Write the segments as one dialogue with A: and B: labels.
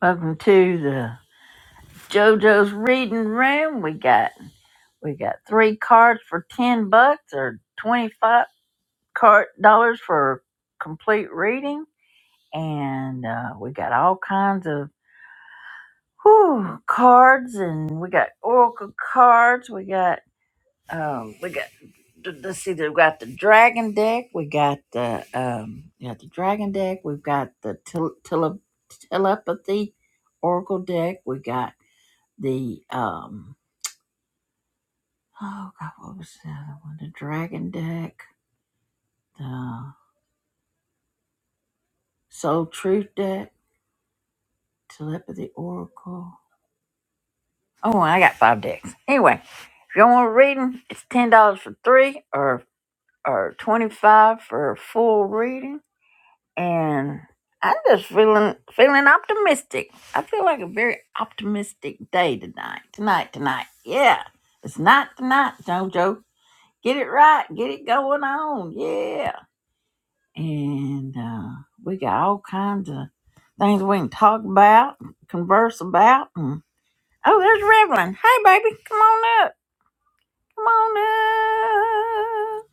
A: Welcome to the JoJo's Reading Room. We got we got three cards for ten bucks or twenty five card dollars for complete reading, and uh, we got all kinds of whew, cards, and we got oracle cards. We got um, we got th- let's see, we got the dragon deck. We got the um, we got the dragon deck. We've got the tele- tele- telepathy oracle deck. We got the um Oh God, what was the other one? The Dragon deck, the Soul Truth deck, Telepathy Oracle. Oh, well, I got five decks. Anyway, if y'all want a reading, it's ten dollars for three, or or twenty five for a full reading. And I'm just feeling feeling optimistic. I feel like a very optimistic day tonight. Tonight, tonight, yeah. It's not tonight, Jojo. Get it right. Get it going on. Yeah. and uh, we got all kinds of things we can talk about, converse about. And, oh, there's Revlon. Hey, baby, come on up. Come on up.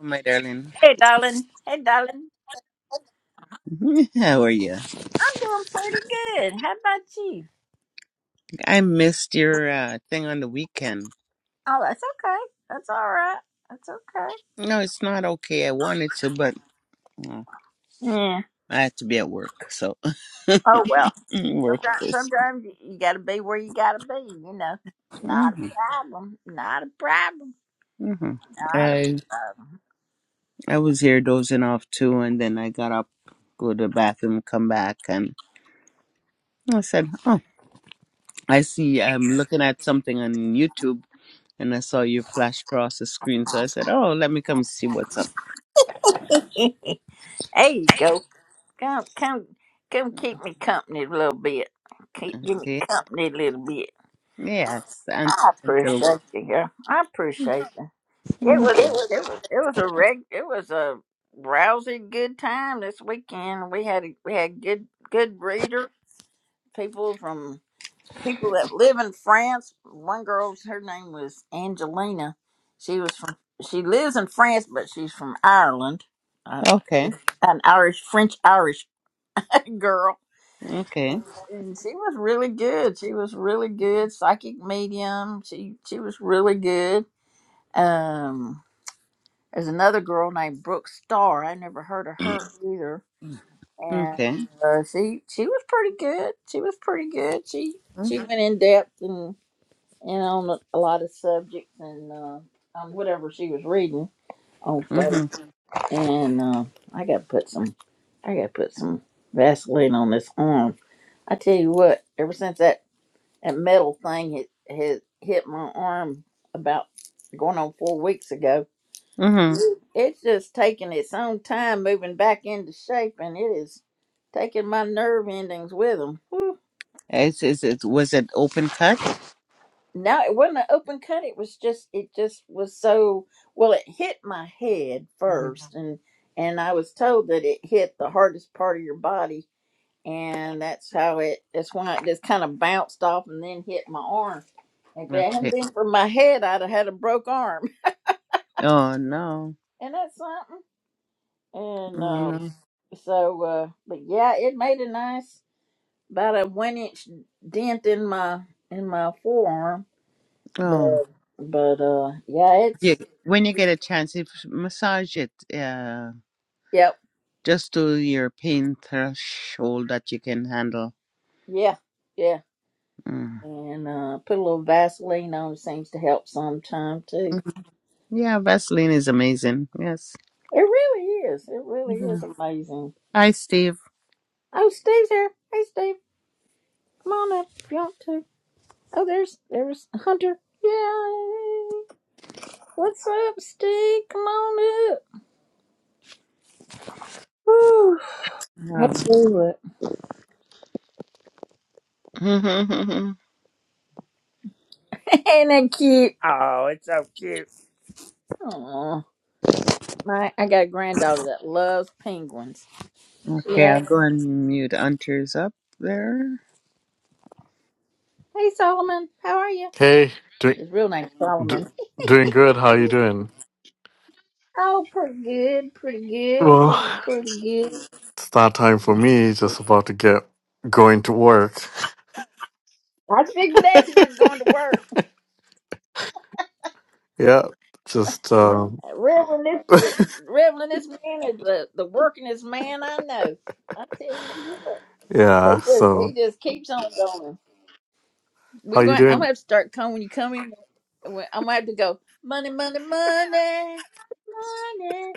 B: My darling,
A: Hey, darling. Hey, darling.
B: how are you?
A: I'm doing pretty good. How about you?
B: I missed your uh, thing on the weekend.
A: Oh, that's okay. That's all right. That's okay.
B: No, it's not okay. I wanted to, but oh,
A: Yeah.
B: I had to be at work, so
A: Oh well.
B: work
A: Sometimes,
B: this.
A: sometimes you, you got to be where you got to be. You know. Not a
B: hmm
A: problem. Not a problem.
B: hmm
A: Not a
B: I
A: problem.
B: I was here dozing off too, and then I got up, go to the bathroom, come back, and I said, "Oh, I see. I'm looking at something on YouTube." And I saw you flash across the screen, so I said, "Oh, let me come see what's up."
A: there you go. Come, come, come, keep me company a little bit. Keep give me
B: Okay,
A: company a little bit.
B: yes, until,
A: I
B: until
A: appreciate you, girl. I appreciate you. It was,
B: Mhm.
A: it was, it was a reg, it was a rousy good time this weekend. We had, a- we had good, good reader people from people that live in France. One girl's her name was Angelina. She was from, she lives in France, but she's from Ireland. An,
B: okay.
A: an Irish, French Irish girl
B: Okay.
A: and she was really good. She was really good psychic medium. She she was really good. Um, there's another girl named Brooke Starr. I never heard of her either, and
B: Okay.
A: uh, she she was pretty good. She was pretty good. She
B: Mm-hmm.
A: she went in depth and and on a, a lot of subjects and uh, on whatever she was reading on faith. And uh, I got to put some I got to put some Vaseline on this arm. I tell you what, ever since that That metal thing hit, hit, hit my arm about going on four weeks ago.
B: Mm-hmm.
A: It's just taking its own time moving back into shape, and it is taking my nerve endings with them.
B: It's, it's, it was it open cut?
A: No, it wasn't an open cut. It was just it just was so well. It hit my head
B: Yep.
A: first, and and I was told that it hit the hardest part of your body, and that's how it. That's why it just kind of bounced off and then hit my arm. If it hadn't
B: Okay.
A: been for my head, I'd have had a broke arm.
B: Oh no.
A: and that's something.
B: Oh
A: And
B: no.
A: um, so, uh, but yeah, it made a nice about a one inch dent in my in my forearm.
B: Oh.
A: But but uh, yeah,
B: Yeah.
A: it's
B: When you get a chance, if massage it, uh,
A: yep,
B: just to your pain threshold that you can handle.
A: yeah, yeah.
B: Mm.
A: And uh, put a little Vaseline on it seems to help sometime too.
B: Mhm. Yeah, Vaseline is amazing. Yes.
A: It really is. It really
B: hmm
A: is amazing.
B: Hi, Steve.
A: Oh, Steve's here. Hey, Steve, come on up if you want to. Oh, there's there's Hunter. Yay! What's up, Steve? Come on up. Whew,
B: Um,
A: Let's do it. Ain't that cute? Oh, it's so cute. Oh, my! I got a granddaughter that loves penguins. She
B: okay, I'll
A: asks,
B: go and mute Hunter's up there.
A: "Hey Solomon, how are you?"
C: Hey, doing
A: His real name's
C: d-
A: Solomon.
C: doing good. How you doing?
A: Oh, pretty good, pretty good,
C: Well,
A: pretty good.
C: it's that time for me. Just about to get going to work.
A: I think that's is going to work.
C: Yeah, just um,
A: Reverend, this the Reverend, this man is the the workingest man I know. I tell you what,
C: yeah.
A: he just
C: So,
A: he just keeps on going.
C: how
A: We're
C: you
A: going. I'm
C: doing?
A: gonna have to start coming when you come in. when- I'm gonna have to go. Money, money, money, money.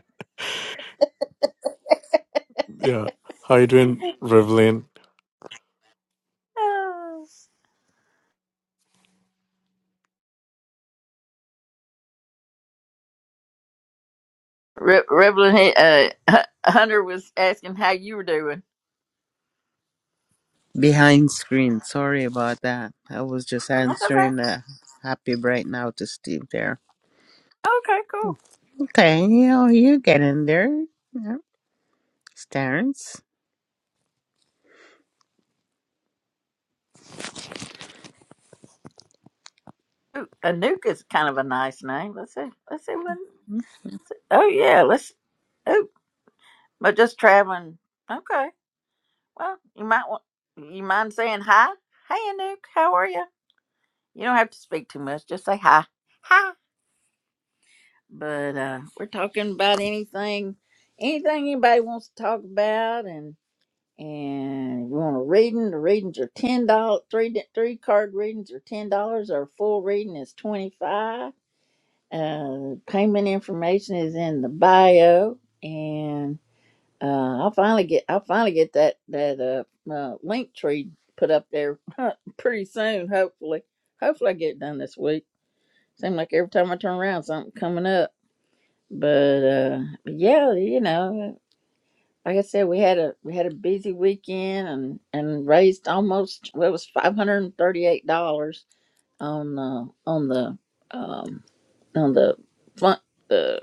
C: Yeah, how you doing, Rivlin?
A: Oh. Re- Reverend uh, Hu- Hunter was asking how you were doing.
B: Behind screen. Sorry about that. I was just
A: That's okay.
B: answering a happy bright now to Steve there.
A: Okay, cool.
B: Okay, you know, you get in there. Yeah. It's Terrence.
A: Ooh, Anuka's kind of a nice name. Let's see. Let's see when. Oh yeah. Let's. Oh, but just traveling. Okay. Well, you might want. You mind saying hi? Hey, Anouk. How are you? You don't have to speak too much. Just say hi. hi. but uh, we're talking about anything, anything anybody wants to talk about, and and if you want a reading, the readings are ten dollars. Three di- three card readings are ten dollars. Our full reading is twenty five. Uh, payment information is in the bio, and uh, I'll finally get I'll finally get that that uh, uh link tree put up there pretty soon. Hopefully, hopefully I get it done this week. Seems like every time I turn around, something coming up. But uh, yeah, you know, like I said, we had a we had a busy weekend and and raised almost well, it was five hundred and thirty eight dollars on uh, on the um, on the fun the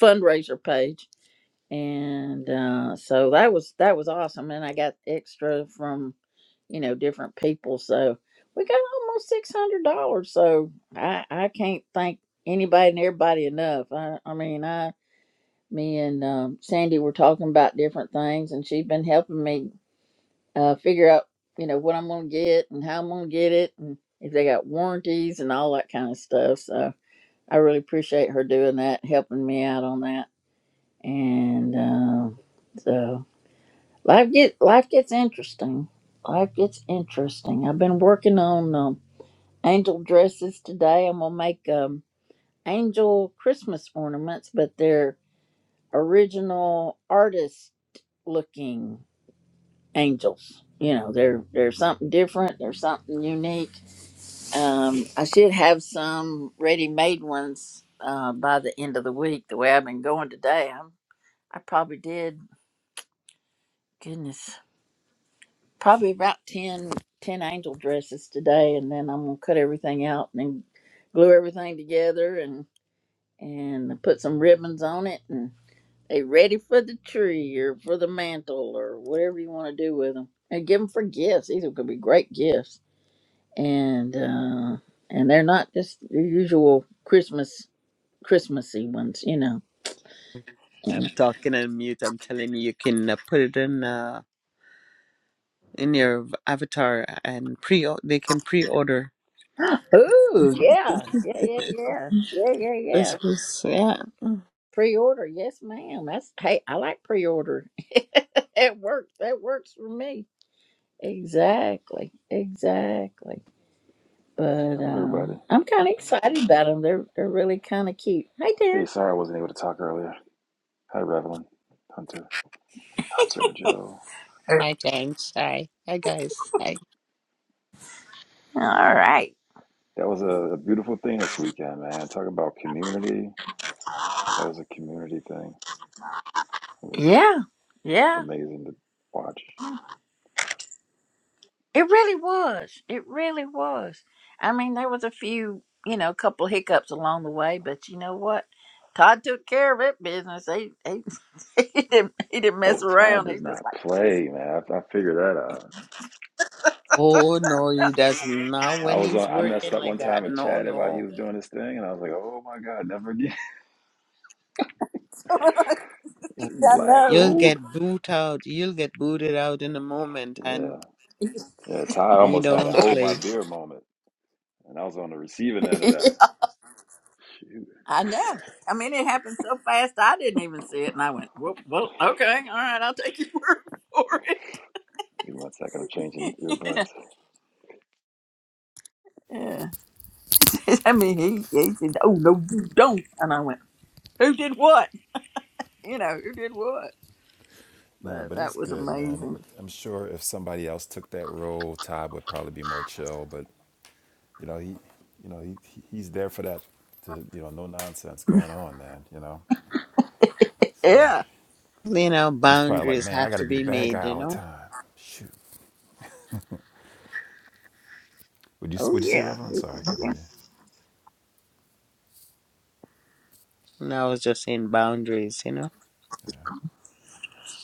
A: fundraiser page, and uh, so that was that was awesome. And I got extra from you know different people, so we got almost six hundred dollars. So I I can't thank anybody and everybody enough. I I mean I me and um, Sandy were talking about different things, and she's been helping me uh, figure out, you know, what I'm going to get and how I'm going to get it, and if they got warranties and all that kind of stuff. So I really appreciate her doing that, helping me out on that, and um, so life get life gets interesting. Life gets interesting. I've been working on um, angel dresses today. I'm gonna make um, angel Christmas ornaments, but they're original artists looking angels. You know, they're they're something different. They're something unique. Um, I should have some ready made ones uh, by the end of the week. The way I've been going today, I'm I probably did goodness probably about 10 10 angel dresses today, and then I'm gonna cut everything out and then glue everything together and and put some ribbons on it They ready for the tree or for the mantle or whatever you want to do with them, and give them for gifts. These are going to be great gifts, and uh, and they're not just the usual Christmas Christmassy ones, you know.
B: I'm
A: And-
B: talking on mute. I'm telling you, you can uh, put it in uh, in your avatar and pre. They can pre-order.
A: Ooh, yeah, yeah, yeah, yeah, yeah, yeah,
B: This
A: yeah.
B: was yeah.
A: Pre-order, yes, ma'am. That's hey, I like pre-order. it works. That works for me. Exactly, exactly. But
D: Hello, everybody.
A: um, I'm kind of excited about them. They're they're really kind of cute. Hey,
D: Hey,
A: Darren.
D: sorry I wasn't able to talk earlier. Hi, Revelin, Hunter, JoJo.
A: All
B: Hi, Terrence. Hi, hi, guys. Hi.
A: right.
D: That was a, a beautiful thing this weekend, man. Talk about community. That was a community thing. It was
A: Yeah. Yeah.
D: amazing to watch.
A: It really was. It really was. I mean, there was a few, you know, a couple hiccups along the way, but you know what? Todd took care of that business. He he, he didn't he didn't
D: Oh,
A: mess around.
D: Todd
A: He
D: does
A: just
D: not
A: like
D: play, man. I, I figured that out.
B: Oh no, he does not
D: I
B: when
D: was
B: he's
D: on. I messed
B: working
D: up one
B: like that.
D: time and
B: No,
D: chatted while he
B: no.
D: was doing his thing, and I was like, "Oh my god, never again!" He's
A: I
D: like,
A: know.
B: You'll
D: "Hold,
B: get booted out. You'll get booted out in a moment, and
D: yeah, yeah." Todd
B: you
D: almost had a
B: don't
D: hold my
B: play.
D: beer moment, and I was on the receiving end of that. Shoot,
A: I know. I mean, it happened so fast I didn't even see it, and I went, "Well, well, okay, all right, I'll take your word for
D: give me one second. I'm changing earbuds.
A: it." yeah. I mean, he, he said, "Oh no, you don't," and I went. who did what? You know, who did what?
D: Nah,
A: But
D: but
A: that
D: it's
A: was
D: good, man.
A: amazing.
D: It- I'm sure if somebody else took that role, Todd would probably be more chill. But you know, he, you know, he he- he's there for that. To you know, no nonsense going on, man. You know, so
A: Yeah.
B: You know,
D: he's probably like,
B: boundaries
D: man,
B: have
D: I got to
B: to
D: be the
B: be
D: bad
B: made,
D: guy
B: you
D: all the
B: know?
D: time. Shoot. Would you
A: Oh
D: would you say
A: yeah.
D: Reverend? I'm sorry, I couldn't
A: Yeah.
D: hear
B: And I was just saying boundaries, you know?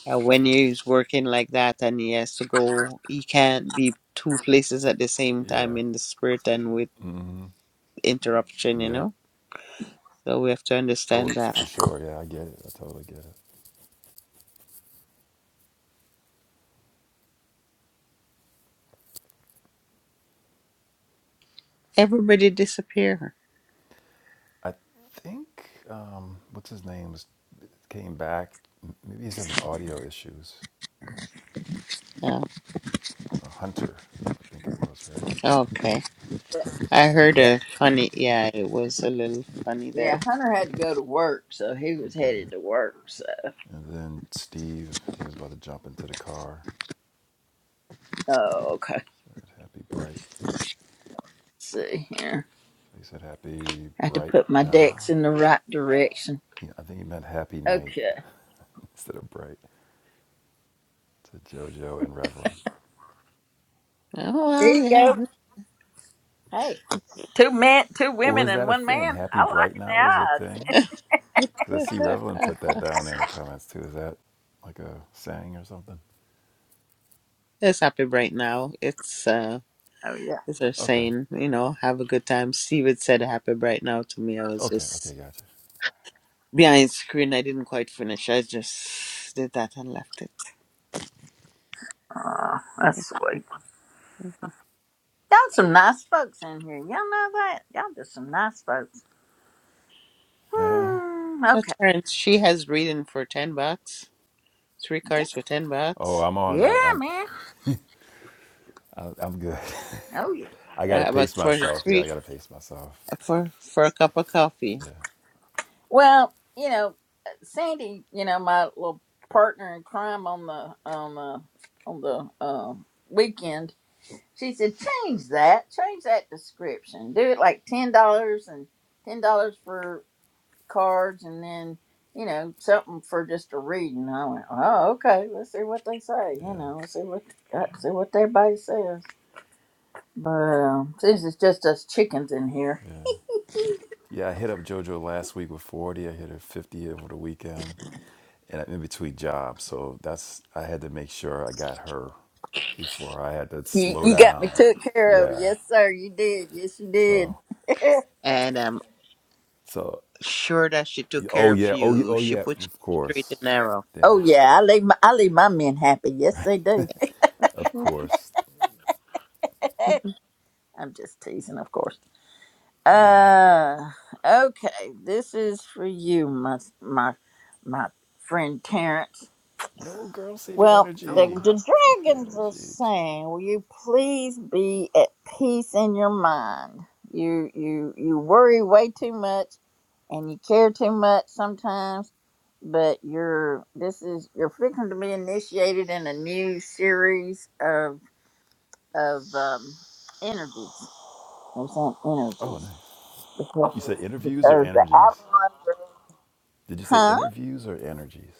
B: Uh, when he's working like that and he has to go, he can't be two places at the same
D: you.
B: time
D: Yeah.
B: in the spirit and with interruption, you
D: Yeah.
B: know? So we have to
D: Oh,
B: understand
D: it's for
B: that.
D: sure. Yeah, I get it. I totally get it.
B: Everybody disappear.
D: I think um, what's his name was came back. M- Maybe he's having audio issues.
B: Oh,
D: Uh, Hunter, I think it was right.
B: okay. I heard a funny, yeah, it was a little funny there.
A: Yeah, Hunter had to go to work, so he was
D: Okay,
A: headed to work. So,
D: And then Steve, he was about to jump into the car.
A: oh, okay. Let's
D: That happy bright.
A: see here.
D: He said happy
A: I had to
D: bright
A: put my decks
D: now.
A: in the right direction.
D: He, I think he meant happy night
A: Okay.
D: instead of bright. To JoJo and Revlon.
A: There
B: Oh,
A: you go.
B: well,
A: Hey, two men, two
D: Or
A: women,
D: is
A: and
D: that a
A: one
D: thing?
A: man.
D: Happy
A: I like
D: bright
A: it
D: now is a
A: now.
D: thing? Because I see Revlon
B: yeah.
D: put that down there in the comments too. Is that like a saying or something?
B: It's happy bright now. It's uh
A: Oh yeah,
B: it's her
D: Okay.
B: saying, you know, have a good time. Steve had said happy bright now to me. I was
D: Okay.
B: just
D: Okay. Gotcha.
B: behind screen. I didn't quite finish. I just did that and left it.
A: oh, that's sweet.
B: Mhm.
A: Y'all some nice folks in here. Y'all know that. Y'all just some nice folks.
D: Yeah.
A: Hmm.
B: But
A: Okay.
B: Terrence, she has reading for ten bucks. Three cards for ten
D: Oh,
B: bucks.
D: I'm on.
A: Yeah,
D: I, I'm.
A: man.
D: I, I'm good.
A: Oh yeah.
D: I gotta
B: Uh, but
D: pace
B: for
D: myself. Yeah, I
B: three
D: gotta pace myself.
B: for for a cup of coffee.
D: Yeah.
A: Well, you know, uh, Sandy, you know, my little partner in crime on the on the on the um weekend, she said, change that, change that description. Do it like ten dollars and ten dollars for cards, and then you know something for just a reading. I went, oh okay, let's see what they say. You
D: Yeah.
A: know, let's see what let's see what everybody says. But um, since it's just us chickens in here.
D: Yeah. Yeah, I hit up JoJo last week with 40. I hit her 50 over the weekend, and I'm in between jobs, so that's I had to make sure I got her before I had to
A: You
D: slow
A: you got me
D: down.
A: took care of.
D: Yeah.
A: Yes, sir. You did. Yes, you did.
D: So,
B: And I'm
D: so
B: sure that she took care
D: oh
B: of
D: yeah, oh yeah,
B: you.
D: oh
B: She
D: yeah,
B: put you
D: of
B: straight and
D: course.
B: narrow.
A: oh
D: Yeah,
A: yeah, I leave my I leave my men happy. Yes,
D: right.
A: they do.
D: Of course.
A: I'm just teasing, of course.
D: But yeah.
A: Uh, okay. This is for you, my my my friend Terrence.
D: No, girl, save your
A: Well, the,
D: energy.
A: the
D: Save your
A: dragons are
D: energy.
A: saying, "Will you please be at peace in your mind? You you you worry way too much, and you care too much sometimes. But you're this is you're fixing to be initiated in a new series of of um, energies. They're saying
D: Oh,
A: energies
D: nice. You say
A: because
D: interviews or
A: because the
D: energies?
A: Avalon,
D: Did you say
A: huh?
D: interviews or energies?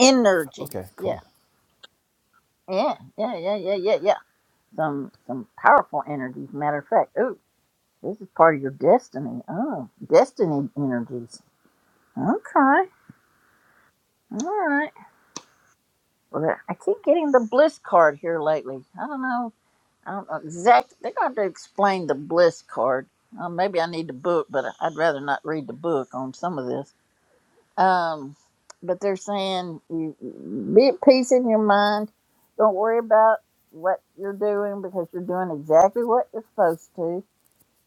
A: Energies,
D: Okay,
A: yeah,
D: cool.
A: yeah, yeah, yeah, yeah, yeah, yeah. some some powerful energies. Matter of fact, oh, this is part of your destiny. Oh, destiny energies. Okay, all right. Well, I keep getting the bliss card here lately. I don't know. I don't know exactly. They're going to have to explain the bliss card. Uh, maybe I need the book, but I'd rather not read the book on some of this. Um, but they're saying you be at peace in your mind. Don't worry about what you're doing because you're doing exactly what you're supposed to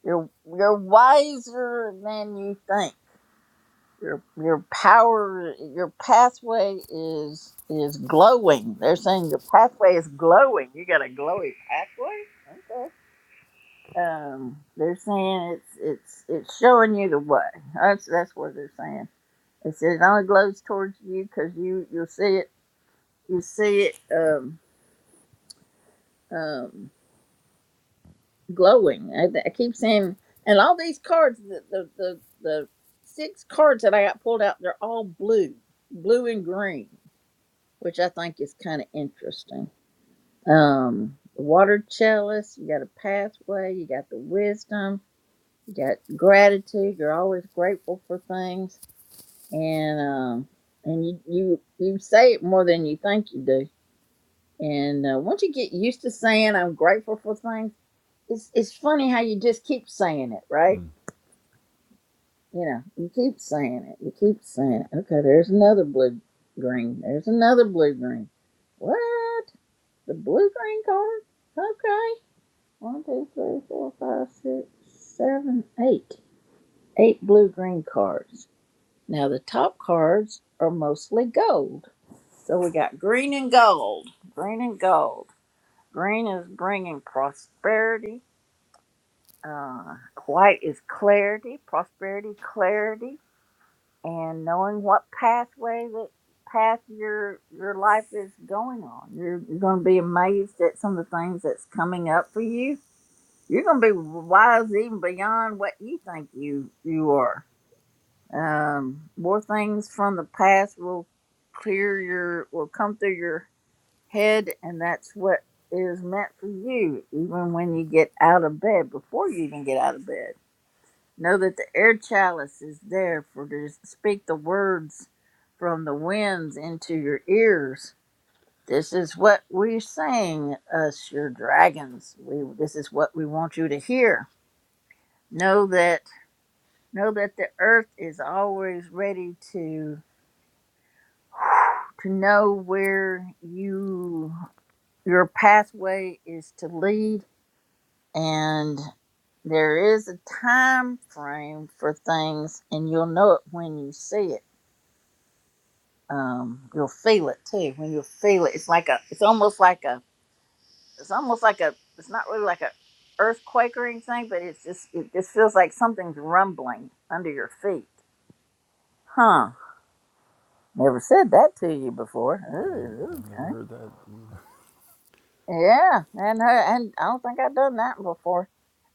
A: You're you're wiser than you think. Your your power your pathway is is glowing. They're saying your pathway is glowing. You got a glowy pathway? Okay. Um they're saying it's it's it's showing you the way. That's that's what they're saying. It says it only glows towards you because you you'll see it you see it um um glowing. I, I keep saying, and all these cards, the, the the the six cards that I got pulled out, they're all blue, blue and green, which I think is kind of interesting. Um, water chalice, you got a pathway, you got the wisdom, you got gratitude. You're always grateful for things, and um, and you you you say it more than you think you do. And uh, once you get used to saying I'm grateful for things, it's it's funny how you just keep saying it, right? You know, you keep saying it. You keep saying it. Okay, there's another blue green. There's another blue green. What? The blue green card? Okay. One, two, three, four, five, six, seven, eight. Eight blue green cards. Now the top cards are mostly gold. So we got green and gold. Green and gold. Green is bringing prosperity. Uh, white is clarity. Prosperity, clarity and knowing what pathway that path your your life is going on. You're, you're going to be amazed at some of the things that's coming up for you. You're going to be wise even beyond what you think you you are. Um, more things from the past will clear your will come through your head, and that's what is meant for you. Even when you get out of bed, before you even get out of bed Know that the air chalice is there for to speak the words from the winds into your ears. This is what we sing, us your dragons. We this is what we want you to hear. Know that know that the earth is always ready to to know where you your pathway is to lead and there is a time frame for things and you'll know it when you see it um you'll feel it too when you feel it it's like a it's almost like a it's almost like a it's not really like a earthquake or anything but it's just it just feels like something's rumbling under your feet huh never said that to you before
D: I've,
A: Ooh,
D: I've never
A: okay
D: heard that either.
A: yeah and I- and i don't think i've done that before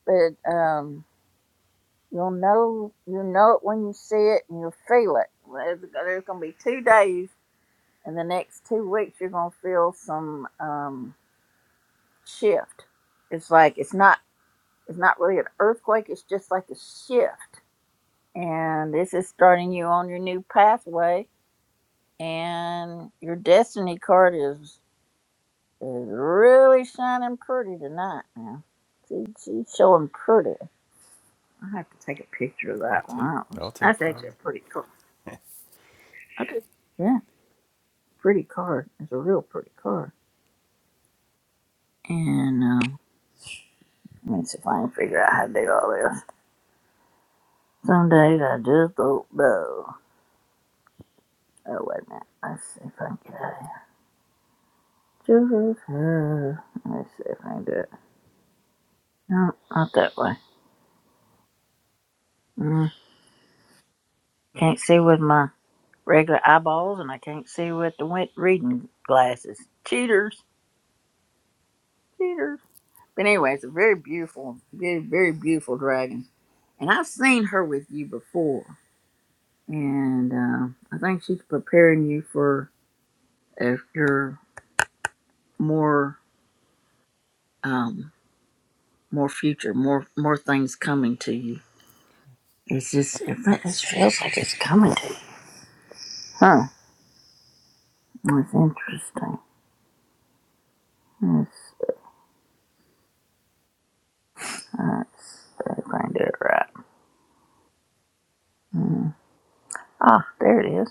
A: but um you'll know you know it when you see it and you'll feel it there's, there's gonna be two days in the next two weeks you're gonna feel some um shift. It's like it's not it's not really an earthquake, it's just like a shift. And this is starting you on your new pathway and your destiny card is is really shining pretty tonight now. She, she's showing pretty. I have to take a picture of
D: I'll
A: that one.
D: take
A: That was-
D: I'll take
A: That's actually
D: priority.
A: a pretty card. Okay. Yeah, pretty card. It's a real pretty card. And um, let me see if I can figure out how to do all this. Some days I just don't know. Oh, wait a minute. Let's see if I can get out of here. Let's see if I can do it. No, not that way. Mm. Can't see with my regular eyeballs, and I can't see with the win- reading glasses. Cheaters. Cheaters. But anyway, it's a very beautiful, very, very beautiful dragon. And I've seen her with you before. And uh, I think she's preparing you for uh, your more um, more future, more more things coming to you It's just, it, feels like it's coming to you. Huh. That's interesting. Let's, let's find it right. Hmm. Ah, there it is.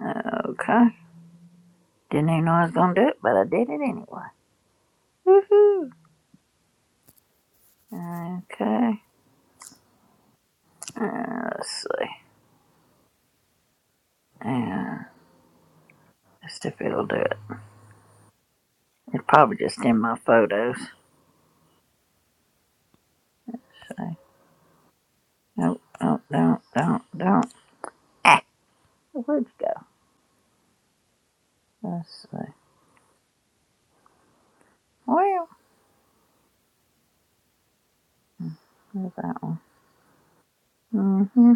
A: Okay. Didn't even know I was going to do it, but I did it anyway. Woohoo. Okay. Uh, let's see. Yeah, let's see if it'll do it. It's probably just in my photos. So, nope, nope, don't, don't, don't. Ah, where'd you go? Let's see. Well, there's that one. Mm-hmm.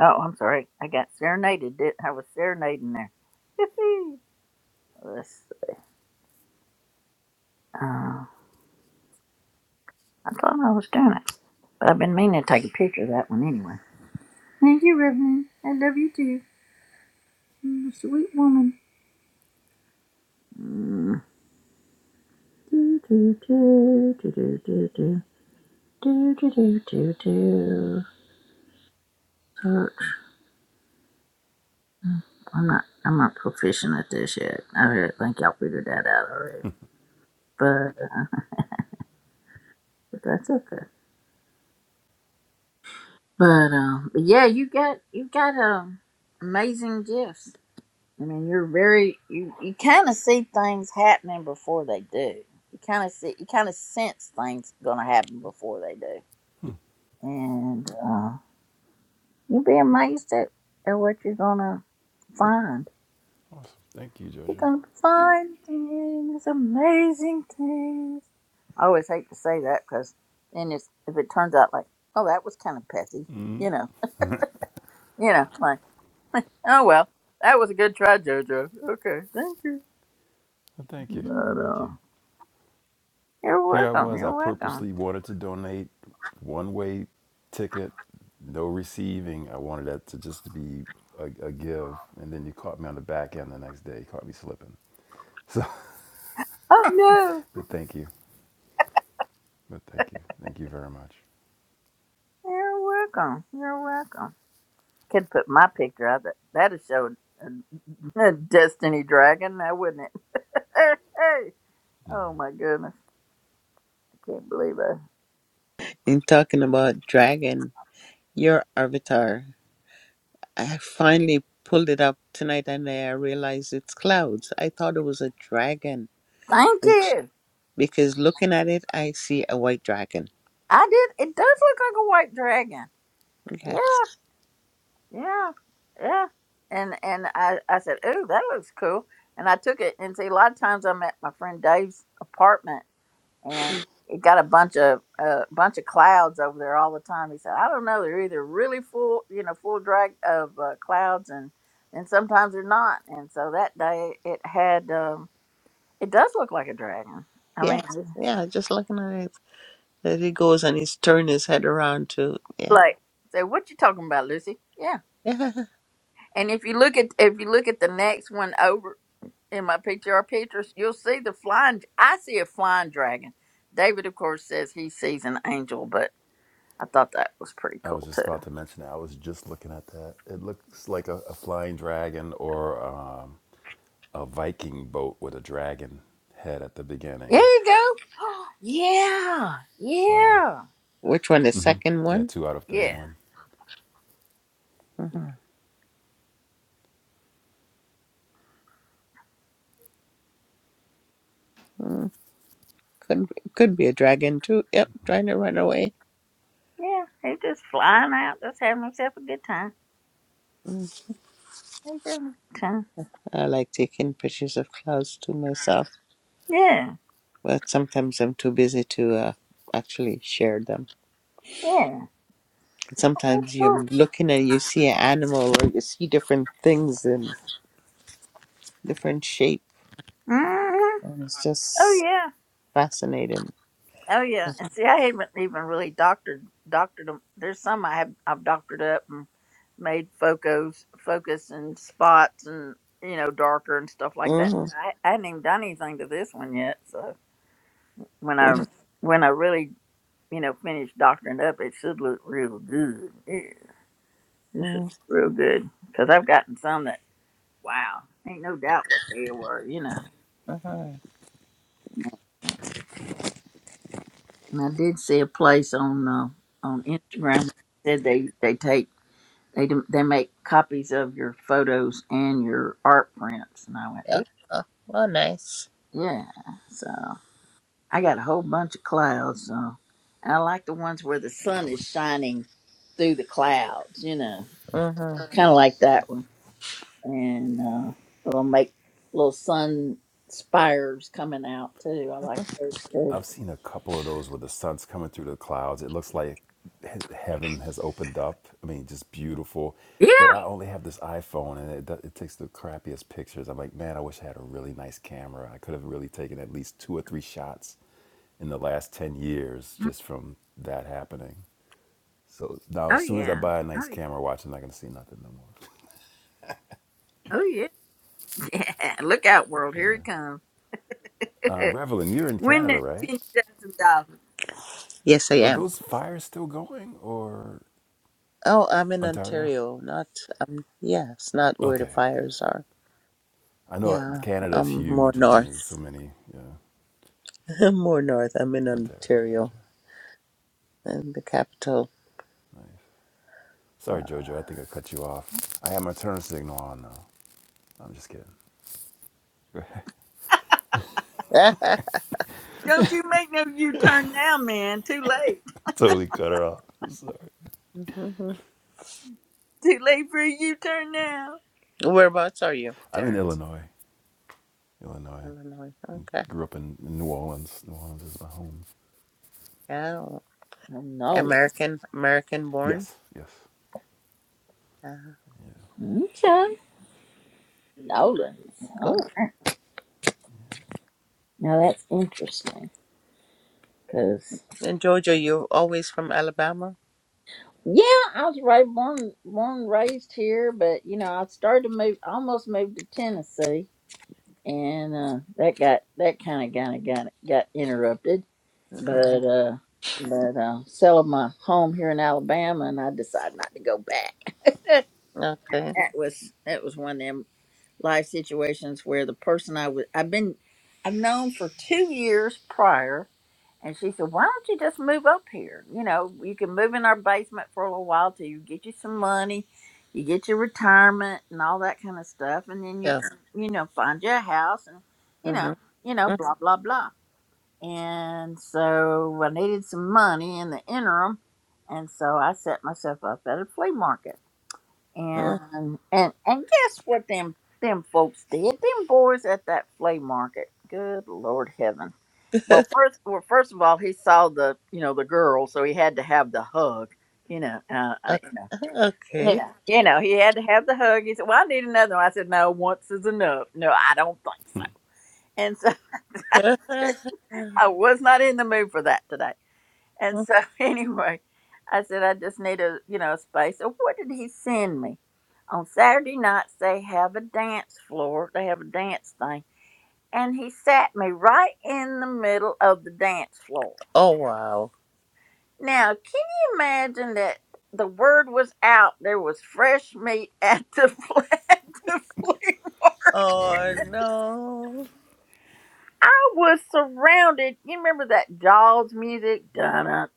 A: Oh, I'm sorry. I got serenaded. Did I was serenading there? Let's. see. Uh, I thought I was doing it, but I've been meaning to take a picture of that one anyway. Thank you, Reverend. I love you too. You're a sweet woman. Mm. Do, do, do, do, do, do, do. Do, do, do, do, do. Search Mm, I'm not I'm not proficient at this yet. I really think y'all figured that out already. But uh, but that's okay. But um but yeah, you got you got um amazing gifts. I mean you're very you, you kinda see things happening before they do. You kinda see you kinda sense things gonna happen before they do. And uh you'd be amazed at, at what you're gonna find.
D: Awesome. Thank you,
A: You're
D: Jojo.
A: gonna
D: Well,
A: find things, amazing things. I always hate to say that because then it's, if it turns out like, oh, that was kind of petty, you know, you know, like, oh well, that was a good try, JoJo. Okay, thank you.
D: Thank you.
A: But
D: Thank
A: uh,
D: you.
A: you're
D: Here I
A: welcome.
D: was. I
A: You're welcome.
D: purposely wanted to donate one way ticket, no receiving. I wanted that to just to be a, a give, and then you caught me on the back end the next day. You caught me slipping. So,
A: Oh no,
D: but thank you. But thank you. Thank you very much.
A: you're welcome. You're welcome. Could put my picture out that that'd show a, a Destiny Dragon, now wouldn't it? hey, oh my goodness, I can't believe it.
B: In talking about dragon, your avatar. I finally pulled it up tonight and I realized it's clouds. I thought it was a dragon.
A: Thank
B: It's,
A: you.
B: because looking at it, I see a white dragon.
A: I did. It does look like a white dragon. Yeah,
B: Yes.
A: yeah, yeah. And and I I said, "Ooh, that looks cool." And I took it and see. A lot of times I'm at my friend Dave's apartment, and it got a bunch of a bunch of clouds over there all the time. He said, "I don't know. They're either really full, you know, full drag of uh, clouds, and and sometimes they're not." And so that day it had. um It does look like a dragon. I
B: Yes.
A: mean,
B: Yeah. Just looking at it. There he goes and he's turned his head around to, yeah.
A: like, say, what you talking about, Lucy? Yeah.
B: Yeah.
A: And if you look at if you look at the next one over in my PTR pictures, you'll see the flying. I see a flying dragon. David, of course, says he sees an angel, but I thought that was pretty
D: I was
A: cool
D: just
A: too.
D: about to mention that. I was just looking at that. It looks like a, a flying dragon or um, a Viking boat with a dragon head at the
A: There
D: beginning.
A: you go. yeah,
D: So,
A: yeah,
B: Which one? The second
D: yeah,
B: one?
D: two out of
A: yeah,
D: 31.
B: Mm-hmm. Mm, Could, could be a dragon too. Yep. Trying to run away.
A: yeah. He's just flying out, just having himself a good time.
B: Mm.
A: He's having a good time.
B: I like taking pictures of clouds to myself,
A: Yeah,
B: but sometimes I'm too busy to uh, actually share them.
A: yeah.
B: sometimes you're
A: hmm
B: looking and you see an animal or you see different things in different shape
A: Oh
B: and it's just
A: yeah.
B: fascinating
A: Oh yeah, and see, I haven't even really doctored doctored them. There's some I have I've doctored up and made focus focus and spots and you know darker and stuff like that.
B: mm-hmm.
A: I, I hadn't even done anything to this one yet. So when I when I really you know finish doctoring up, it should look real good. Yeah, this is real good because I've gotten some that wow, ain't no doubt what they were, you know.
B: Mm-hmm.
A: And I did see a place on uh, on Instagram that said they they take They do, they make copies of your photos and your art prints, and I went,
B: Yeah. Oh, well nice
A: "Ooh, yeah. So I got a whole bunch of clouds. So and I like the ones where the sun is shining through the clouds. You know,
B: hmm
A: kind of like that one, and uh, it'll make little sun spires coming out too. I like those too.
D: I've seen a couple of those where the sun's coming through the clouds. It looks like he- heaven has opened up. I mean, just beautiful.
A: Yeah.
D: But I only have this iPhone and it, do- it takes the crappiest pictures. I'm like, man, I wish I had a really nice camera. I could have really taken at least two or three shots in the last 10 years just from that happening. So now,
A: Oh
D: as soon as I
A: yeah.
D: buy a
A: Oh
D: nice
A: yeah.
D: camera watch, I'm not going to see nothing no more.
A: Oh yeah. Yeah. Look out, world! Here he comes.
D: Uh, Revelin, you're in
A: Win
D: Canada,
A: that
D: right?
A: ten thousand dollars.
B: yes i
D: Are
B: am
D: those fires still going or
B: oh i'm in
D: Ontario?
B: ontario not um yeah it's not where the
D: Okay, good.
B: fires are
D: I know
B: yeah
D: Canada's
B: i'm more
D: huge. I mean, there's so
B: north
D: many. Yeah,
B: I'm more north i'm in
D: Ontario.
B: ontario
D: Gotcha.
B: in the capital
D: Sorry, Jojo. I think I cut you off. I have my turn signal on though. I'm just kidding.
B: yeah
A: Don't you make no U turn now, man. Too late.
D: totally cut her off. I'm sorry.
B: hmm
A: Too late for a U turn now.
B: whereabouts are you
D: I'm in
B: terrence
D: Illinois. Illinois.
B: illinois Okay.
D: Grew up in in New Orleans. New Orleans is my home.
B: Oh,
A: Oh, Nolan.
B: American, American born.
D: Yes. Yes.
B: Uh,
A: Okay.
B: oh,
A: Nolan's. All
B: cool.
A: right. Now that's interesting. Because,
B: And Jojo, you're always from Alabama?
A: yeah, I was right, born, born and raised here, but, you know, I started to move, almost moved to Tennessee. And uh, that got, that kind of, kind of got, got interrupted.
B: Okay.
A: But, uh, but uh, selling my home here in Alabama, and I decided not to go back.
B: Okay.
A: That was that was one of them. life situations where the person I was I've been I've known for two years prior and she said, Why don't you just move up here? You know, you can move in our basement for a little while till you get you some money, you get your retirement and all that kind of stuff, and then you
B: Yeah.
A: can, you know, find you a house and you know,
B: Mm-hmm.
A: you know, blah blah blah. And so I needed some money in the interim and so I set myself up at a flea market and and and guess what them them folks did? Them boys at that flea market. Good Lord heaven. Well first well first of all he saw the you know the girl, so he had to have the hug. You know, uh, I, you know, you
B: okay.
A: know, you know, he had to have the hug. He said, "Well, I need another one." I said, "No, once is enough." No, I don't think so. And so I was not in the mood for that today. And so anyway, I said I just need a you know a space. So what did he send me? On Saturday nights they have a dance floor. They have a dance thing. And he sat me right in the middle of the dance floor.
B: oh, wow.
A: Now, can you imagine that the word was out there was fresh meat at the fl- at the flea market.
D: Oh my
B: Oh,
D: goodness.
B: no.
A: I was surrounded. You remember that Jaws music? Dun dun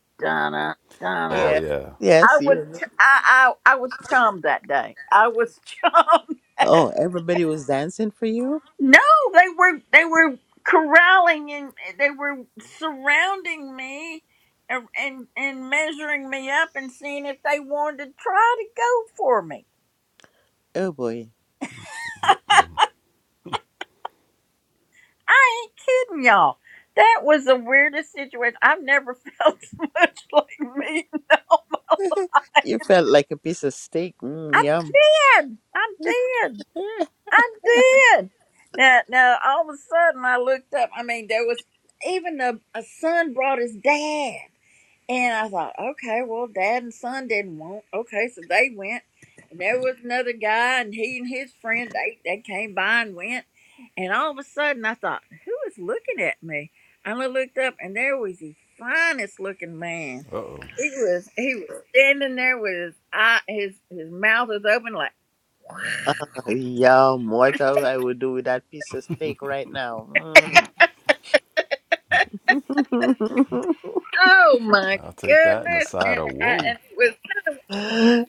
A: dun dun
D: Oh
B: Yeah.
D: yeah.
B: Yes,
A: I was
B: you.
A: t- I, I I was chummed that day. I was chummed.
B: Oh, everybody was dancing for you?
A: No, they were they were corralling and they were surrounding me and and, and measuring me up and seeing if they wanted to try to go for me.
B: Oh, boy.
A: I ain't kidding y'all. That was the weirdest situation. I've never felt so much like me.
B: you felt like a piece of steak. Mm,
A: I
B: yum.
A: did. I did. I did. Now, now, all of a sudden, I looked up. I mean, there was even a, a son brought his dad, and I thought, okay, well, dad and son didn't want. Okay, so they went, and there was another guy, and he and his friend they they came by and went, and all of a sudden, I thought, who is looking at me? And I looked up, and there was the finest looking man.
D: Uh oh.
A: He was he was standing there with his eye, his his mouth was open like.
B: Yum. What I I would do with that piece of steak right now. Mm.
A: Oh my
D: I'll take that and a
A: goodness!
D: side
A: And
D: of
A: I,
D: whoa.
A: and it was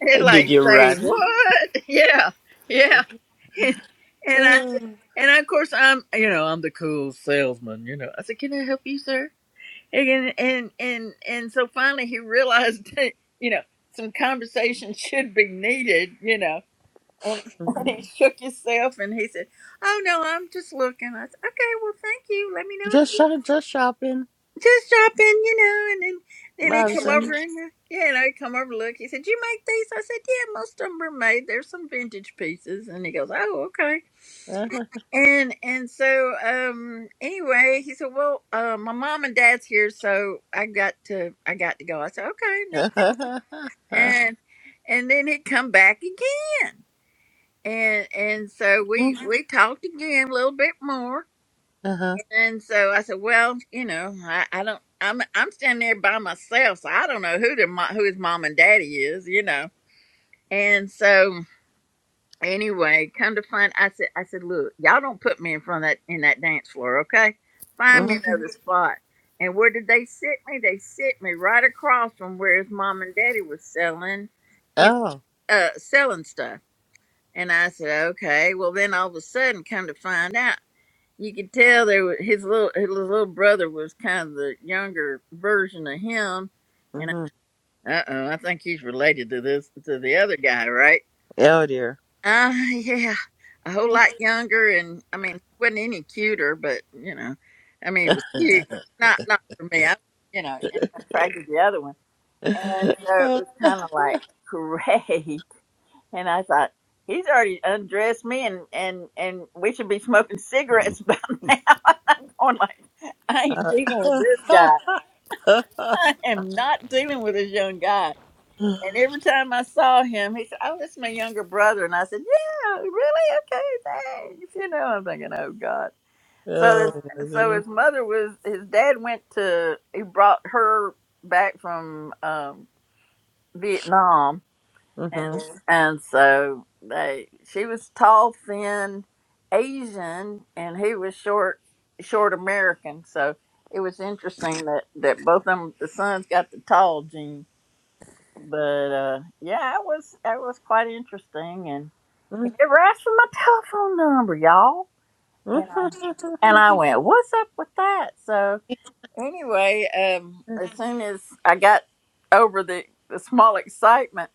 A: it
B: Did
A: like
B: you run?
A: say what? Yeah, yeah. And, and I
B: Uh,
A: and of course I'm you know I'm the cool salesman. You know I said, can I help you, sir? And and and and so finally he realized that you know some conversation should be needed. You know. And, and he shook himself and he said, Oh no, I'm just looking. I said, Okay, well, thank you. Let me know.
B: just
A: if.
B: shop, just shopping,
A: just drop in, you know, and then and they come
B: browsing.
A: over and uh, yeah, and I come over look. He said, "You make these?" I said, "Yeah, most of them are made. There's some vintage pieces." And he goes, "Oh, okay." And and so um anyway, he said, "Well, uh, my mom and dad's here, so I got to I got to go." I said, "Okay, no problem." And and then he come back again, and and so we we talked again a little bit more,
B: Uh-huh.
A: and so I said, well, you know, I, I don't, I'm, I'm standing there by myself. So I don't know who the, mo- who his mom and daddy is, you know? And so anyway, come to find, I said, I said, look, y'all don't put me in front of that, in that dance floor. Okay. Find me
B: Mhm.
A: another spot. And where did they sit me? They sit me right across from where his mom and daddy was selling, you
B: Oh.
A: know, uh, selling stuff. And I said, okay. Well, then all of a sudden, come to find out you could tell there was his little his little brother was kind of the younger version of him, and
B: hmm
A: uh oh, I think he's related to this to the other guy, right?
B: Oh dear.
A: Uh yeah, a whole lot younger, and I mean, wasn't any cuter, but you know, I mean, it was cute, but not not for me. I, you know, and I attracted the other one, and so it was kind of like, great. And I thought, he's already undressed me and and and we should be smoking cigarettes by now. I'm going like, I ain't dealing with this guy. I am not dealing with this young guy. And every time I saw him, he said, Oh, this is my younger brother. And I said, Yeah, really? Okay, thanks. You know, I'm thinking, Oh God.
B: oh
A: So
B: my
A: his, so
B: goodness.
A: his mother was his dad went to he brought her back from um Vietnam and Mhm. and so they she was tall, thin, Asian, and he was short, short American. So it was interesting that that both of them, the sons got the tall gene. But uh, yeah, it was it was quite interesting, and he never asked for my telephone number, y'all. And I, and I went, what's up with that? So anyway, um, as soon as I got over the, the small excitement,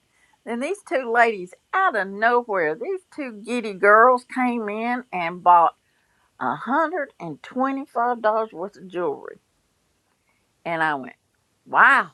A: then these two ladies out of nowhere, these two giddy girls came in and bought $125 worth of jewelry. And I went, wow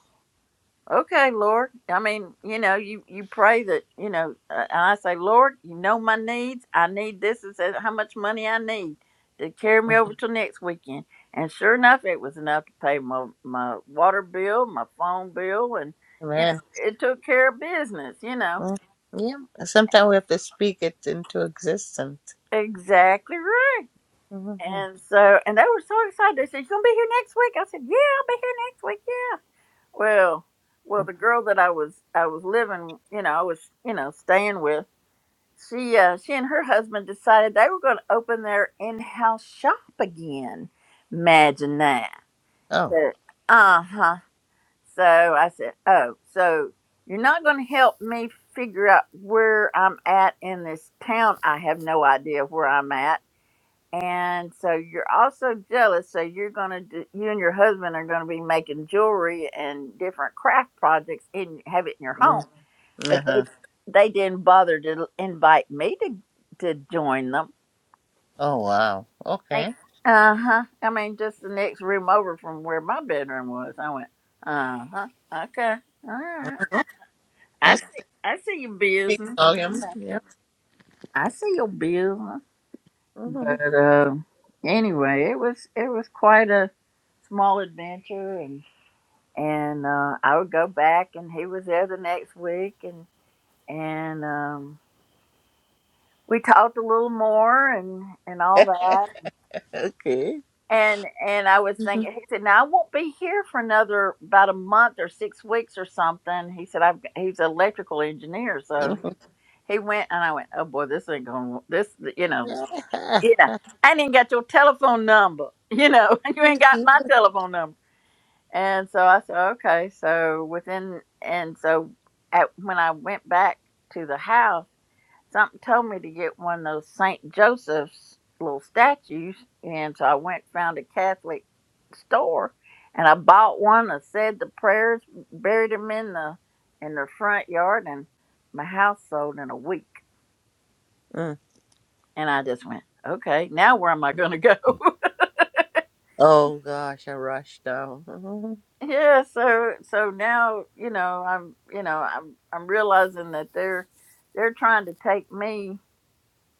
A: okay lord i mean you know you you pray that you know uh, and i say lord you know my needs i need this is says how much money i need to carry me over till next weekend and sure enough it was enough to pay my my water bill my phone bill and
B: hmm
A: you know it took care of business you know
B: Mm, Yeah, sometimes we have to speak it into existence.
A: exactly right
B: Mhm.
A: and so and they were so excited they said you gonna be here next week i said yeah i'll be here next week yeah well well the girl that i was i was living you know i was you know staying with she uh, she and her husband decided they were going to open their in-house shop again. Imagine that.
B: Oh,
A: So, uh-huh. So I said, "Oh, so you're not going to help me figure out where I'm at in this town? I have no idea where I'm at." and so you're also jealous so you're going to do you and your husband are going to be making jewelry and different craft projects and have it in your
B: mm,
A: home but they
B: uh-huh.
A: they didn't bother to invite me to to join them
B: oh wow.
A: Right.
B: Okay.
A: uh-huh i mean just the next room over from where my bedroom was i went uh-huh okay all right
B: Mhm.
A: i
B: That
A: see i see your
B: speaks
A: business
B: volume. Yeah.
A: i see your business
B: Mhm.
A: But uh, anyway, it was it was quite a small adventure, and and uh, I would go back, and he was there the next week, and and um, we talked a little more, and and all that,
B: Okay.
A: and and I was thinking,
B: Mhm.
A: he said, "Now I won't be here for another about a month or six weeks or something." He said, "I've got-" he's an electrical engineer, so
B: Mhm.
A: he went," and I went, "Oh boy, this ain't going. to This, you know." yeah, I didn't got your telephone number. You know, you ain't got my telephone number. And so I said, okay. So within, and so at, when I went back to the house, something told me to get one of those St. Joseph's little statues. And so I went, found a Catholic store and I bought one. I said the prayers, buried them in the, in the front yard and my house sold in a week.
B: Mm.
A: And I just went, okay, now where am I going to go?
B: Oh gosh, I rushed down. Mhm.
A: yeah so so now you know i'm you know i'm i'm realizing that they're they're trying to take me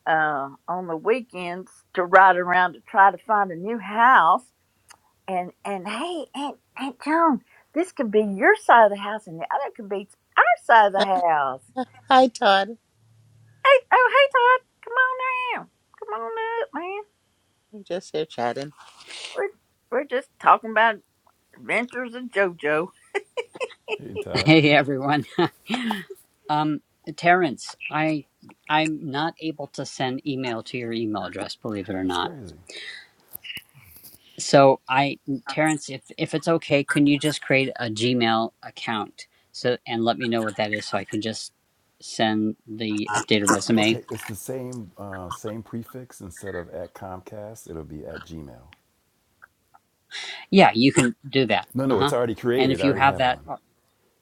A: uh on the weekends to ride around to try to find a new house and and hey aunt aunt joan this could be your side of the house and the other could be our side of the house
B: Hi, Todd.
A: hey oh hey todd come on down come on up man
B: I'm just here chatting.
A: we're, we're just talking about adventures of jojo
D: Hey Todd.
E: Hey everyone. um Terrence, I I'm not able to send email to your email address, believe it or
D: That's
E: not.
D: crazy.
E: So I Terrence, if if it's okay, can you just create a Gmail account so and let me know what that is so I can just send the updated resume?
D: Okay, it's the same uh, same prefix instead of at Comcast, it'll be at Gmail.
E: Yeah, you can do that.
D: No, no, it's
E: Uh-huh.
D: already
E: And
D: created.
E: if
D: I
E: you
D: already
E: have
D: have
E: that
D: one.
E: Oh,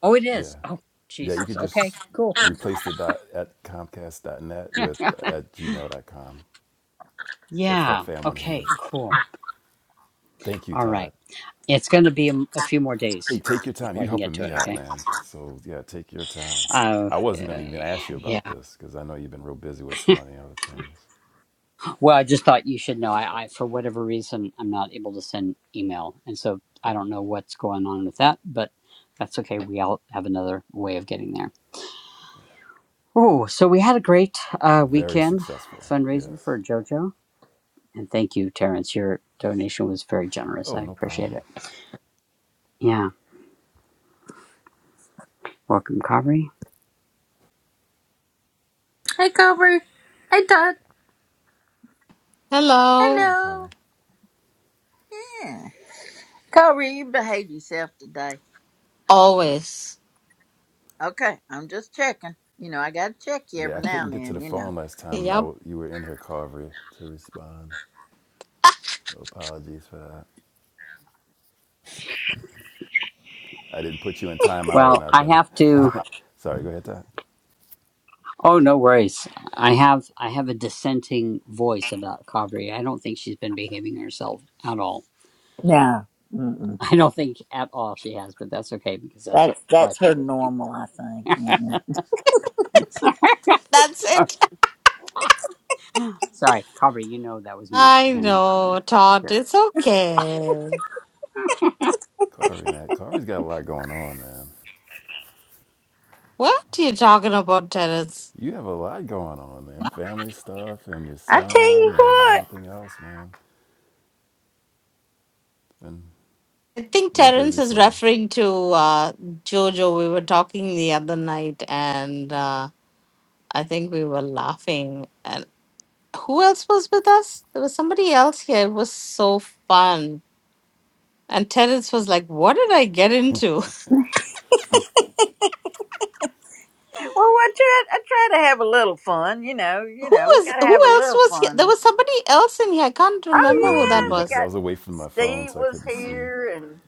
E: oh, it is.
D: Yeah,
E: Oh,
D: yeah. You
E: Jesus.
D: could
E: Okay.
D: just
E: Cool.
D: replace the dot at Comcast dot net with uh, at gmail dot com. So Fred
E: yeah. Okay,
D: FredFan100.
E: cool.
D: Thank you,
E: All right.
D: Todd.
E: It's going to be a, a few more
D: Hey,
E: days
D: take your time.
E: before I
D: You
E: can get
D: helping
E: to
D: me
E: it,
D: out,
E: okay?
D: man. So yeah, take your time.
E: Uh,
D: I wasn't gonna even ask you
E: yeah.
D: about this because I know you've been real busy with so many other things.
E: Well, I just thought you should know. I, I, for whatever reason, I'm not able to send email, and so I don't know what's going on with that. But that's okay. We all have another way of getting there. Oh, so we had a great uh,
D: Very
E: weekend
D: successful. Yes.
E: fundraiser for JoJo, and thank you, Terrence. Your donation was very generous.
D: Oh,
E: I
D: no
E: appreciate
D: problem.
E: it. Yeah. Welcome, Kavri.
A: Hey, Cobra. Hey, Todd.
F: Hello.
D: Hey,
A: Hello.
D: Carver.
A: yeah Corey, you behave yourself today.
F: Always.
A: Okay, I'm just checking. You know, I gotta check you
D: Yeah,
A: every
D: I
A: now
D: couldn't
A: and
D: get to
A: then,
D: the
A: you know.
D: phone last time I
F: Yep.
D: w- you were in here, Carvery, to respond. So apologies for that. I didn't put you in timeout or
E: Well, I
D: nothing.
E: have to.
D: Sorry, go ahead, Todd.
E: Oh, no worries. I have I have a dissenting voice about Kavri. I don't think she's been behaving herself at all.
A: No, mm-mm.
E: I don't think at all she has, but that's okay because that's what
A: that's
E: makes
A: that's
E: life
A: her
E: interesting.
A: normal, I think. Yeah.
E: Sorry.
F: That's
E: Oh,
F: it.
E: Sorry, Carver, you know that was meant
F: I
E: in
F: know, Todd.
E: spirit.
F: It's okay.
D: Carvery, man. Carvery's got a lot going on, man.
F: What are you talking about, Terence?
D: You have a lot going on, man. Family stuff and your
A: I tell
D: son
A: you
D: and
A: what,
D: everything else, man. It's been
F: I think
D: real
F: Terence
D: busy
F: is
D: for you.
F: referring to uh, Jojo. We were talking the other night, and uh, I think we were laughing. And who else was with us? There was somebody else here. It was so fun. And Terence was like, "What did I get into?
A: well, what try, I try to have a little fun, you know, you
F: who
A: know, we
F: was?
A: gotta
F: Who
A: have a
F: else
A: little
F: was here? There
A: fun.
F: was somebody else in here. I can't
D: I
A: Oh
D: can't
F: remember who
D: remember
F: that
A: yeah,
D: either
A: we
F: was."
D: because I
A: got
D: was away from my phone,
A: Steve
D: so I
A: was
D: couldn't see.
A: here and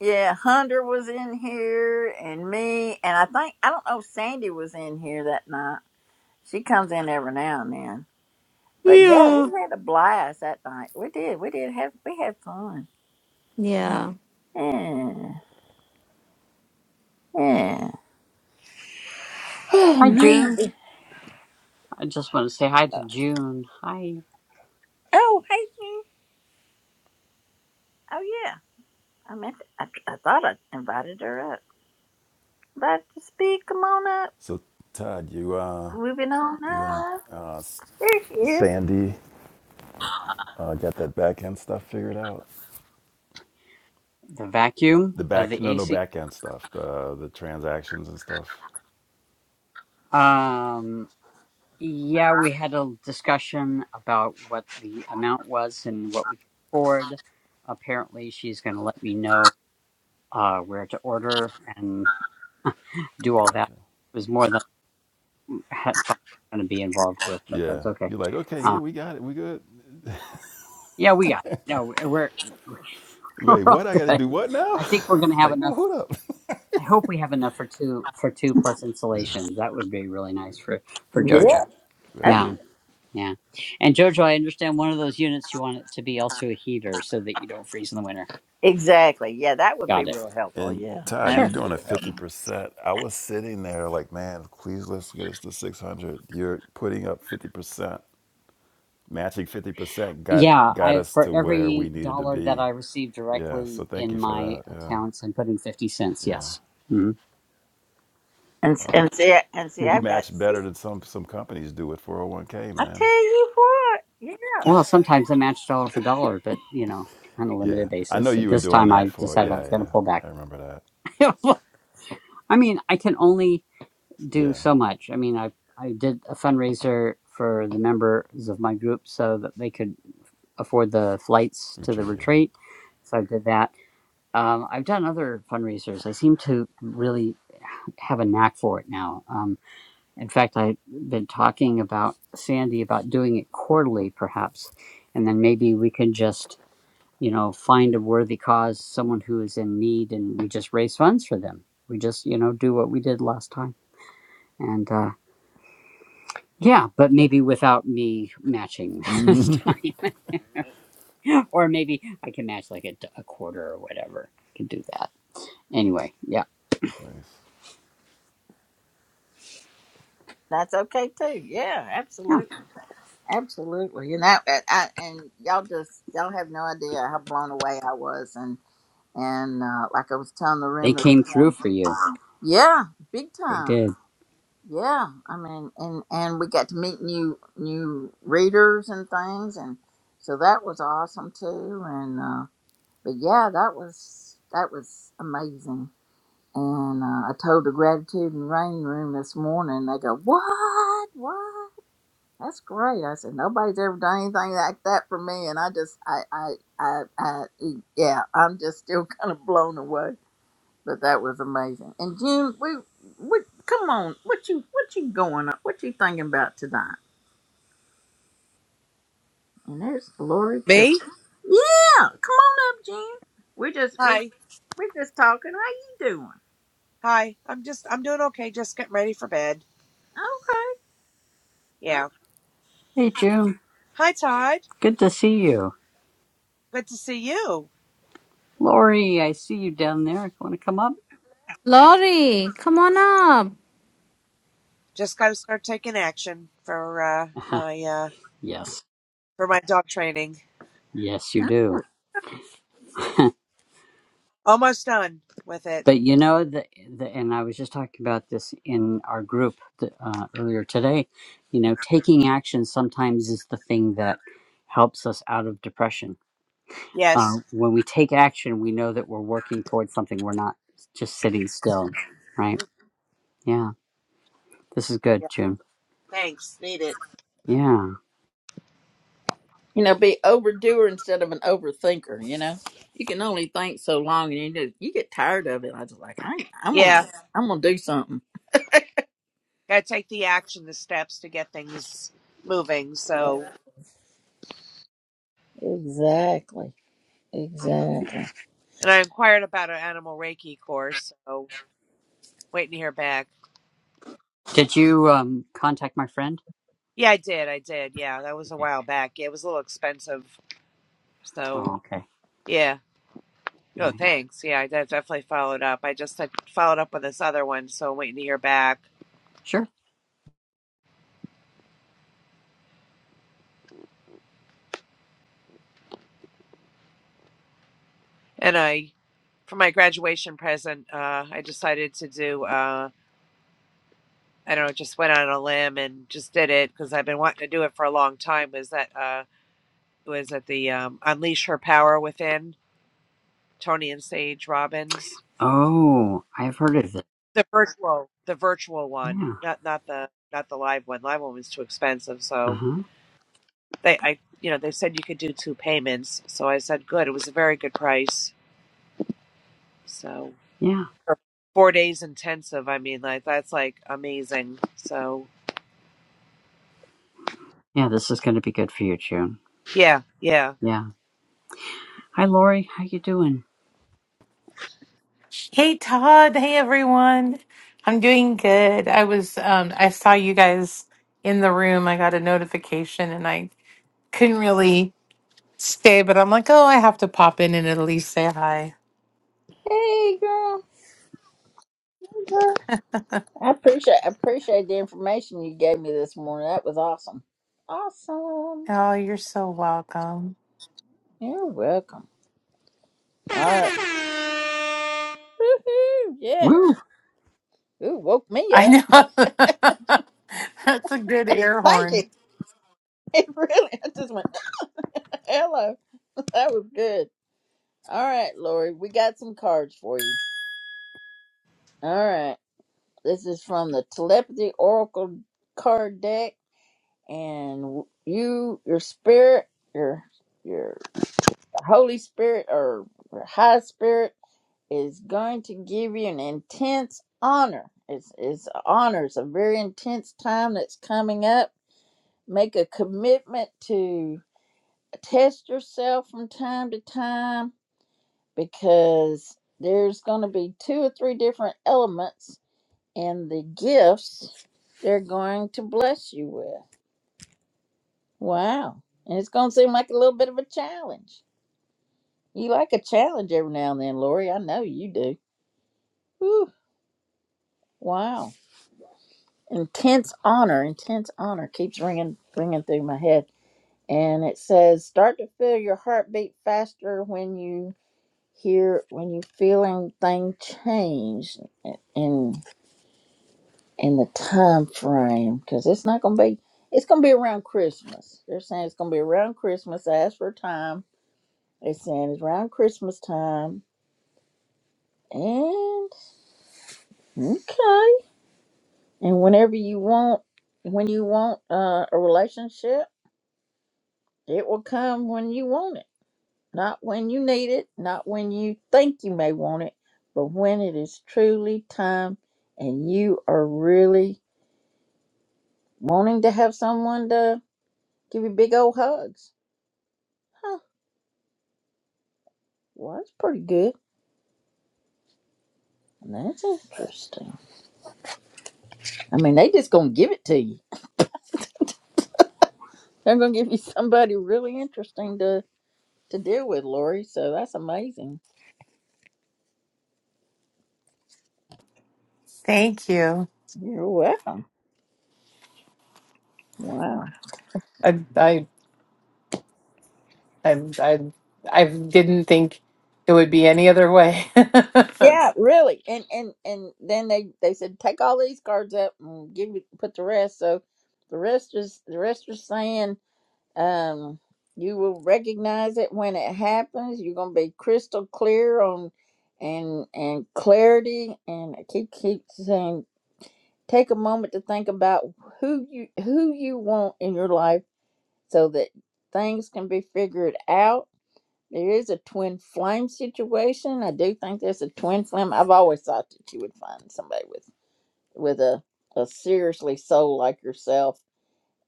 A: yeah, Hunter was in here and me and I think I don't know if Sandy was in here that night. She comes in every now and then. But yeah,
F: Yeah.
A: we had a blast that night. We did. We did have we had fun.
F: Yeah.
A: Yeah. Yeah. Oh
E: Hi, June.
A: man.
E: I just want to say hi to June. Hi.
A: Oh, hey Sue. Oh yeah. I meant I, I thought I invited her up. About to speak. Come on up.
D: So, Todd, you uh,
A: Moving on
D: you and
A: up.
D: uh,
A: There she is.
D: Sandy uh, got that back end stuff figured out?
E: The vacuum
D: The
E: of
D: back,
E: the
D: no, no
E: AC.
D: back end stuff, the the transactions and stuff.
E: Um, yeah, we had a discussion about what the amount was and what we could afford. Apparently, she's going to let me know uh, where to order and do all that.
D: Gotcha.
E: It was more than I thought I was going to be involved with, but
D: Yeah,
E: that's okay.
D: you're like, okay,
E: Uh,
D: yeah, we got it, we good.
E: Yeah, we got it. No, we're we're we're
D: Wait, what?
E: all
D: I got to
E: good.
D: do what now?
E: I think we're gonna have
D: like, well,
E: enough.
D: hold up.
E: I hope we have enough for two for two plus
D: yeah,
E: installations. That would be really nice for for
A: Yeah.
D: yeah,
E: JoJo.
A: Oh
D: very.
A: yeah.
E: Yeah, yeah. And JoJo, I understand one of those units you want it to be also a heater so that you don't freeze in the winter.
A: Exactly. Yeah, that would be
E: Got it.
A: real helpful.
D: And
A: Yeah,
D: Todd,
A: that
D: you're
E: Sure.
A: would be
D: doing a
A: real
D: fifty
A: helpful.
D: percent. I was sitting there like, man, please let's get us to six hundred. You're putting up fifty percent, matching fifty percent got
E: Yeah,
D: got
E: I
D: us
E: for
D: to where we
E: every
D: needed to
E: dollar that
D: be.
E: I receive
D: Yeah, so
E: directly
D: thank
E: in
D: you for
E: my
D: that.
E: accounts, I'm putting fifty cents.
D: Yeah, yeah,
E: Yes. Mhm.
A: And s-
D: wow.
A: and see and see,
D: you
A: I've got.
D: match better than some some companies do with 401k,
A: I
D: man.
A: tell you what. Yeah,
E: Well, sometimes I match dollar for dollar, but you know, on a
D: Yeah,
E: limited
D: I
E: basis.
D: know
E: So
D: you were
E: This
D: doing
E: time
D: that
E: I
D: for.
E: decided I
D: Yeah,
E: was going
D: yeah,
E: to pull back.
D: I remember that.
E: I mean, I can only do
D: Yeah,
E: so much. I mean, I I did a fundraiser for the members of my group so that they could afford the flights to the
D: retreat.
E: retreat.
D: Yeah,
E: So I did that. Um, I've done other fundraisers. I seem to really have a knack for it now. Um, in fact, I've been talking about Sandy about doing it quarterly, perhaps, and then maybe we can just you know, find a worthy cause, someone who is in need, and we just raise funds for them. We just, you know, do what we did last time. And uh, yeah, but maybe without me matching this time. or maybe I can match like a a quarter or whatever. I can do that. Anyway, yeah.
D: nice.
A: that's okay too. Yeah,
E: Yeah.
A: absolutely. Absolutely, you know, and, I, and y'all just y'all have no idea how blown away I was, and and uh, like I was telling the
E: They
A: room this
E: came through
A: morning,
E: for you.
A: yeah, big
E: They
A: time,
E: did.
A: yeah. I mean, and and we got to meet new new readers and things, and so that was awesome too. And uh, but yeah, that was that was amazing. And uh, I told the gratitude and rain room this morning. They go, what, what? That's great. I said nobody's ever done anything like that for me, and I just, I, I, I, I e, yeah, I'm just still kind of blown away. But that was amazing. And June, we, we, come on, what you, what you going up? What you thinking about tonight? And there's Lori too.
G: Me?
A: Yeah, come on up, June. We just, we,
G: Hi.
A: we are just talking. How you doing?
G: Hi. I'm just I'm doing okay. Just getting ready for bed.
A: Okay.
G: Yeah.
A: okay.
E: Hey, June.
G: Hi Todd.
E: Good to see you.
G: Good to see you.
E: Lori, I see you down there. Want to come up?
F: Lori, come on up.
G: Just gotta start taking action for uh my uh
E: yes.
G: for my dog training.
E: Yes, you do.
G: Almost done with it.
E: But you know the, the and I was just talking about this in our group th- uh, earlier today. You know, taking action sometimes is the thing that helps us out of depression.
G: Yes.
E: Uh, when we take action, we know that we're working towards something. We're not just sitting still, right?
G: Mm,
E: Yeah, this is good,
G: Yeah.
E: June.
G: Thanks. Need it.
E: Yeah.
A: You know, be overdoer instead of an overthinker. You know, you can only think so long, and you just, you get tired of it. I was like I ain't, I'm gonna
G: Yeah.
A: go- I'm gonna do something.
G: Gotta take the action, the steps to get things moving. So
A: Exactly. Exactly.
G: and I inquired about an animal reiki course, so waiting to hear back.
E: Did you um, contact my friend?
G: Yeah, I did, I did. Yeah, that was a
E: Okay.
G: while back. Yeah, it was a little expensive. So
E: Oh, okay.
G: yeah.
E: All
G: No,
E: right.
G: thanks. Yeah, I de- definitely followed up. I just had followed up on this other one, so waiting to hear back.
E: Sure.
G: And I, for my graduation present, uh, I decided to do, uh, I don't know, just went on a limb and just did it because I've been wanting to do it for a long time. Was that, uh, was at the um, Unleash Her Power Within, Tony and Sage Robbins,
E: Oh, I've heard of it.
G: the virtual, the virtual one,
E: Yeah.
G: not not the not the live one. Live one was too expensive,
E: Uh
G: so
E: huh.
G: they I you know they said you could do two payments, so I said good. It was a very good price. So
E: Yeah.
G: for four days intensive. I mean, like that's like amazing. So
E: Yeah. This is going to be good for you, June.
G: yeah, yeah.
E: Yeah. Hi, Lori. How you doing?
H: Hey Todd, hey everyone. I'm doing good. I was um I saw you guys in the room. I got a notification and I couldn't really stay, but I'm like, "Oh, I have to pop in and at least say hi."
A: Hey, girl. Hey, girl. I appreciate I appreciate the information you gave me this morning. That was awesome. Awesome.
H: Oh, you're so welcome.
A: You're welcome. All right. Woohoo! Yeah.
E: Woo!
A: Ooh, woke me
H: I
A: up.
H: know. That's a good air
A: Thank you.
H: horn.
A: It really. I just went hello. That was good. All right, Lori, we got some cards for you. All right. This is from the Telepathy Oracle card deck and you your spirit, your your Holy Spirit or your high spirit is going to give you an intense honor. It's it's honor. It's a very intense time that's coming up. Make a commitment to test yourself from time to time because there's going to be two or three different elements in the gifts they're going to bless you with. Wow. And it's going to seem like a little bit of a challenge. You like a challenge every now and then, Lori. I know you do. Whew. Wow. Intense honor, intense honor keeps ringing, ringing through my head. And it says, start to feel your heartbeat faster when you hear, when you're feeling thing change. And and the time frame because it's not gonna be it's gonna be around christmas they're saying it's gonna be around christmas i asked for a time they're saying it's around christmas time and okay and whenever you want when you want uh, a relationship it will come when you want it not when you need it not when you think you may want it but when it is truly time and you are really wanting to have someone to give you big old hugs Huh. Well, that's pretty good. That's interesting. I mean, they just gonna give it to you. They're gonna give you somebody really interesting to to deal with, Lori. So that's amazing.
H: Thank you.
A: You're welcome. Wow.
H: I I I I, I didn't think it would be any other way.
A: Yeah, really. And and and then they they said take all these cards up and give you put the rest. So the rest is the rest is saying um you will recognize it when it happens. You're gonna be crystal clear on and and clarity and I keep keep saying Take a moment to think about who you who you want in your life so that things can be figured out. There is a twin flame situation. I do think there's a twin flame. I've always thought that you would find somebody with with a, a seriously soul like yourself.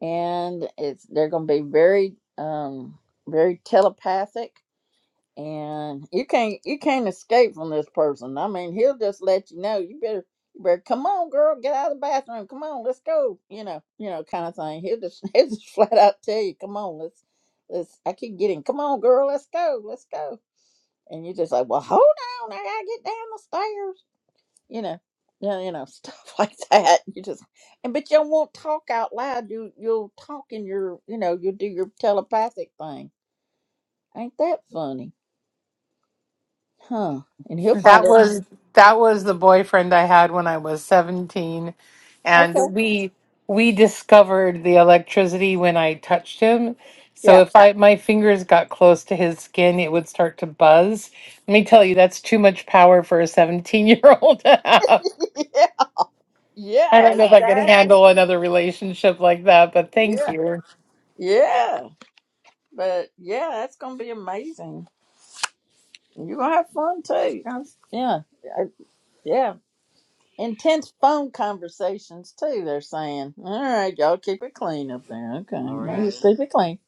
A: And it's they're gonna be very um very telepathic and you can't you can't escape from this person. I mean, he'll just let you know. You better you better come on, girl, get out of the bathroom. Come on, let's go. You know, you know, kind of thing. He'll just he'll just flat out tell you, come on, let's let's. I keep getting, come on, girl, let's go, let's go. And you're just like, well, hold on, I gotta get down the stairs. You know, yeah, you know, stuff like that. You just and but you won't talk out loud. You you'll talk in your you know you'll do your telepathic thing. Ain't that funny, huh? And he'll find
H: That
A: it.
H: was that was the boyfriend I had when I was 17 and
A: Okay.
H: we we discovered the electricity when I touched him. So
A: Yeah.
H: if I my fingers got close to his skin, it would start to buzz. Let me tell you, that's too much power for a 17-year-old to have.
A: yeah.
H: I
A: Yeah.
H: don't know if I could
A: Exactly.
H: handle another relationship like that, but thank
A: Yeah.
H: you.
A: Yeah. But yeah, that's gonna be amazing. And You're gonna have fun too. That's- Yeah. I- Yeah. Intense phone conversations too. They're saying, "All right, y'all keep it clean up there. Okay, y'all
E: Lori,
A: just keep it clean."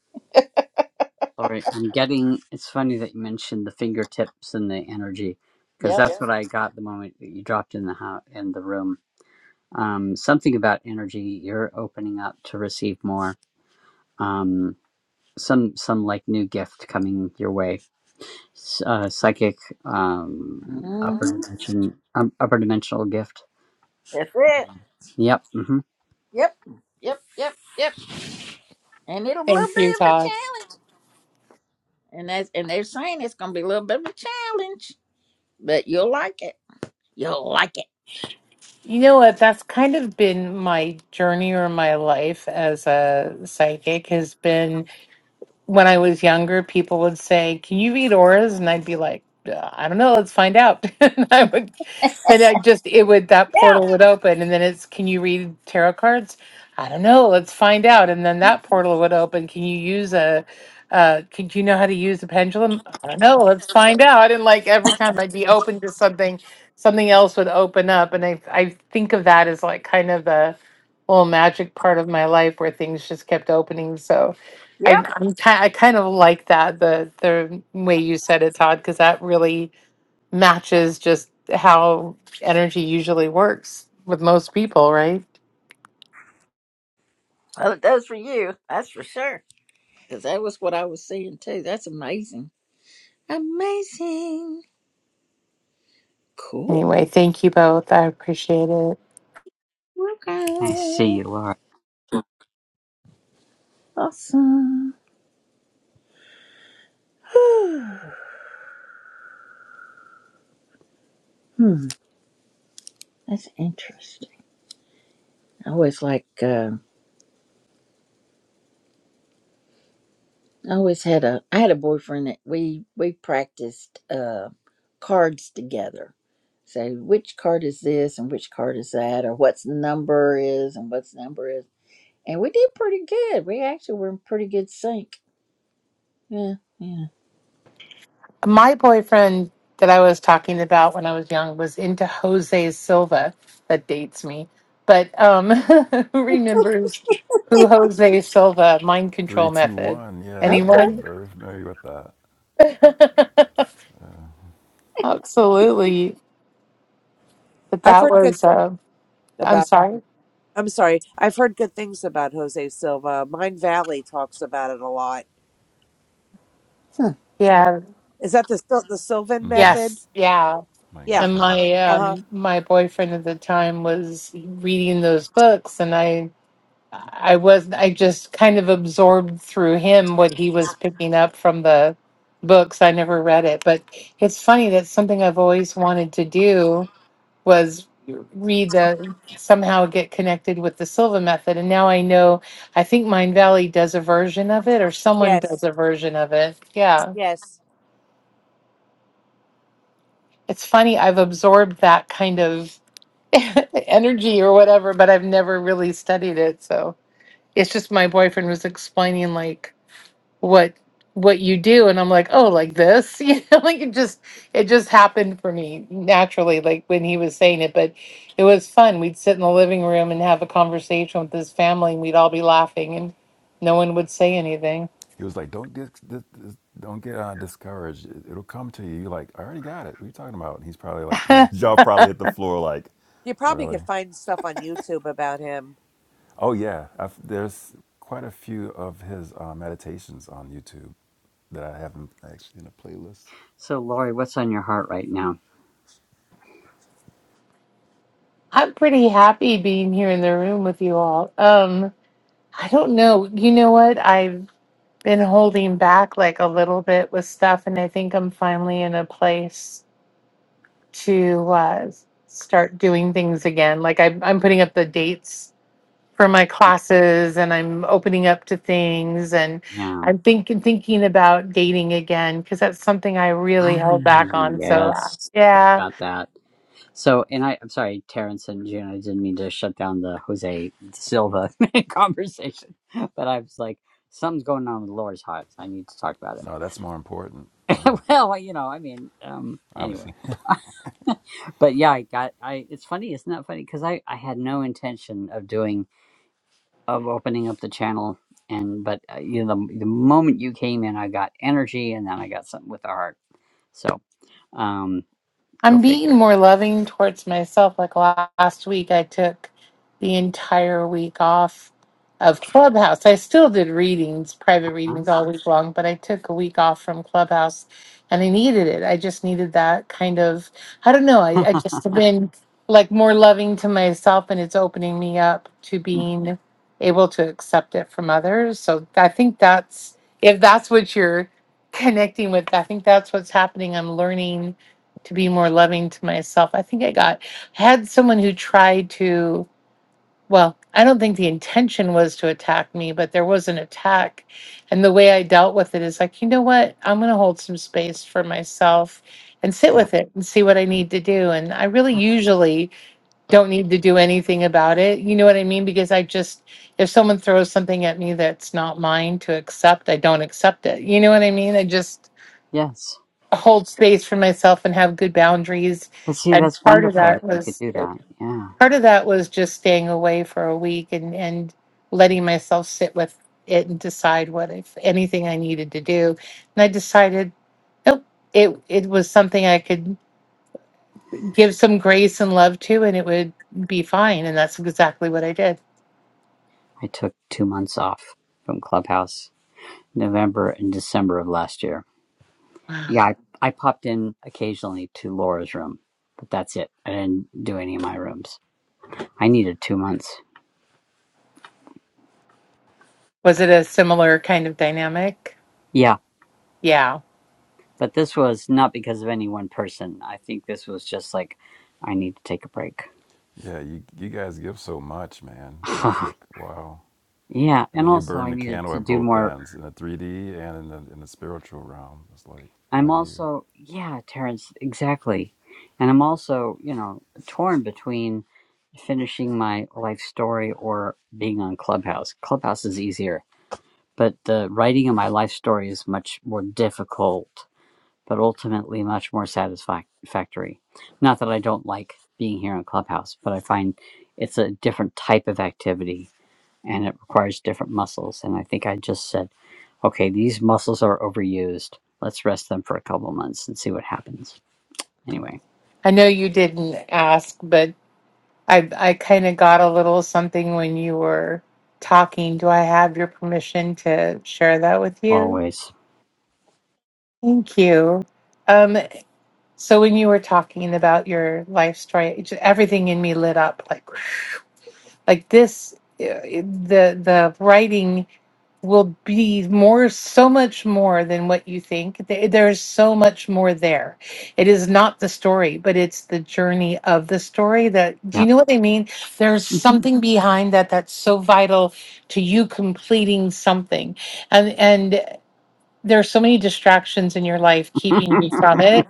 E: Lori, I'm getting. It's funny that you mentioned the fingertips and the energy, because
A: Yep.
E: that's Yeah. what I got the moment that you dropped in the house in the room. Um, something about energy. You're opening up to receive more. Um, some some like new gift coming your way. S- Uh, psychic, um,
A: hmm
E: upper dimension, um, upper dimensional gift.
A: That's it.
E: Yep. hmm
A: Yep. Yep. Yep. Yep. And it'll be a little
H: Thank you,
A: bit of a
H: Todd.
A: challenge. And that's and they're saying it's gonna be a little bit of a challenge, but you'll like it. You'll like it.
H: You know what? That's kind of been my journey or my life as a psychic has been when I was younger, people would say, "Can you read auras?" and I'd be like, "Uh, "I don't know. Let's find out." and I would, then I just it would that portal would open, and then it's, "Can you read tarot cards?" I don't know. Let's find out. And then that portal would open. Can you use a? Uh, could you know how to use a pendulum? I don't know. Let's find out. And like every time I'd be open to something, something else would open up. And I I think of that as like kind of the little magic part of my life where things just kept opening. So
A: Yeah.
H: I I'm ki- I kind of like that the the way you said it, Todd, because that really matches just how energy usually works with most people, right?
A: Well, it does for you. That's for sure. Because that was what I was seeing too. That's amazing. Amazing. Cool.
H: Anyway, thank you both. I appreciate it.
E: I
A: Okay.
E: see, Laura.
A: Awesome. hmm. That's interesting. I always like. Uh, I always had a. I had a boyfriend that we we practiced uh, cards together. So which card is this and which card is that, or what's number is and what's number is, and we did pretty good. We actually were in pretty good sync. Yeah. Yeah.
H: My boyfriend that I was talking about when I was young was into Jose Silva. That dates me, but um, who remembers who Jose Silva mind control
D: Three, two,
H: method?
D: one. Yeah,
A: Okay.
D: I'm
H: Anyone?
D: very familiar with that.
H: Absolutely. But
G: I've
H: that
G: heard good
H: was. Uh,
G: things
H: I'm
G: about it.
H: sorry.
G: I'm sorry. I've heard good things about Jose Silva. Mine Valley talks about it a lot.
A: Huh.
H: Yeah.
G: Is that the Sil- the Sylvan
D: Mm-hmm.
G: method?
H: Yes. Yeah.
D: Mind
G: Yeah.
H: And
D: control.
H: my
G: Uh huh.
H: um my boyfriend at the time was reading those books and I I was I just kind of absorbed through him what he was picking up from the books. I never read it, but it's funny that's something I've always wanted to do was read the somehow get connected with the Silva method and now I know I think Mind Valley does a version of it or someone does
G: Yes.
H: a version of it. Yeah.
G: Yes.
H: it's funny i've absorbed that kind of energy or whatever but i've never really studied it so it's just my boyfriend was explaining like what what you do and i'm like oh like this you know like it just it just happened for me naturally like when he was saying it but it was fun we'd sit in the living room and have a conversation with his family and we'd all be laughing and no one would say anything
D: He was like, "Don't dis- dis- dis- don't get uh, discouraged. It- It'll come to you." You're like, "I already got it. What are you talking about?" And he's probably like, his jaw probably hit the floor. Like,
G: You probably
D: really?
G: could find stuff on YouTube about him.
D: Oh yeah. I've, there's quite a few of his uh, meditations on YouTube that I have in, actually in a playlist.
E: So, Lori, what's on your heart right now?
H: i'm pretty happy being here in the room with you all um I don't know. You know what? I've been holding back like a little bit with stuff and I think I'm finally in a place to uh, start doing things again. Like I I'm putting up the dates for my
E: Okay.
H: classes and I'm opening up to things and
E: Yeah.
H: I'm thinking thinking about dating again because that's something I really held
E: Really?
H: back on. So uh,
E: Yes,
H: yeah.
E: got that. So, and I, I'm sorry, Terrence and June, I didn't mean to shut down the Jose Silva conversation, but I was like, something's going on with Laura's heart. so I need to talk about
D: No, that's more important. No,
E: it. well, you know, I mean, um,
D: obviously.
E: anyway, but yeah, I got, I, it's funny, isn't that funny? Because I, I had no intention of doing, of opening up the channel. And, but, uh, you know, the, the moment you came in, I got energy and then I got something with the heart. So, um, go
H: I'm being
E: figure.
H: more loving towards myself. Like la- last week, I took the entire week off of Clubhouse. I still did readings, private readings
E: Huh?
H: all week long, but I took a week off from Clubhouse and I needed it. I just needed that kind of, I don't know, I, I just have been like more loving to myself and it's opening me up to being able to accept it from others. So I think that's, if that's what you're connecting with, I think that's what's happening. I'm learning to be more loving to myself. I think I got I had someone who tried to well, I don't think the intention was to attack me, but there was an attack. And the way I dealt with it is like, you know what? I'm going to hold some space for myself and sit with it and see what I need to do. And I really usually don't need to do anything about it. You know what I mean? Because I just, if someone throws something at me that's not mine to accept, I don't accept it. You know what I mean? I just,
E: Yes.
H: hold space for myself and have good boundaries.
E: But see,
H: And
E: that's
H: part of
E: wonderful
H: that
E: that you could
H: was
E: do that. Yeah.
H: part of that was just staying away for a week and and letting myself sit with it and decide what if anything I needed to do. And I decided nope, it it was something I could give some grace and love to and it would be fine. And that's exactly what I did.
E: I took two months off from Clubhouse, November and December of last year.
H: Wow.
E: Yeah, I, I popped in occasionally to Laura's room, but that's it. I didn't do any of my rooms. I needed two months.
H: Was it a similar kind of dynamic?
E: Yeah.
H: Yeah.
E: But this was not because of any one person. I think this was just like, I need to take a break.
D: Yeah, you you guys give so much, man. It's like, wow.
E: yeah.
D: I
E: And
D: mean, you
E: also,
D: burn
E: I
D: the
E: needed
D: candle
E: to
D: at
E: do
D: both
E: more
D: ends in the 3D and in the in the spiritual realm. It's like,
E: I'm
D: how do you?
E: also, yeah, Terrence, exactly. And I'm also, you know, torn between finishing my life story or being on Clubhouse. Clubhouse is easier, but the writing of my life story is much more difficult, but ultimately much more satisfactory. Not that I don't like being here on Clubhouse, but I find it's a different type of activity and it requires different muscles. And I think I just said, okay, these muscles are overused. Let's rest them for a couple months and see what happens. Anyway,
H: I know you didn't ask, but I I kind of got a little something when you were talking. Do I have your permission to share that with you?
E: always.
H: Thank you. Um, so when you were talking about your life story, it ju- everything in me lit up like like this. uh, The the writing. will be more so much more than what you think Th- there's so much more there it is not the story but it's the journey of the story that do you
E: Yep.
H: know what i mean there's
E: hmm
H: something behind that that's so vital to you completing something and and there's so many distractions in your life keeping you from it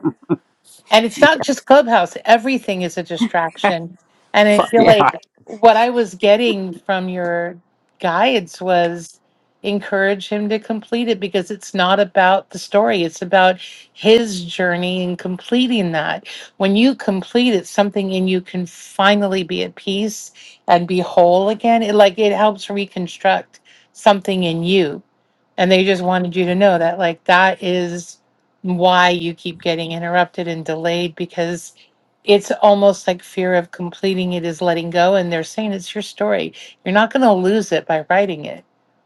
H: and it's not just Clubhouse, everything is a distraction. And I
E: Fuck
H: feel like
E: yeah.
H: what I was getting from your guides was encourage him to complete it because it's not about the story, it's about his journey in completing that. When you complete it, something in you can finally be at peace and be whole again. It like it helps reconstruct something in you. And they just wanted you to know that, like, that is why you keep getting interrupted and delayed because it's almost like fear of completing it is letting go. And they're saying it's your story. You're not going to lose it by writing it.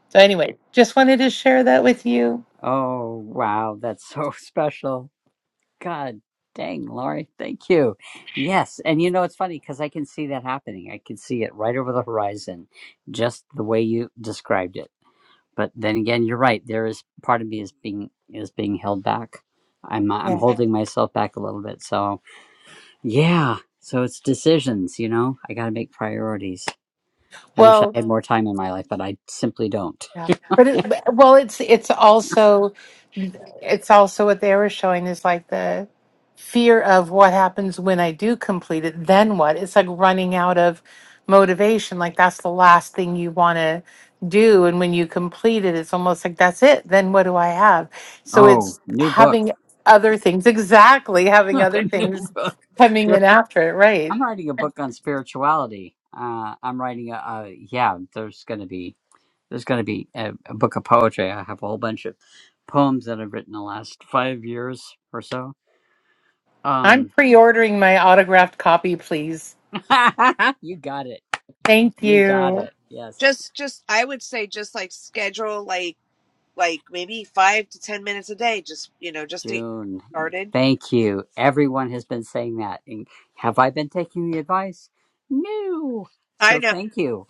H: So, anyway, just wanted to share that with you.
E: Oh, wow. That's so special. God dang, Lori. Thank you. Yes. And you know, it's funny because I can see that happening. I can see it right over the horizon, just the way you described it. but then again, you're right. There is part of me is being is being held back. I'm uh, I'm
H: Yeah.
E: holding myself back a little bit. So yeah, so it's decisions. You know, I got to make priorities. I wish I
H: Well,
E: had more time in my life, but I simply don't.
H: Yeah. But it, but- well, it's it's also it's also what they were showing is like the fear of what happens when I do complete it. Then what? It's like running out of motivation. Like that's the last thing you want to do. And when you complete it, it's almost like that's it. Then what do I have? So
E: Oh,
H: it's
E: new book,
H: having other things exactly having other
E: new
H: things
E: book.
H: coming in
E: There,
H: after it. Right.
E: I'm writing a book on spirituality. Uh, I'm writing a, a yeah. There's gonna be there's gonna be a, a book of poetry. I have a whole bunch of poems that I've written the last five years or so. Um,
H: I'm pre-ordering my autographed copy, please.
E: you got it.
H: Thank
E: You got
H: you.
E: it. Yes.
G: Just, just I would say, just like schedule like like maybe five to ten minutes a day, just you know, just to get
E: June.
G: started.
E: Thank you. Everyone has been saying that. And have I been taking the advice? No.
G: I
E: So
G: know.
E: thank you.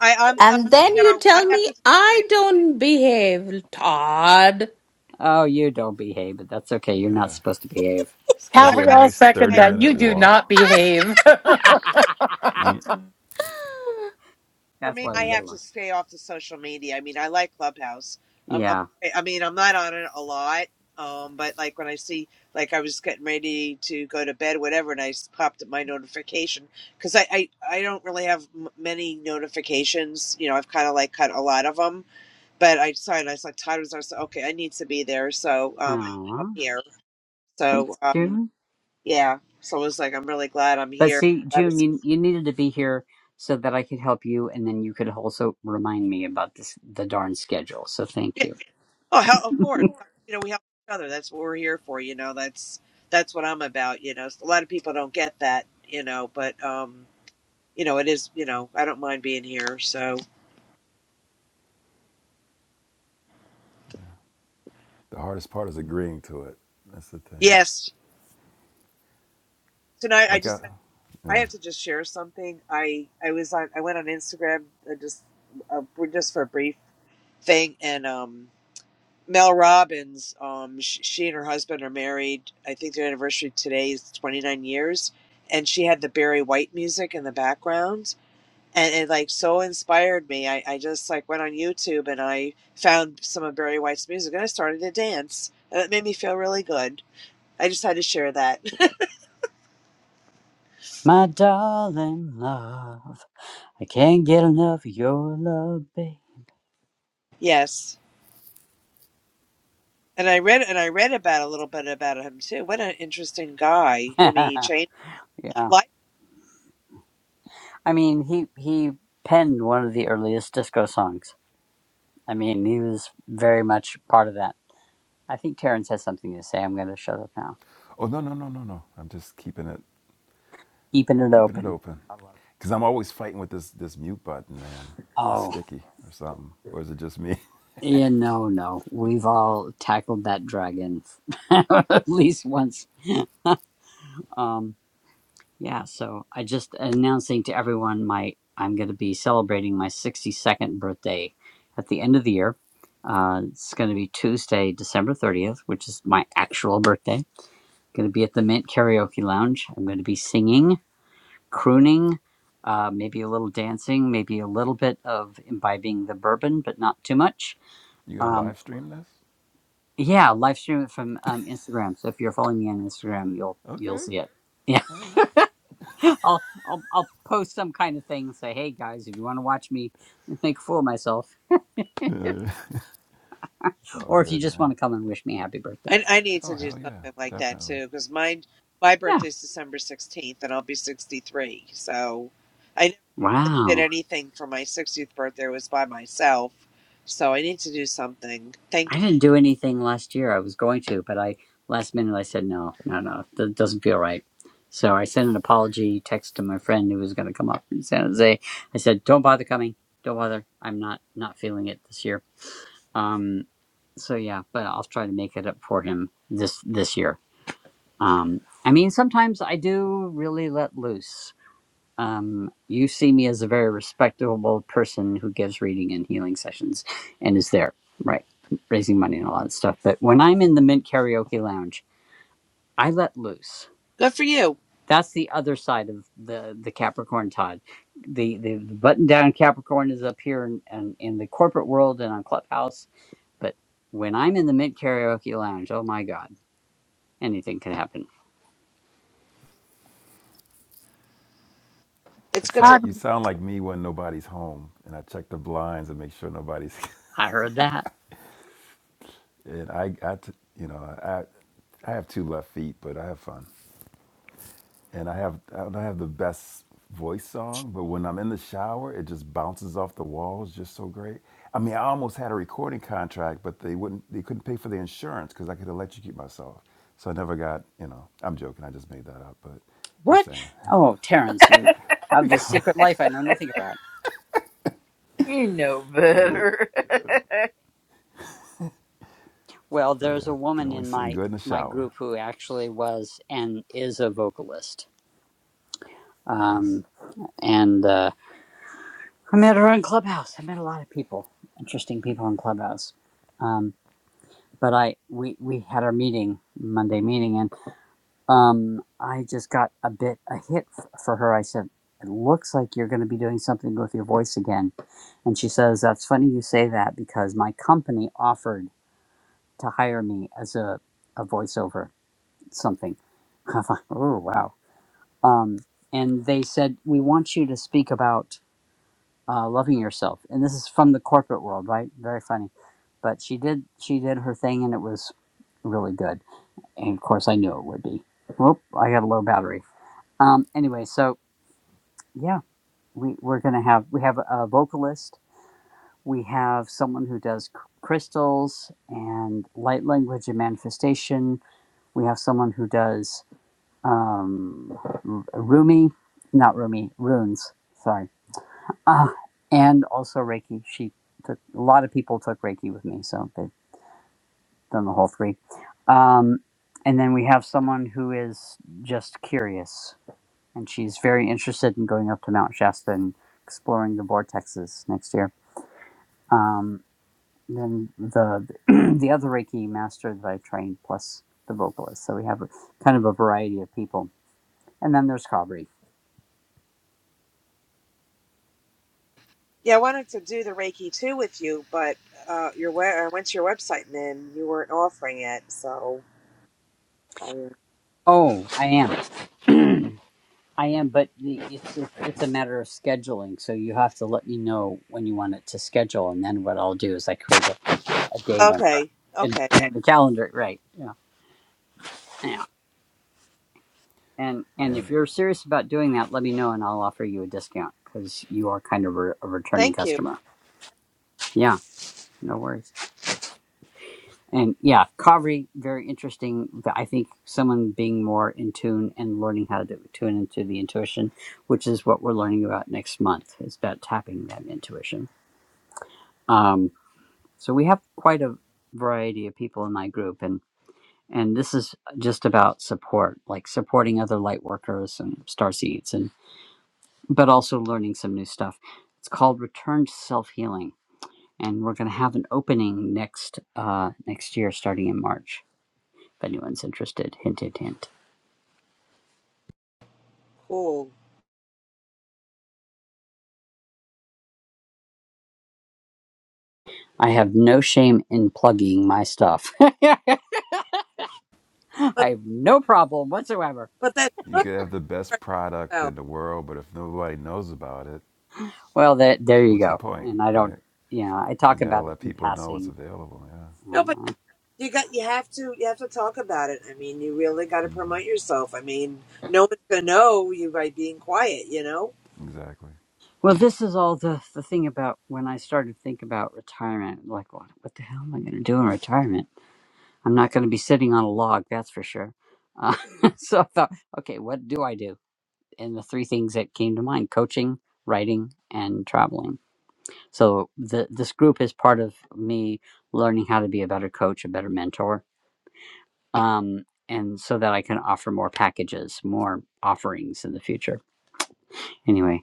G: I I'm uh,
F: And then
D: Yeah,
G: you
F: you
G: know I
F: tell
G: have
F: me
G: to.
F: I don't behave, Todd.
E: Oh, you don't behave, but that's okay. You're not
D: yeah.
E: supposed to behave.
G: I,
D: Schedule a
H: Calvary,
G: I
H: I'll
D: nice
H: second
G: I
D: 30
H: that.
D: minute
H: You do
D: walk.
H: not behave.
D: Mm.
G: for
E: that's
G: me
E: why
G: I
E: we
D: Yeah.
E: get
G: have to
E: along.
G: stay off the social media. I mean I like Clubhouse. I, I'm,
E: Yeah.
G: I mean I'm not on it a lot. Um, but like when I see like I was getting ready to go to bed, whatever, and I s- popped up my notification because I, I I don't really have m- many notifications. You know I've kind of like cut a lot of them but I decided I was like tired. I was like, okay, I need to be there, so um, I'm
E: Aw.
G: here. So
E: Thanks,
G: um,
E: June.
G: yeah. So I was like, I'm really glad I'm
E: But
G: here.
E: see,
G: That
E: June,
G: is,
E: you, you needed to be here so that I could help you, and then you could also remind me about this the darn schedule. So thank
G: yeah.
E: you.
G: Oh, hell, of course. You know, we help each other. That's what we're here for. You know, that's that's what I'm about. You know, a lot of people don't get that. You know, but um, you know, it is. You know, I don't mind being here. So
D: The hardest part is agreeing to it. That's the thing.
G: yes, tonight I
D: Like I,
G: just I
D: yeah.
G: have to just share something. I I was on I went on Instagram uh, just uh, we're just for a brief thing and um. Mel Robbins, um, sh- she and her husband are married. I think their anniversary today is 29 years. And she had the Barry White music in the background. And it like so inspired me. I, I just like went on YouTube and I found some of Barry White's music and I started to dance. And it made me feel really good. I just had to share that.
E: My darling love. I can't get enough of your love, babe.
G: yes. And I read and I read about a little bit about him too. What an interesting guy. I mean, he changed
E: yeah.
G: life.
E: I mean, he he penned one of the earliest disco songs. I mean, he was very much part of that. I think Terrence has something to say. I'm going to shut up now.
D: Oh no no no no no. I'm just keeping it
E: Keeping it
D: keeping it
E: open.
D: open.
E: I love it.
D: Cause I'm always fighting with this this mute button, man. It's
E: Oh,
D: sticky or something. Or is it just me?
E: yeah, no, no. We've all tackled that dragon at least once. Um. Yeah, so I just announcing to everyone my I'm going to be celebrating my 62nd birthday at the end of the year. Uh, it's going to be Tuesday, December 30th, which is my actual birthday. Going to be at the Mint Karaoke Lounge. I'm going to be singing, crooning, uh, maybe a little dancing, maybe a little bit of imbibing the bourbon, but not too much.
D: You gonna
E: Um,
D: live stream this?
E: yeah, live stream it from um, Instagram. So if you're following me on Instagram, you'll you'll
D: Okay.
E: see it.
D: All right.
E: I'll, I'll I'll post some kind of thing and say, "Hey guys, if you want to watch me make a fool of myself,
D: Yeah, It's all
E: or if you
D: good,
E: just
D: man.
E: want to come and wish me happy birthday."
G: I, I need
D: Oh
G: to do
D: hell yeah,
G: something like that
D: definitely.
G: too, because mine my
E: Yeah.
G: birthday's December sixteenth, and I'll be sixty three. So I never really did
E: Wow.
G: anything for my sixtieth birthday. It was by myself, so I need to do something. Thank
E: I
G: you.
E: didn't do anything last year. I was going to, but I last minute I said no, no, no. That doesn't feel right. So I sent an apology text to my friend who was going to come up from San Jose. I said, "Don't bother coming. Don't bother. I'm not not feeling it this year." Um. So yeah, but I'll try to make it up for him this this year Um, I mean, sometimes I do really let loose. Um, you see me as a very respectable person who gives reading and healing sessions and is there, right, raising money and a lot of stuff. But when I'm in the Mint Karaoke Lounge, I let loose.
G: Good for you.
E: That's the other side of the the Capricorn Todd. The the, the button down Capricorn is up here and in, in, in the corporate world and on Clubhouse. But when I'm in the Mint Karaoke Lounge, oh my God, anything can happen.
G: It's
D: It
G: good
H: I'm
D: sound
G: to.
D: you sound like me when nobody's home, and I check the blinds and make sure nobody's.
E: I heard that.
D: and I, I t- you know, I, I have two left feet, but I have fun. and I have I don't have the best voice song, but when I'm in the shower, it just bounces off the walls just so great. I mean, I almost had a recording contract, but they wouldn't they couldn't pay for the insurance because I could electrocute myself. So I never got you know. I'm joking. I just made that up, but just
E: What?
D: saying.
E: Oh, Terrence, you have
D: but
E: the secret life I know nothing about.
A: You know better.
E: Well, there's
D: yeah,
E: a
D: I could
E: woman
D: only
E: in
D: sing
E: my
D: good in the
E: my
D: shower.
E: group who actually was and is a vocalist.
D: Nice
E: Um, and uh, I met her on Clubhouse. I met a lot of people, interesting people on Clubhouse. Um, but I we we had our meeting Monday meeting, and um, I just got a bit a hit f- for her. I said, "It looks like you're going to be doing something with your voice again," and she says, "That's funny you say that because my company offered." to hire me as a, a voiceover something. I'm like, oh wow. Um, and they said we want you to speak about uh, loving yourself, and this is from the corporate world, right? Very funny, but she did she did her thing, and it was really good. And of course, I knew it would be. Whoop! I got a low battery. Um, anyway, so yeah, we we're gonna have we have a vocalist. We have someone who does c- crystals and light language and manifestation We have someone who does um, Rumi, not Rumi, runes. Sorry, uh, and also Reiki. She took a lot of people took Reiki with me, so they've done the whole three. Um, and then we have someone who is just curious, and she's very interested in going up to Mount Shasta and exploring the vortexes next year. Um, then the the other Reiki master that I trained, plus the vocalist. So we have a- kind of a variety of people. and then there's Calvary.
G: Yeah, I wanted to do the Reiki too with you, but uh, your we- I went to your website and then you weren't offering it. So I,
E: Oh, I am. I am, but the- it's a, it's a matter of scheduling. So you have to let me know when you want it to schedule, and then what I'll do is I create a, a date on
G: okay,
E: in,
G: okay,
E: in the calendar, right? Yeah, yeah. And and
D: man.
E: if you're serious about doing that, let me know, and I'll offer you a discount because you are kind of a, a returning
G: thank you.
E: customer. Yeah, no worries. And yeah, Kavri, very interesting. But I think someone being more in tune and learning how to tune into the intuition, which is what we're learning about next month, is about tapping that intuition. Um, so we have quite a variety of people in my group, and and this is just about support, like supporting other light workers and star seeds, and but also learning some new stuff. It's called Return to Self Healing, and we're going to have an opening next uh, next year, starting in March If anyone's interested, hint, hint, hint.
G: Cool,
E: I have no shame in plugging my stuff. I
G: but
E: have no problem whatsoever.
G: but that's
D: You
G: good.
D: could have the
G: for
D: best product
G: yourself.
D: in the world, but if nobody knows about it,
E: Well, that there you
D: what's the
E: go.
D: point,
E: And I don't,
D: right?
E: you know, I
D: You
E: talk
D: got to
E: about it
D: let
E: in
D: people know it's
E: passing.
D: available. Yeah,
G: No, but
E: Uh,
G: You got you have to you have to talk about it. I mean, you really got to promote yourself. I mean, no one's gonna know you by being quiet. You know?
D: exactly.
E: well, this is all the the thing about when I started to think about retirement. Like, what, what the hell am I going to do in retirement? I'm not going to be sitting on a log, that's for sure. Uh, so I thought, okay, what do I do? And the three things that came to mind: coaching, writing, and traveling So the this group is part of me learning how to be a better coach, a better mentor, um, and so that I can offer more packages, more offerings in the future. Anyway,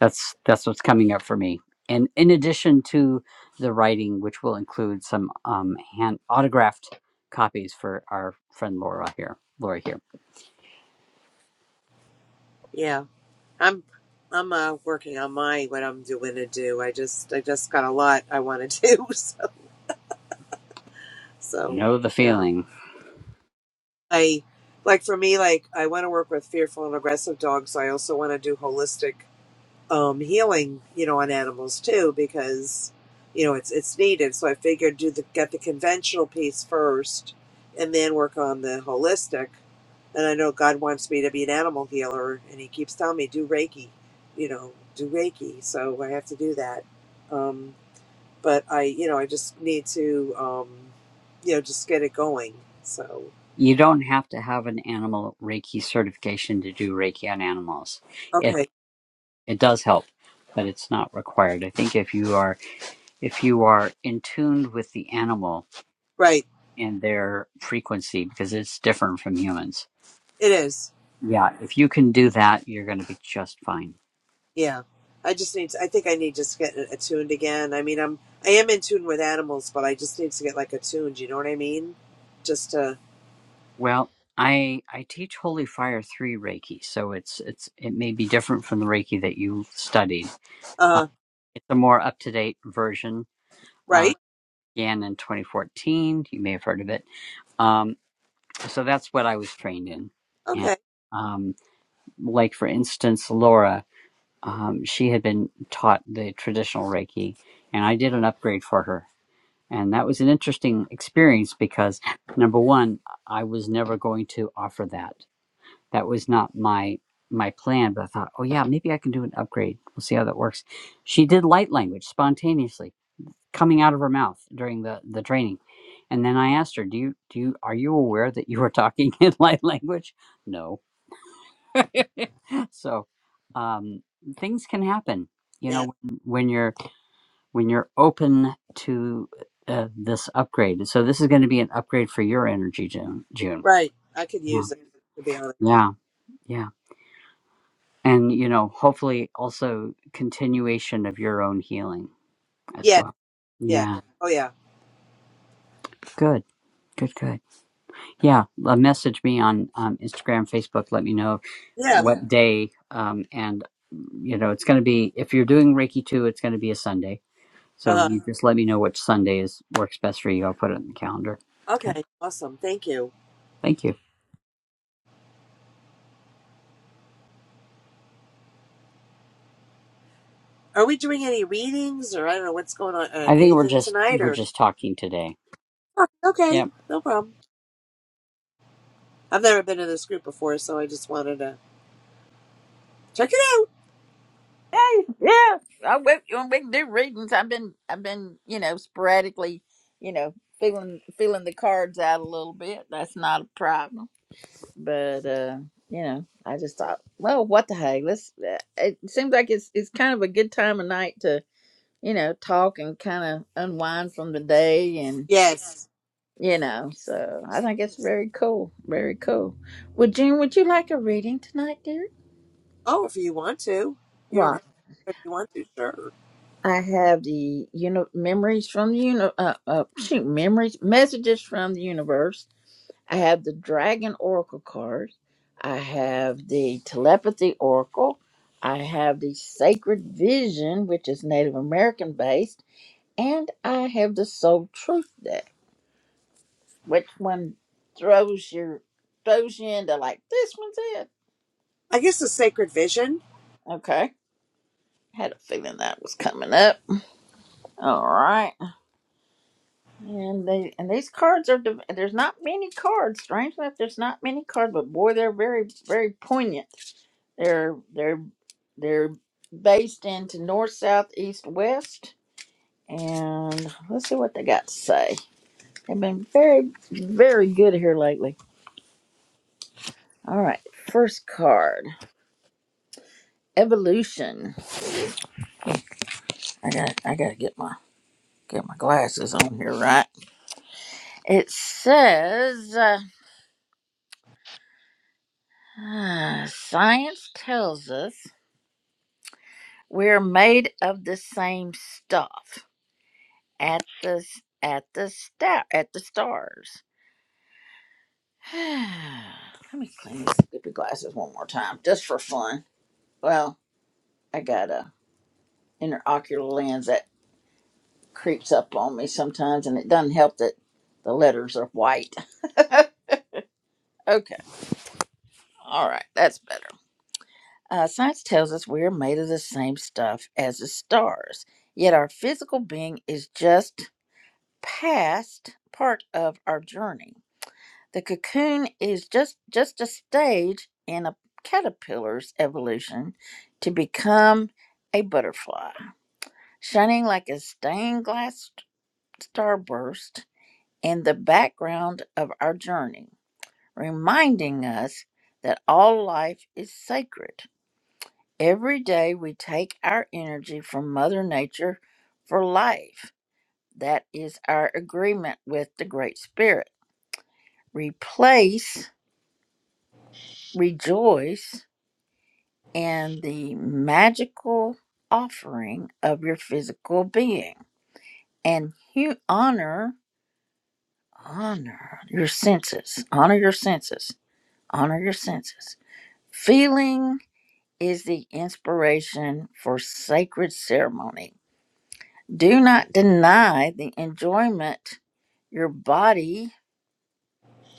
E: that's that's what's coming up for me. And in addition to the writing, which will include some um, hand autographed copies for our friend Laura here, Laura here.
G: Yeah. I'm I'm uh, working on my what I'm doing to do. I just I just got a lot I want to do. So so
E: Know the
G: yeah.
E: feeling.
G: I like for me like I want to work with fearful and aggressive dogs. I also want to do holistic. um, healing, you know, on animals too, because you know it's it's needed. So I figured do the get the conventional piece first, and then work on the holistic. And I know God wants me to be an animal healer, and He keeps telling me do Reiki, you know, do Reiki. So I have to do that. Um, but I, you know, I just need to, um, you know, just get it going. So
E: You don't have to have an animal Reiki certification to do Reiki on animals It
G: okay,
E: it does help but it's not required i think if you are if you are in tune with the animal
G: right,
E: and their frequency because it's different from humans
G: it is.
E: yeah if you can do that you're going to be just fine
G: Yeah, I just need. To, I think I need to just get attuned again. I mean, I'm I am in tune with animals, but I just need to get like attuned. You know what I mean? Just to
E: well i i teach holy fire 3 reiki so it's it's it may be different from the reiki that you studied uh,
G: uh
E: it's a more up to date version uh
G: right?
E: began in 2014 you may have heard of it um so that's what i was trained in and
G: Okay.
E: um like for instance Laura, um, she had been taught the traditional Reiki, and I did an upgrade for her, and that was an interesting experience because number one, I was never going to offer that. That was not my my plan, but I thought, oh yeah, maybe I can do an upgrade. We'll see how that works. She did light language spontaneously, coming out of her mouth during the the training. And then I asked her, "Do you do you are you aware that you are talking in light language?" No So um, things can happen, you
G: Yeah.
E: know, when when you're when you're open to uh, this upgrade. So this is going to be an upgrade for your energy, June. June.
G: Right. I could
E: Yeah,
G: use it to be honest.
E: yeah, yeah. And you know, hopefully, also continuation of your own healing as
G: Yeah.
E: well.
G: Yeah.
E: Yeah,
G: Oh yeah.
E: good, good, good. Yeah, uh, message me on um, Instagram, Facebook. Let me know
G: Yeah.
E: what day, um, and you know, it's going to be if you're doing Reiki two, it's going to be a Sunday So
G: Uh
E: you just let me know which Sunday is works best for you. I'll put it in the calendar. Okay.
G: Okay. Awesome. Thank you.
E: Thank you.
G: Are we doing any readings or I don't know what's going on? Uh,
E: I think we're
G: anything
E: just
G: tonight
E: we're
G: or?
E: just talking today.
G: Okay.
E: Yep.
G: No problem. I've never been in this group before, so I just wanted to check it out.
A: Hey, yeah. I went when we do readings. I've been I've been, you know, sporadically, you know, feeling feeling the cards out a little bit. That's not a problem. But uh, you know, I just thought, well, what the heck? Let's uh, it seems like it's it's kind of a good time of night to, you know, talk and kind of unwind from the day and
G: Yes.
A: you know, so I think it's very cool. Very cool. Well, June, would you like a reading tonight, dear?
G: Oh, if you want to, you
A: What?
G: don't have to. but If you want to, sure.
A: I have the uni- memories from the uni- uh, uh, shoot, memories, messages from the universe. I have the dragon oracle card. I have the telepathy oracle. I have the sacred vision, which is Native American based, and I have the soul truth deck. Which one throws your throws you into like this one's it?
G: I guess the sacred vision.
A: Okay, had a feeling that was coming up. All right. And they and these cards are div- there's not many cards. Strange enough, there's not many cards, but boy, they're very very poignant. They're they're they're based into north, south, east, west, and let's see what they got to say. They've been very very good here lately. All right, first card, evolution. I got I got to get my get my glasses on here right. It says uh, science tells us. We're made of the same stuff at the at the star at the stars. Let me clean these stupid glasses one more time, just for fun. Well, I got a interocular lens that creeps up on me sometimes, and it doesn't help that the letters are white. Okay, all right, that's better. Uh, science tells us we are made of the same stuff as the stars, yet our physical being is just past part of our journey. The cocoon is just just a stage in a caterpillar's evolution to become a butterfly, shining like a stained glass starburst in the background of our journey, reminding us that all life is sacred. Every day we take our energy from Mother Nature for life. That is our agreement with the Great Spirit. Replace, rejoice, and the magical offering of your physical being. And you honor, honor your senses, honor your senses, honor your senses. Feeling is the inspiration for sacred ceremony. Do not deny the enjoyment your body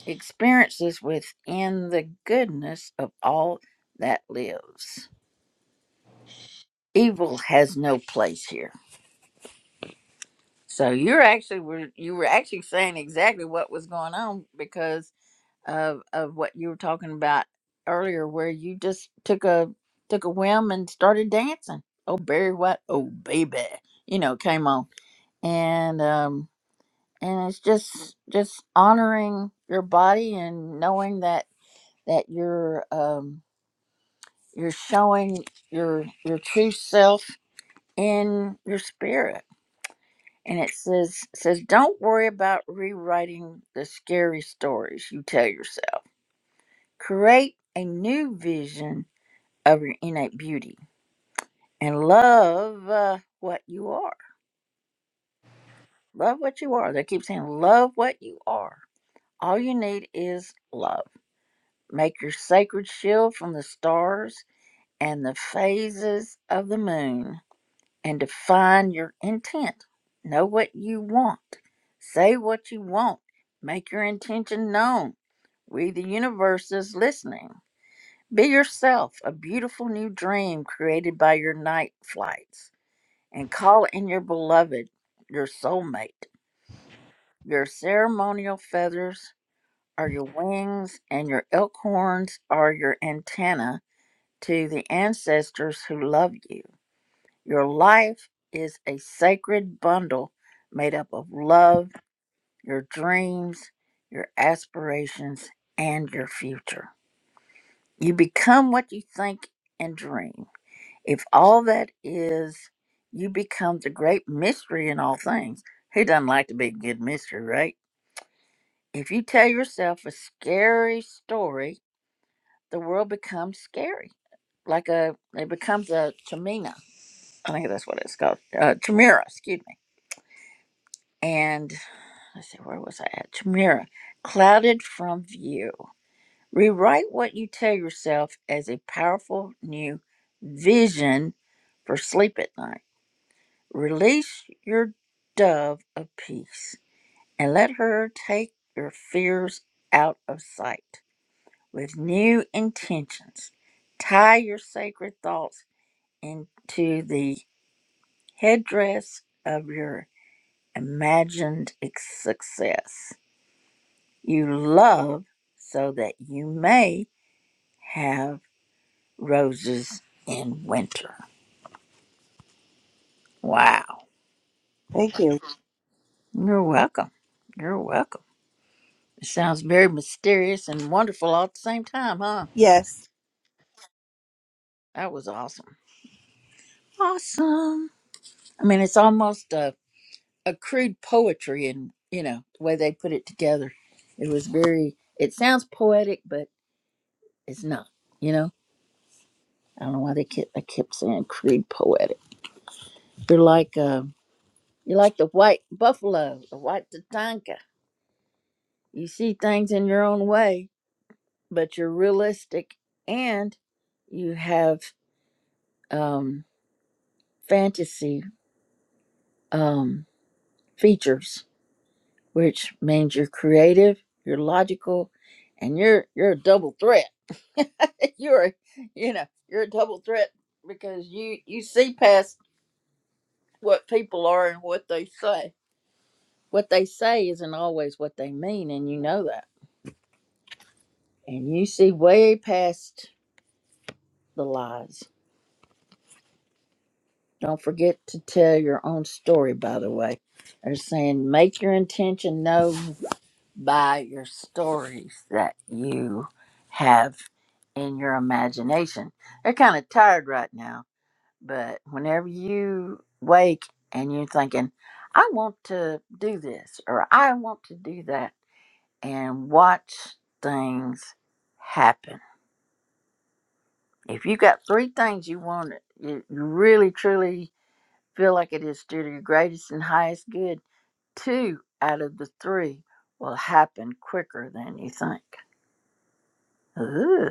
A: experiences within the goodness of all that lives. Evil has no place here So you're actually were you were actually saying exactly what was going on because of of what you were talking about earlier, where you just took a took a whim and started dancing. Oh Barry White, oh baby, you know, came on and um and it's just just honoring your body and knowing that that you're um you're showing your your true self in your spirit and it says says don't worry about rewriting the scary stories you tell yourself create a new vision of your innate beauty and love uh, what you are love what you are they keep saying love what you are all you need is love make your sacred shield from the stars and the phases of the moon and define your intent. Know what you want. Say what you want. Make your intention known. We, the universe, is listening. Be yourself, a beautiful new dream created by your night flights, and call in your beloved, your soulmate. Your ceremonial feathers are your wings, and your elk horns are your antenna to the ancestors who love you. Your life is a sacred bundle made up of love, your dreams, your aspirations, and your future. You become what you think and dream. If all that is, you become the great mystery in all things. Who doesn't like to be a good mystery, right? If you tell yourself a scary story, the world becomes scary. Like a, it becomes a Tamina. I think that's what it's called. Uh, Tamira, excuse me. And let's see, where was I at? Tamira, clouded from view. Rewrite what you tell yourself as a powerful new vision for sleep at night. Release your dove of peace and let her take your fears out of sight with new intentions. Tie your sacred thoughts into the headdress of your imagined ex- success. You love so that you may have roses in winter. Wow.
G: Thank you.
A: You're welcome. You're welcome. It sounds very mysterious and wonderful all at the same time, huh?
G: Yes.
A: That was awesome. Awesome. I mean, it's almost a, a crude poetry and, you know, the way they put it together. It was very, it sounds poetic, but it's not, you know? I don't know why they kept, I kept saying crude poetic. They're like, uh, You're like the white buffalo, the white tatanka. You see things in your own way, but you're realistic and you have um, fantasy um, features, which means you're creative, you're logical, and you're you're a double threat. you're a, you know you're a double threat because you you see past what people are and what they say. What they say isn't always what they mean, and you know that. And you see way past the lies. Don't forget to tell your own story, by the way. They're saying make your intention known by your stories that you have in your imagination. They're kind of tired right now, but whenever you wake and you're thinking, I want to do this or I want to do that, and watch things happen. If you got three things you want, you you really, truly feel like it is due to your greatest and highest good, two out of the three will happen quicker than you think. Ooh,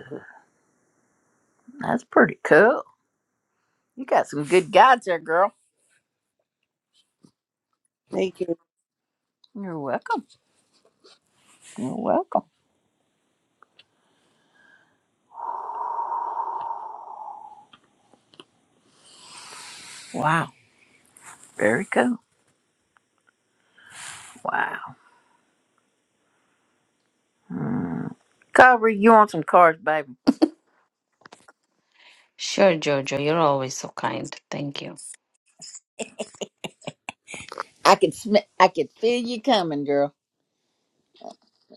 A: that's pretty cool. You got some good guides there, girl.
G: Thank you.
A: You're welcome. You're welcome. Wow. Very cool. Wow. Mm. Carver, you want some cards, baby?
F: Sure, Jojo, you're always so kind. Thank you.
A: I can sm- I can feel you coming, girl.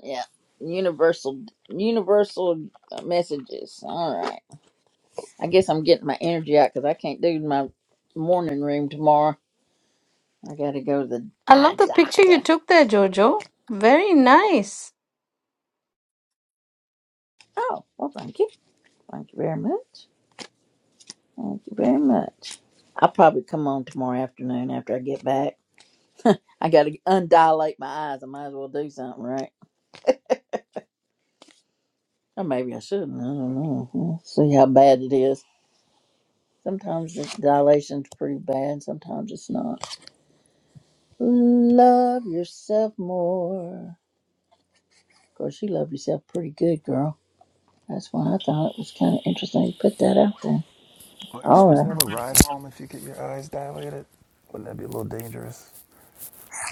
A: Yeah. Universal, universal uh, messages. All right. I guess I'm getting my energy out because I can't do my morning room tomorrow. I got to go to the
F: I love
A: eye
F: the picture
A: doctor.
F: you took there, Jojo. Very nice.
A: Oh, well, thank you. Thank you very much. Thank you very much. I'll probably come on tomorrow afternoon after I get back. I got to undilate my eyes. I might as well do something, right? Or maybe I shouldn't. I don't know. We'll see how bad it is. Sometimes the dilation's pretty bad. Sometimes it's not. Love yourself more. Of course, you love yourself pretty good, girl. That's why I thought it was kind of interesting to put that out there.
D: Aren't you
A: All
D: supposed
A: right.
D: to have a ride home if you get your eyes dilated? Wouldn't that be a little dangerous?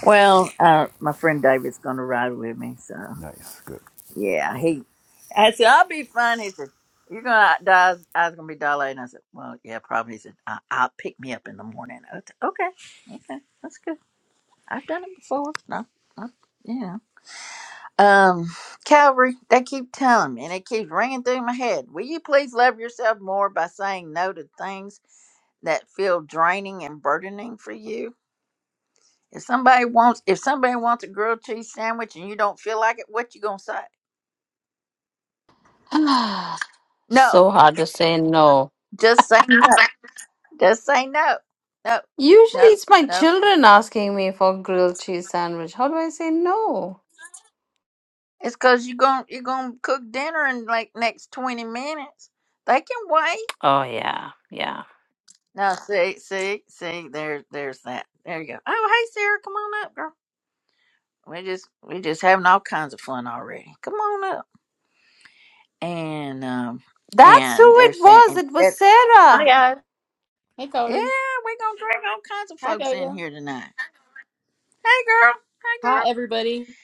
A: Well, uh, my friend David's going to ride with me, so
D: Nice, good.
A: yeah, he. I said, "I'll be fine." He said, "You're gonna die. I was gonna be dilated." And I said, "Well, yeah, probably." He said, I- "I'll pick me up in the morning." I said, okay, okay, that's good. I've done it before. No, no, you know. Um, Calvary, they keep telling me, and it keeps ringing through my head. Will you please love yourself more by saying no to things that feel draining and burdening for you? If somebody wants if somebody wants a grilled cheese sandwich and you don't feel like it, what you gonna say?
F: Ah.
A: No.
F: so hard to say no.
A: Just say no. Just say no. No. No.
F: Usually it's my
A: No.
F: children asking me for grilled cheese sandwich. How do I say no?
A: It's cause you gon' you're gonna cook dinner in like next twenty minutes. They can wait.
F: Oh yeah, yeah.
A: Now see, see, see, there there's that. There you go. Oh hey Sarah, come on up, girl. We just we just having all kinds of fun already. Come on up. And um
F: That's who
A: and they're
F: it
A: saying
F: was.
A: instead
F: It was
A: Yeah,
I: Hi
F: Sarah.
I: guys. Hey, Coder.
A: we're gonna drag all kinds of
I: Hi,
A: folks in
I: Jojo.
A: here tonight. Hey girl. Hey
I: Hi,
A: girl.
I: everybody.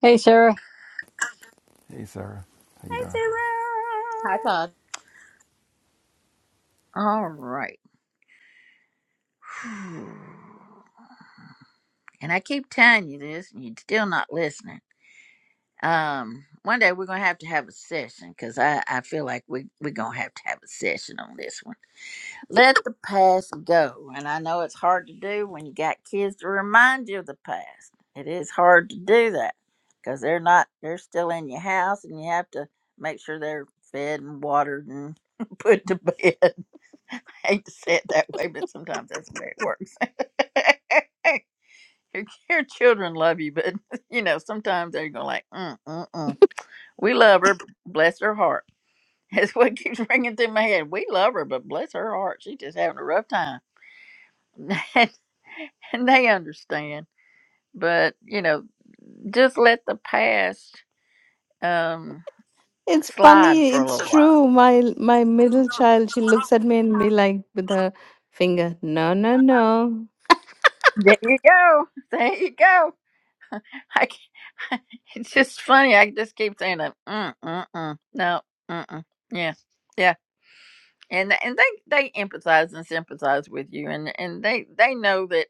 E: Hey Sarah.
D: Hey, Sarah, how you
A: Hey
D: doing?
I: Hi Todd.
A: Sarah. All right. And I keep telling you this, and you're still not listening. Um, one day we're gonna have to have a session because I I feel like we we're gonna have to have a session on this one. Let the past go, and I know it's hard to do when you got kids to remind you of the past. It is hard to do that because they're not they're still in your house, and you have to make sure they're fed and watered and put to bed. hate to say it that way, but sometimes that's the way it works. your, your children love you, but you know sometimes they're going like, mm, mm, mm. "We love her, bless her heart." That's what keeps ringing through my head. We love her, but bless her heart, she's just having a rough time, and and they understand. But you know, just let the past um,
F: It's
A: slide
F: funny.
A: for a
F: It's
A: little
F: true.
A: while.
F: My my middle child, she looks at me and be like with her finger, no, no, no.
A: There you go. There you go. I can't, it's just funny. I just keep saying that. Mm, mm, mm. No. Mm, mm. Yeah. Yeah. And th- and they they empathize and sympathize with you, and and they they know that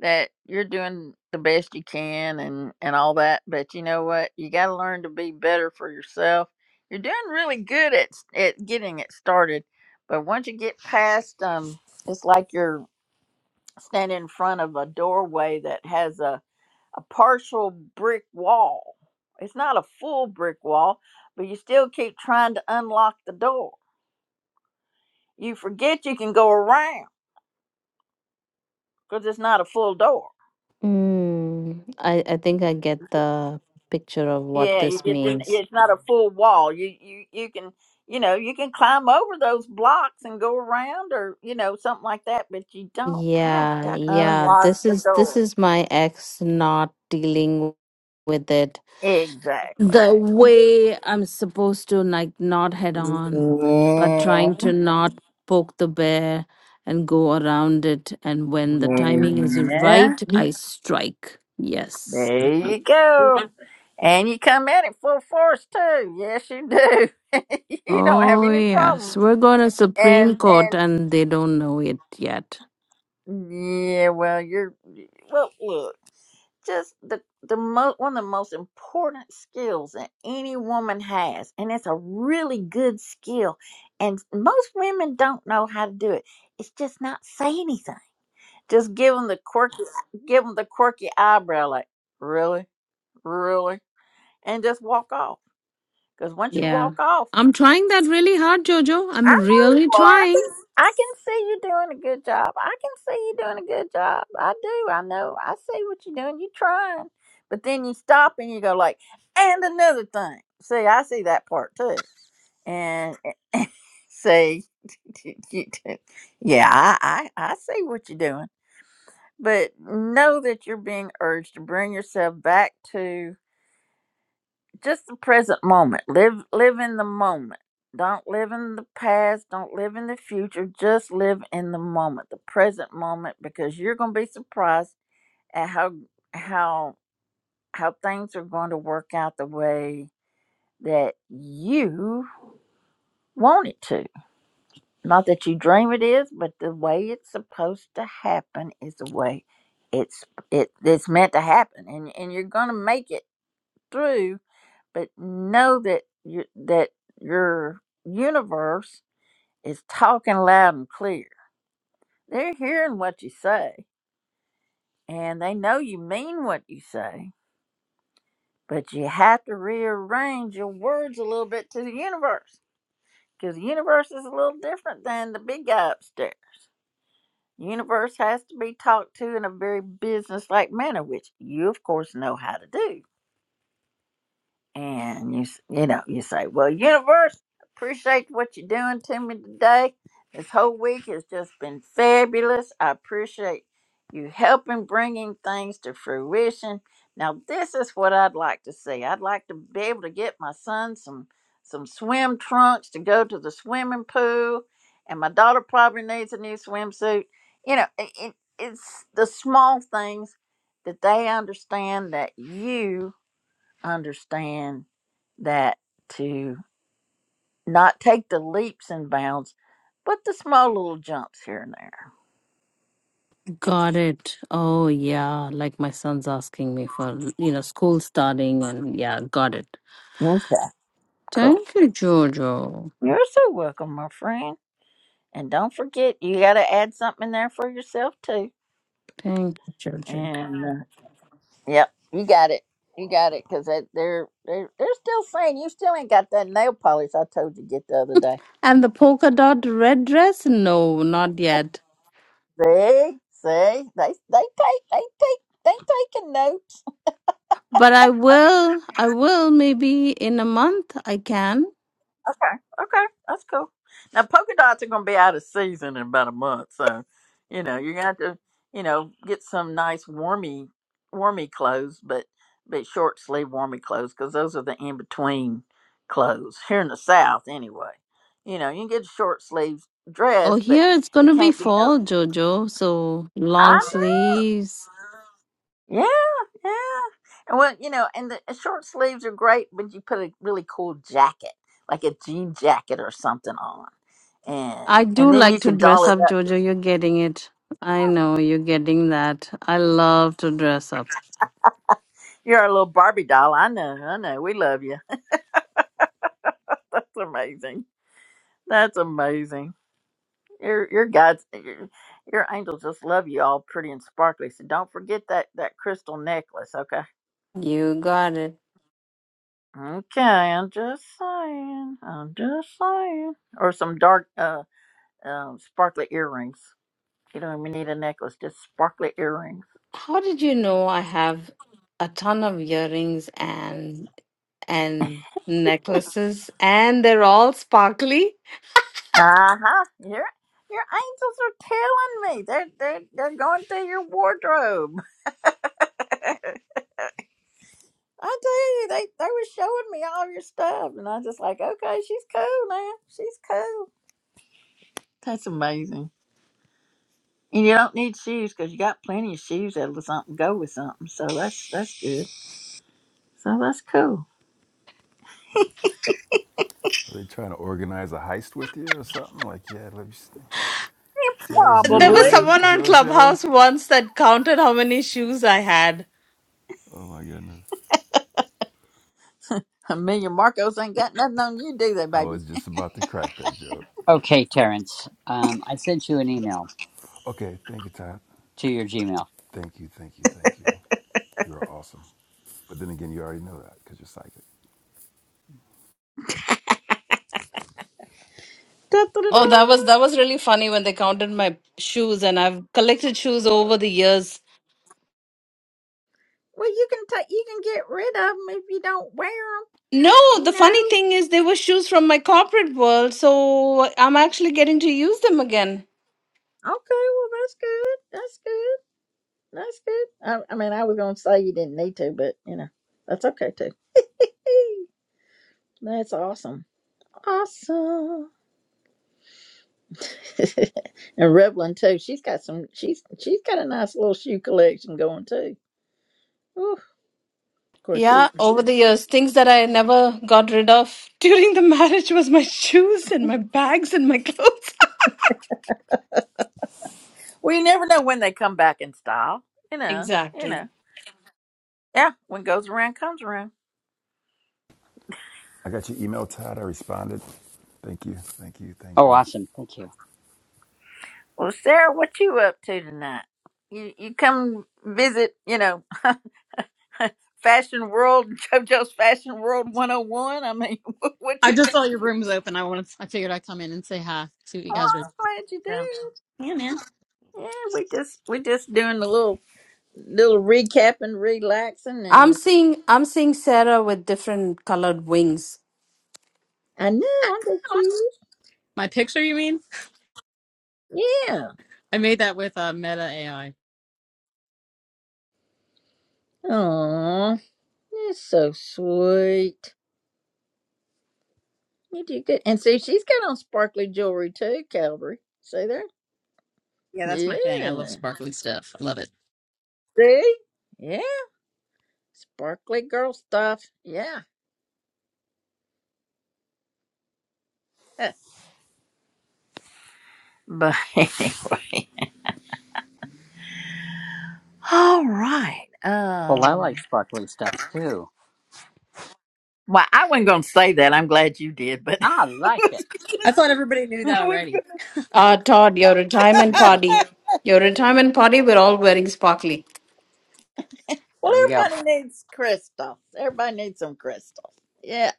A: that you're doing the best you can and and all that. But you know what? You got to learn to be better for yourself. You're doing really good at s- at getting it started, but once you get past um, it's like you're standing in front of a doorway that has a a partial brick wall. It's not a full brick wall, but you still keep trying to unlock the door. You forget you can go around because it's not a full door.
F: Mm, I I think I get the picture of what
A: Yeah, you
F: this
A: get the, yeah,
F: means.
A: it's not a full wall. You you you can you know you can climb over those blocks and go around or you know something like that, but you don't have
F: Yeah,
A: to
F: yeah.
A: unlock
F: This
A: the
F: is this
A: door.
F: is my ex not dealing with it
A: Exactly.
F: the way I'm supposed to like not head on, but
A: Yeah.
F: trying to not poke the bear and go around it. And when the timing is
A: Yeah.
F: right, I strike. Yes.
A: There you go. And you come at it full force too. Yes, you do. you don't have
F: Oh,
A: any
F: yes.
A: problem.
F: We're going to Supreme
A: And
F: Court and they don't know it yet.
A: and yeah, well, you're well. Look, just the the mo- one of the most important skills that any woman has, and it's a really good skill. And most women don't know how to do it. It's just not say anything. Just give them the quirky, give them the quirky eyebrow, like really, really, and just walk off Because once you
F: Yeah.
A: walk off,
F: I'm trying that really hard, Jojo.
A: I know
F: I'm
A: you
F: really
A: are. I
F: trying.
A: can see you doing a good job. I can see you doing a good job. I do. I know. I see what you're doing. You're trying. But then you stop and you go like, and another thing. See, I see that part too. And see, you do. yeah, I, I, I see what you're doing. But know that you're being urged to bring yourself back to. just the present moment. Live live in the moment. Don't live in the past. Don't live in the future. Just live in the moment, the present moment, because you're going to be surprised at how how how things are going to work out the way that you want it to. Not that you dream it is, but the way it's supposed to happen is the way it's it it's meant to happen, and and you're going to make it through but know that you, that your universe is talking loud and clear. They're hearing what you say, and they know you mean what you say, but you have to rearrange your words a little bit to the universe because the universe is a little different than the big guy upstairs. The Universe has to be talked to in a very businesslike manner, which you, of course, know how to do and you s- you know you say well universe appreciate what you're doing to me today this whole week has just been fabulous i appreciate you helping bringing things to fruition now this is what i'd like to see i'd like to be able to get my son some some swim trunks to go to the swimming pool and my daughter probably needs a new swimsuit you know it, it, it's the small things that they understand that you understand that to not take the leaps and bounds, but the small little jumps here and there.
F: Got it. Oh, yeah. Like my son's asking me for, you know, school starting and yeah, got it.
A: Okay. Cool.
F: Thank you, Jojo.
A: You're so welcome, my friend. And don't forget, you got to add something in there for yourself too.
F: Thank you, Jojo.
A: And uh, yep, you got it. You got it, cause they're they're they're still saying you still ain't got that nail polish I told you to get the other day.
F: And the polka dot red dress? No, not yet.
A: See, see, they they take they take they taking notes.
F: But I will. I will. Maybe in a month I can.
A: Okay, okay, that's cool. Now polka dots are gonna be out of season in about a month, so you know you're gonna have to, you know, get some nice warmy, warmy clothes, but but short sleeve warmy clothes because those are the in between clothes here in the South anyway. You know, you can get a short sleeve
F: Oh,
A: dress, but
F: here it's
A: it
F: gonna be
A: can't be no.
F: fall, Jojo. So long
A: I know.
F: sleeves.
A: Yeah, yeah. And well, you know, and the short sleeves are great when you put a really cool jacket, like a jean jacket or something on.
F: I
A: And
F: do
A: and then
F: like
A: you
F: to
A: can doll
F: dress
A: it
F: up,
A: up.
F: Jojo. You're getting it. I know you're getting that. I love to dress up.
A: You're a little Barbie doll. I know, I know. We love you. That's amazing. That's amazing. Your your God's your, your angels just love you all pretty and sparkly. So don't forget that that crystal necklace, okay?
F: You got it.
A: Okay, I'm just saying. I'm just saying. Or some dark uh um, sparkly earrings. You don't even need a necklace, just sparkly earrings.
F: How did you know I have a ton of earrings and and necklaces, and they're all sparkly.
A: Uh huh. Your your angels are telling me they're they're they're going through your wardrobe. I tell you, they they were showing me all your stuff, and I was just like, okay, she's cool, man. She's cool. That's amazing. And you don't need shoes because you got plenty of shoes that'll something go with something. So that's that's good. So that's cool.
D: Are they trying to organize a heist with you or something? Like, yeah, let me see all this
F: There was
A: Probably.
D: jewelry,
F: someone on
D: JoJo.
F: Clubhouse once that counted how many shoes I had.
D: Oh my goodness,
A: Amelia Marcos ain't got nothing on you, do they,
D: I
A: baby?
D: was just about to crack that joke.
E: Okay, Terrence. Um I sent you an email
D: Okay, thank you, Todd.
E: to your Gmail.
D: Thank you, thank you, thank you. You are awesome. But then again, you already know that because you're psychic.
F: Oh, that was
A: Da-da-da-da.
F: that was really funny when they counted my shoes, and I've collected shoes over the years.
A: Well, you can take, you can get rid of them if you don't wear them.
F: No,
A: You
F: the funny
A: know.
F: thing is they were shoes from my corporate world, so I'm actually getting to use them again.
A: Okay. Well, that's good. That's good. That's good. I, I mean, I was gonna say you didn't need to, but you know, that's okay too. that's awesome. Awesome. and Revlon too. She's got some. She's she's got a nice little shoe collection going too. Ooh, of course, she.
F: Yeah, over the years, things that I never got rid of during the marriage was my shoes and my bags and my clothes.
A: Well, you never know when they come back in style. You know. You
F: Exactly.
A: know. Yeah. When goes around, comes around.
D: I got your email, Todd. I responded. Thank you, thank you, thank
E: Oh
D: you.
E: awesome. Thank you.
A: Well, Sarah, what you up to tonight? You you come visit, you know, Fashion World, JoJo's Fashion World 101. I mean, what
I: I
A: you?
I: just saw your room was open. I wanted. I figured I'd come in and say hi. See what you
A: Oh,
I: guys were
A: I'm glad you
I: about.
A: did.
I: Yeah, man.
A: Yeah, we just we just doing a little little recapping, relaxing,
F: I'm
A: and
F: seeing I'm seeing Sarah with different colored wings.
A: I know aren't they cute?
I: My picture, you mean?
A: Yeah.
I: I made that with uh, Meta AI.
A: Aw, that's so sweet. You do good. And see, she's got on sparkly jewelry too, Calvary. See there?
I: Yeah, that's my thing. I love
A: Yeah.
I: sparkly stuff. I love it.
A: See? Yeah. Sparkly girl stuff. Yeah. But anyway. All right.
E: Well I like
A: Um
E: sparkly stuff too.
A: well, I wasn't gonna say that. I'm glad you did, but
E: I
A: I
E: like it.
A: was
I: I thought everybody knew
A: gonna,
I: that
A: I was-
I: already.
F: Uh Todd, your retirement
E: Every one-
F: party. Your retirement party, we're all wearing sparkly.
A: Well
E: there we go.
A: everybody needs crystals. Everybody needs some crystals. Yeah,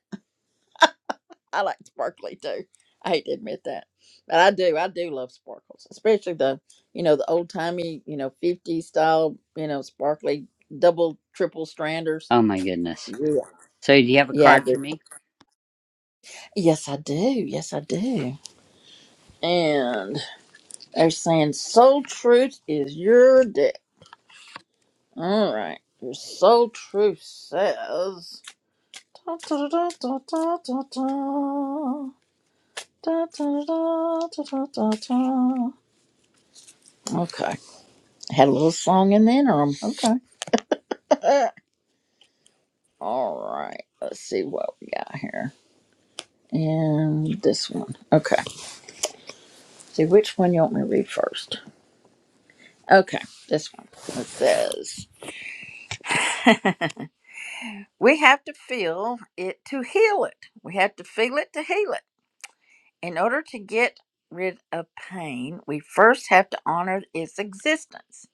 A: I like sparkly too. I hate to admit that. But I do, I do love sparkles, especially the you know, the old timey, you know, 50s style, you know, sparkly double triple stranders.
E: Oh my goodness.
A: Yeah.
E: So do you have a
A: Yeah, I
E: card
A: do.
E: for me?
A: Yes, I do. Yes, I do. And they're saying soul truth is your day. All right. Your soul truth says. Da, da, da, da, da, da, da. Da, da, da, da, da, da, da. Okay. Had a little song in the interim. Okay. All right. Let's see what we got here. And this one. Okay. See which one you want me to read first. Okay. This one. It says. We have to feel it to heal it. We have to feel it to heal it. In order to get rid of pain, we first have to honor its existence.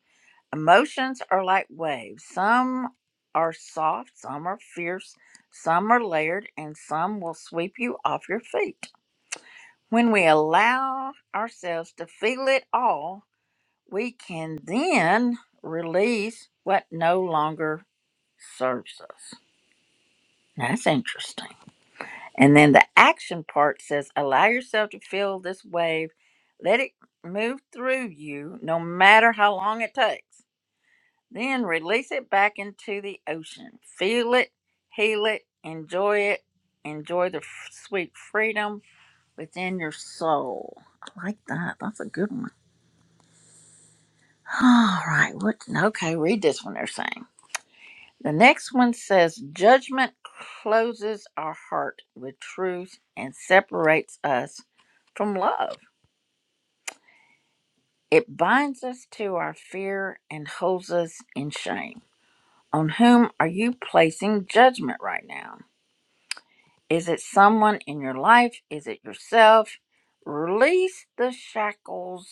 A: Emotions are like waves. Some are soft, some are fierce, some are layered, and some will sweep you off your feet. When we allow ourselves to feel it all, we can then release what no longer serves us. That's interesting. And then the action part says, allow yourself to feel this wave. Let it move through you no matter how long it takes. Then release it back into the ocean. Feel it, heal it, enjoy it, enjoy the f- sweet freedom within your soul. I like that. That's a good one. All right. What? Okay. Read this one. They're saying. The next one says, Judgment closes our heart with truth and separates us from love. It binds us to our fear and holds us in shame. On whom are you placing judgment right now? Is it someone in your life? Is it yourself? Release the shackles,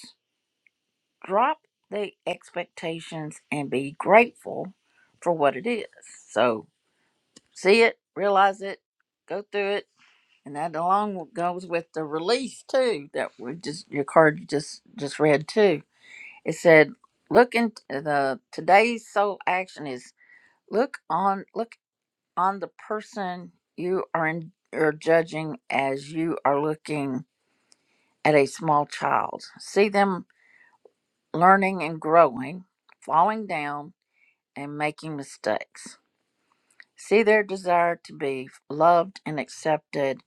A: drop the expectations, and be grateful for what it is. So, see it, realize it, go through it And that along goes with the release too that we just your card just just read too. It said, "Look in the today's soul action is look on look on the person you are in are judging as you are looking at a small child. See them learning and growing, falling down and making mistakes. See their desire to be loved and accepted,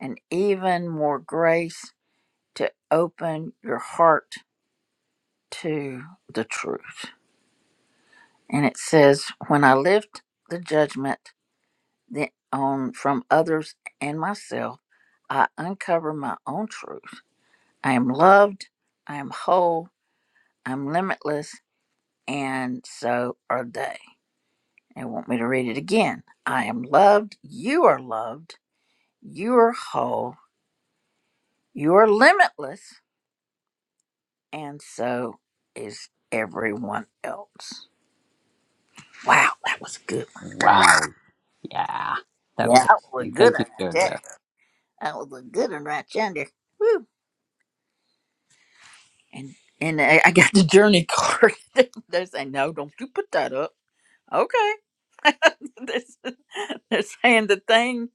A: and even more grace." to open your heart to the truth. And it says, When I lift the judgment on from others and myself, I uncover my own truth. I am loved, I am whole, I'm limitless, and so are they. They want me to read it again. I am loved, you are loved, you are whole, you are limitless, and so is everyone else. Wow, that was a good one.
E: Wow. Yeah. That
A: Yeah,
E: was
A: that was a
E: amazing.
A: good one
E: Thank you,
A: right
E: Jojo.
A: there. That was a good one right yonder. Woo. And and I, I got the journey card. They're saying, no, don't you put that up. Okay. they're, they're saying the thing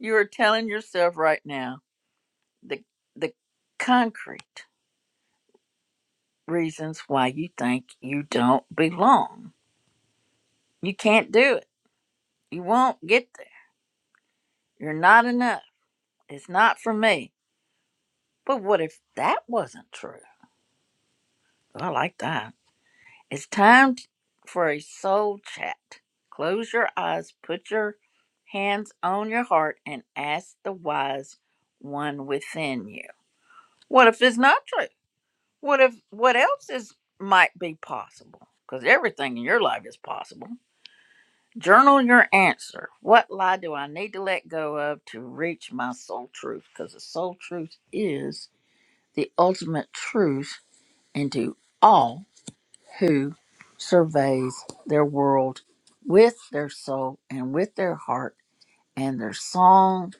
A: you are telling yourself right now, the the concrete reasons why you think you don't belong. You can't do it. You won't get there. You're not enough. It's not for me. But what if that wasn't true? I like that. It's time t- for a soul chat. Close your eyes, put your hands on your heart, and ask the wise one within you. What if it's not true? What if what else is might be possible? Because everything in your life is possible. Journal your answer. What lie do I need to let go of to reach my soul truth? Because the soul truth is the ultimate truth into all who surveys their world with their soul and with their heart, and their song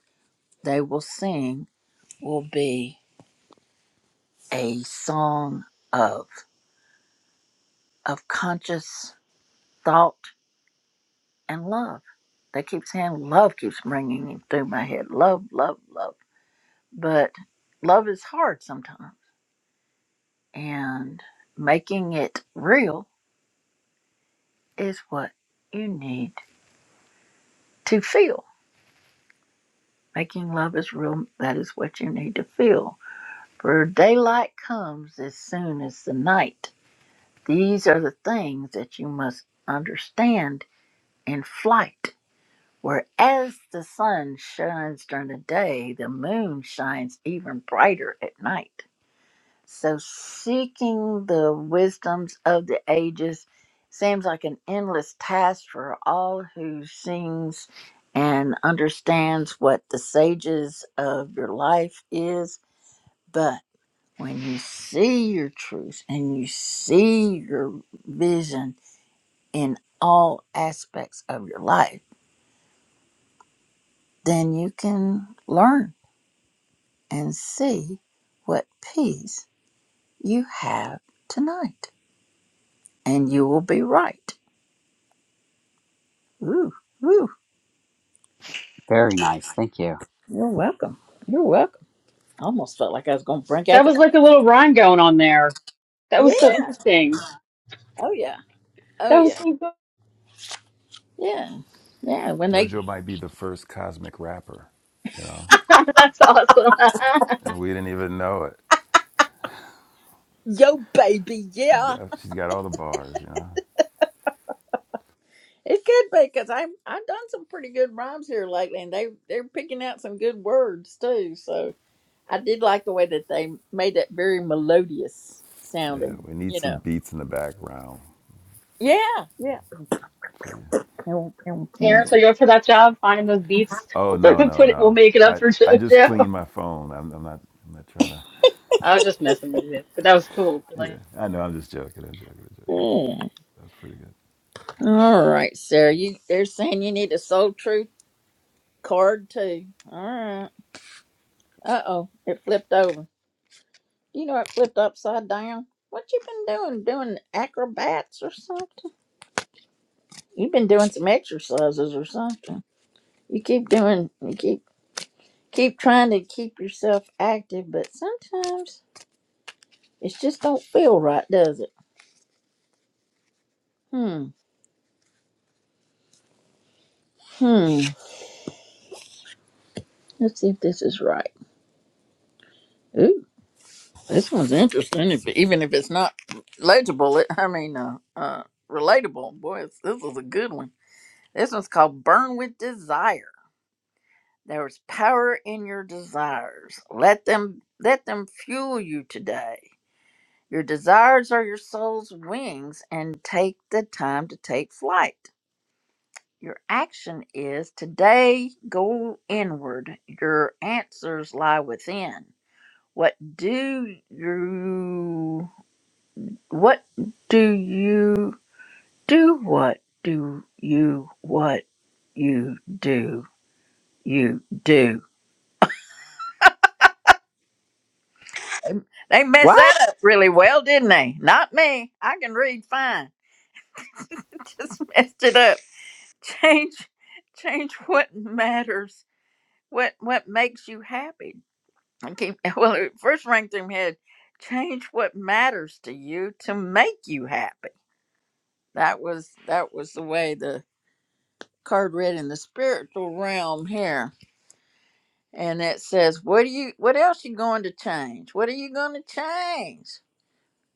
A: they will sing will be a song of of conscious thought and love. They keep saying love keeps ringing it through my head. Love, love, love. But love is hard sometimes, and making it real is what you need to feel. Making love is real. That is what you need to feel For daylight comes as soon as the night. These are the things that you must understand in flight. Whereas the sun shines during the day, the moon shines even brighter at night. So, seeking the wisdoms of the ages seems like an endless task for all who sings and understands what the sages of your life is. but. When you see your truth and you see your vision in all aspects of your life, then you can learn and see what peace you have tonight. And you will be right. Ooh, ooh,
E: Very nice. Thank you.
A: you're welcome. You're welcome. I almost felt like I was going to bring
I: That
A: back. a-
I: was like a little rhyme going on there. That was so
A: Yeah.
I: interesting.
A: Oh, yeah. Oh,
I: That was
A: yeah.
I: so good.
A: Yeah. Yeah. When they,
D: JoJo might be the first cosmic rapper. You know,
I: That's awesome.
D: and we didn't even know it.
A: yo, baby.
D: She's
A: Yeah.
D: got she's got all the bars, you know.
A: It could be because I've I've done some pretty good rhymes here lately, and they they're picking out some good words too. So I did like the way that they made that very melodious
D: Yeah,
A: sounding.
D: we need
A: You
D: some
A: know.
D: beats in the background
A: Yeah. Yeah.
D: for you.
A: Pew, pew, pew.
I: Terrence, are you up for that job? Finding those beats.
D: Oh
I: Put
D: no no
I: it, we'll
D: no!
I: make it up
D: I
I: for
D: I just
I: JoJo.
D: cleaned my phone. I'm, I'm not I'm not trying to.
I: I was just messing with it, but that was cool.
D: Yeah,
I: Like,
D: I know. I'm just joking. I'm joking. I'm joking.
A: Yeah.
D: That's pretty good.
A: All right, Sarah. You they're saying you need a soul truth card too. All right. Uh oh, it flipped over. You know it flipped upside down. What you been doing? Doing acrobats or something? You've been doing some exercises or something. You keep doing, you keep keep trying to keep yourself active, but sometimes it just don't feel right, does it? Hmm. Hmm. Let's see if this is right. Ooh, this one's interesting. If even if it's not legible, it, I mean, uh, uh, relatable. Boy, it's, this is a good one. This one's called "Burn with Desire." There is power in your desires. Let them let them fuel you today. Your desires are your soul's wings, and take the time to take flight. Your action is today go inward. Your answers lie within. What do you what do you do what do you what you do you do? They messed
E: What?
A: that up really well, didn't they? Not me. I can read fine. Just messed it up. Change change what matters. What what makes you happy? I keep well. It first rang through my head. Change what matters to you to make you happy. That was that was the way the card read in the spiritual realm here, and it says, "What do you? What else you going to change? What are you going to change?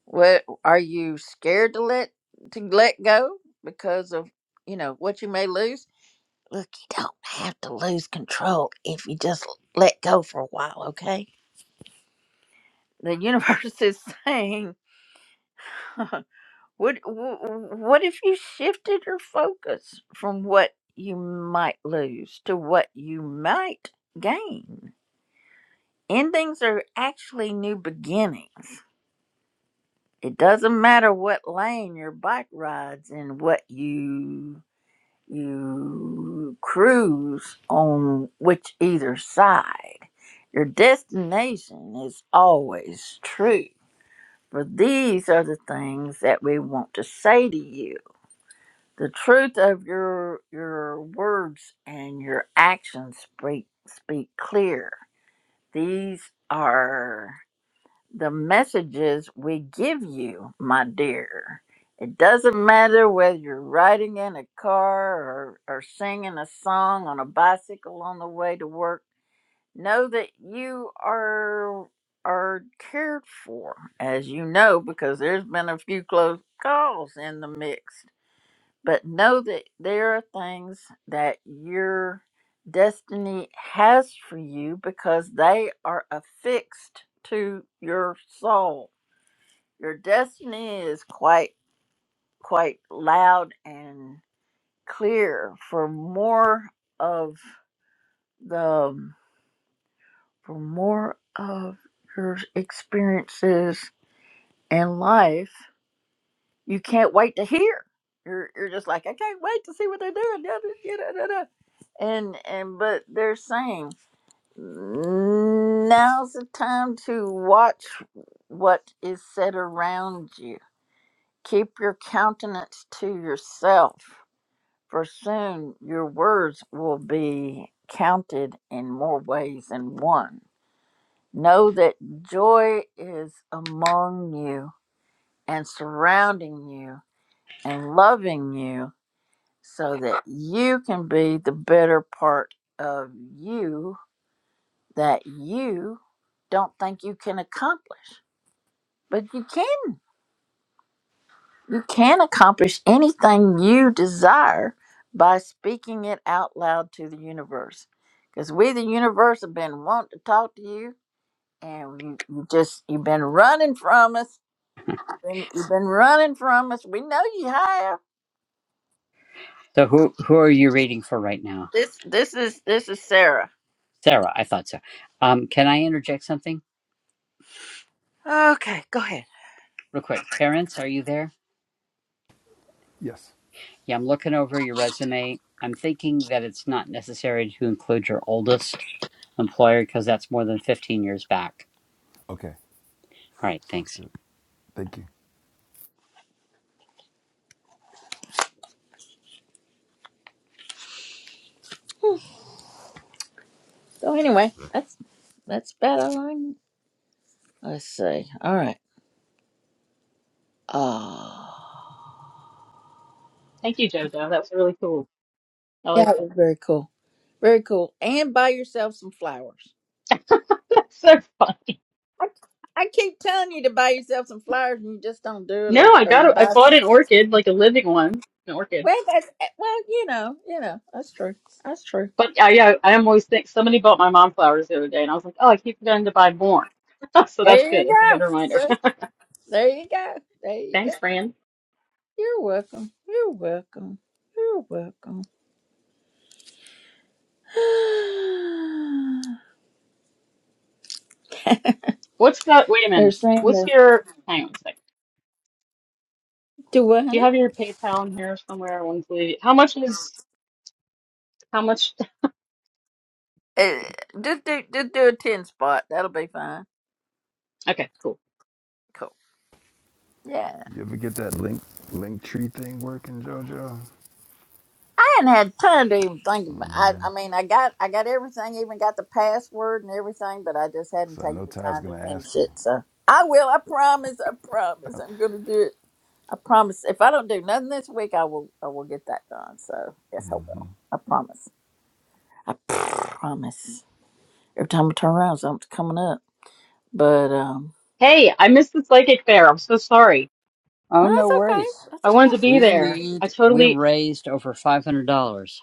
A: What are you scared to let to let go because of you know what you may lose? Look, you don't have to lose control if you just let go for a while, okay? The universe is saying." What wh- wh- what if you shifted your focus from what you might lose to what you might gain? Endings are actually new beginnings. It doesn't matter what lane your bike rides and what you you cruise on which either side. Your destination is always true. For these are the things that we want to say to you The truth of your your words and your actions speak speak clear. These are the messages we give you, my dear. It doesn't matter whether you're riding in a car or, or singing a song on a bicycle on the way to work. Know that you are are cared for, as you know, because there's been a few close calls in the mix but know that there are things that your destiny has for you because they are affixed to your soul. Your destiny is quite quite loud and clear for more of the for more of your experiences in life you can't wait to hear. You're you're just like I can't wait to see what they're doing. Da, da, da, da, da, da." And and but they're saying now's the time to watch what is said around you. Keep your countenance to yourself, for soon your words will be counted in more ways than one. Know that joy is among you and surrounding you and loving you so that you can be the better part of you that you don't think you can accomplish. But you can you can accomplish anything you desire by speaking it out loud to the universe. Because we the universe have been wanting to talk to you and you, you just you've been running from us. Been, you've been running from us. We know you have.
E: So who who are you reading for right now?
A: This this is this is Sarah.
E: Sarah, I thought so. Um, can I interject something
A: Okay, go ahead.
E: real quick? Terrence, are you there?
D: Yes.
E: Yeah, I'm looking over your resume. I'm thinking that it's not necessary to include your oldest employer because that's more than 15 years back.
D: Okay.
E: All right,
D: Sounds
E: thanks.
D: good. Thank you.
A: So anyway, that's that's about all I kn- Let's see. All right. Ah,
I: thank you, JoJo. That was really cool. I
A: yeah,
I: like
A: it
I: that.
A: was very cool. Very cool. And buy yourself some flowers.
I: That's so funny.
A: I, I keep telling you to buy yourself some flowers, and you just don't do it,
I: No,
A: or
I: I
A: or
I: got
A: you
I: a, I
A: buy
I: bought
A: some.
I: an orchid, like a living one, an orchid.
A: Well, that's eh, well, you know, you know, that's true. That's true.
I: But I, I, I am always think somebody bought my mom flowers the other day, and I was like, oh, I keep forgetting to buy more. so that's
A: There
I: good.
A: you
I: That's a good
A: go.
I: reminder.
A: See? There you go. There you
I: Thanks,
A: go.
I: Fran.
A: You're welcome. You're welcome. You're welcome.
I: What's that? Wait a
A: They're
I: minute.
A: saying
I: What's
A: that.
I: your? Hang on a second.
A: Do what,
I: Do
A: honey?
I: you have your PayPal in here somewhere? I want to leave. How much is? How much?
A: Eh, Just do just do a ten spot. That'll be fine.
I: Okay, cool.
A: Cool. Yeah.
D: You ever get that link link tree thing working, Jojo?
A: I hadn't had time to even think about I I mean I got I got everything, even got the password and everything, but I just hadn't
D: Cause I
A: taken
D: know
A: the
D: Todd's
A: time to
D: gonna ask
A: finish
D: you.
A: it. So I will, I promise, I promise I'm gonna do it. I promise. If I don't do nothing this week I will I will get that done. So yes I will. I promise. I promise. Every time I turn around something's coming up. But um
I: Hey, I missed the psychic fair. I'm so sorry.
E: Oh,
A: well,
E: no
A: that's okay.
E: worries.
A: That's
I: I wanted
A: okay.
I: to be
E: We
I: there. I
E: made, we
I: totally
E: raised over $500.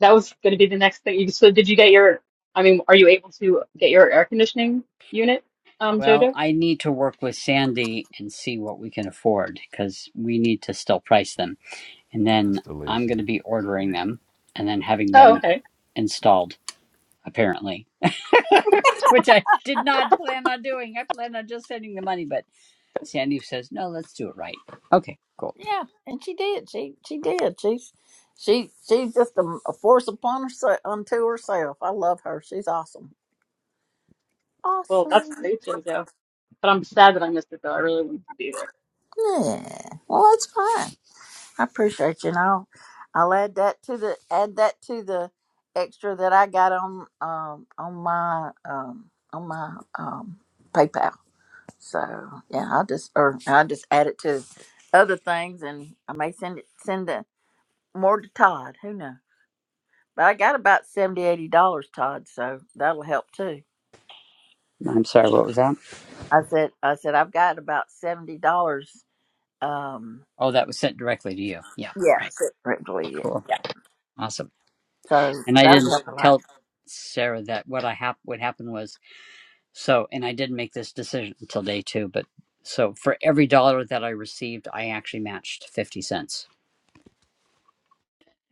I: That was going to be the next thing. So did you get your, I mean, are you able to get your air conditioning unit, um,
E: Well,
I: Jojo?
E: I need to work with Sandy and see what we can afford because we need to still price them. And then I'm
D: Installation.
E: going to be ordering them and then having
I: Oh,
E: them
I: okay.
E: installed, apparently. which I did not plan on doing. I planned on just sending the money, but Sandy says, no, let's do it right. Okay, cool.
A: Yeah, and she did. She she did. She's she she's just a, a force upon herself unto herself. I love her. She's awesome.
I: Well, that's
A: Awesome.
I: great, Jojo. But I'm sad that I missed it though. I really wanted to be there
A: Yeah. Well, that's fine. I appreciate you. And I'll I'll add that to the add that to the extra that I got on um on my um on my um PayPal. So yeah, I'll just or I'll just add it to other things, and I may send it send it more to Todd. Who knows? But I got about seventy, eighty dollars, Todd, so that'll help too.
E: I'm sorry, what was that?
A: I said I said I've got about seventy dollars um
E: Oh, that was sent directly to you. Yeah,
A: yeah,
E: right.
A: separately. Yeah.
E: Cool.
A: yeah.
E: Awesome.
A: So
E: And I
A: that'll
E: didn't
A: help a lot.
E: tell Sarah that what I hap- what happened was so, and I didn't make this decision until day two, but so for every dollar that I received, I actually matched 50 cents.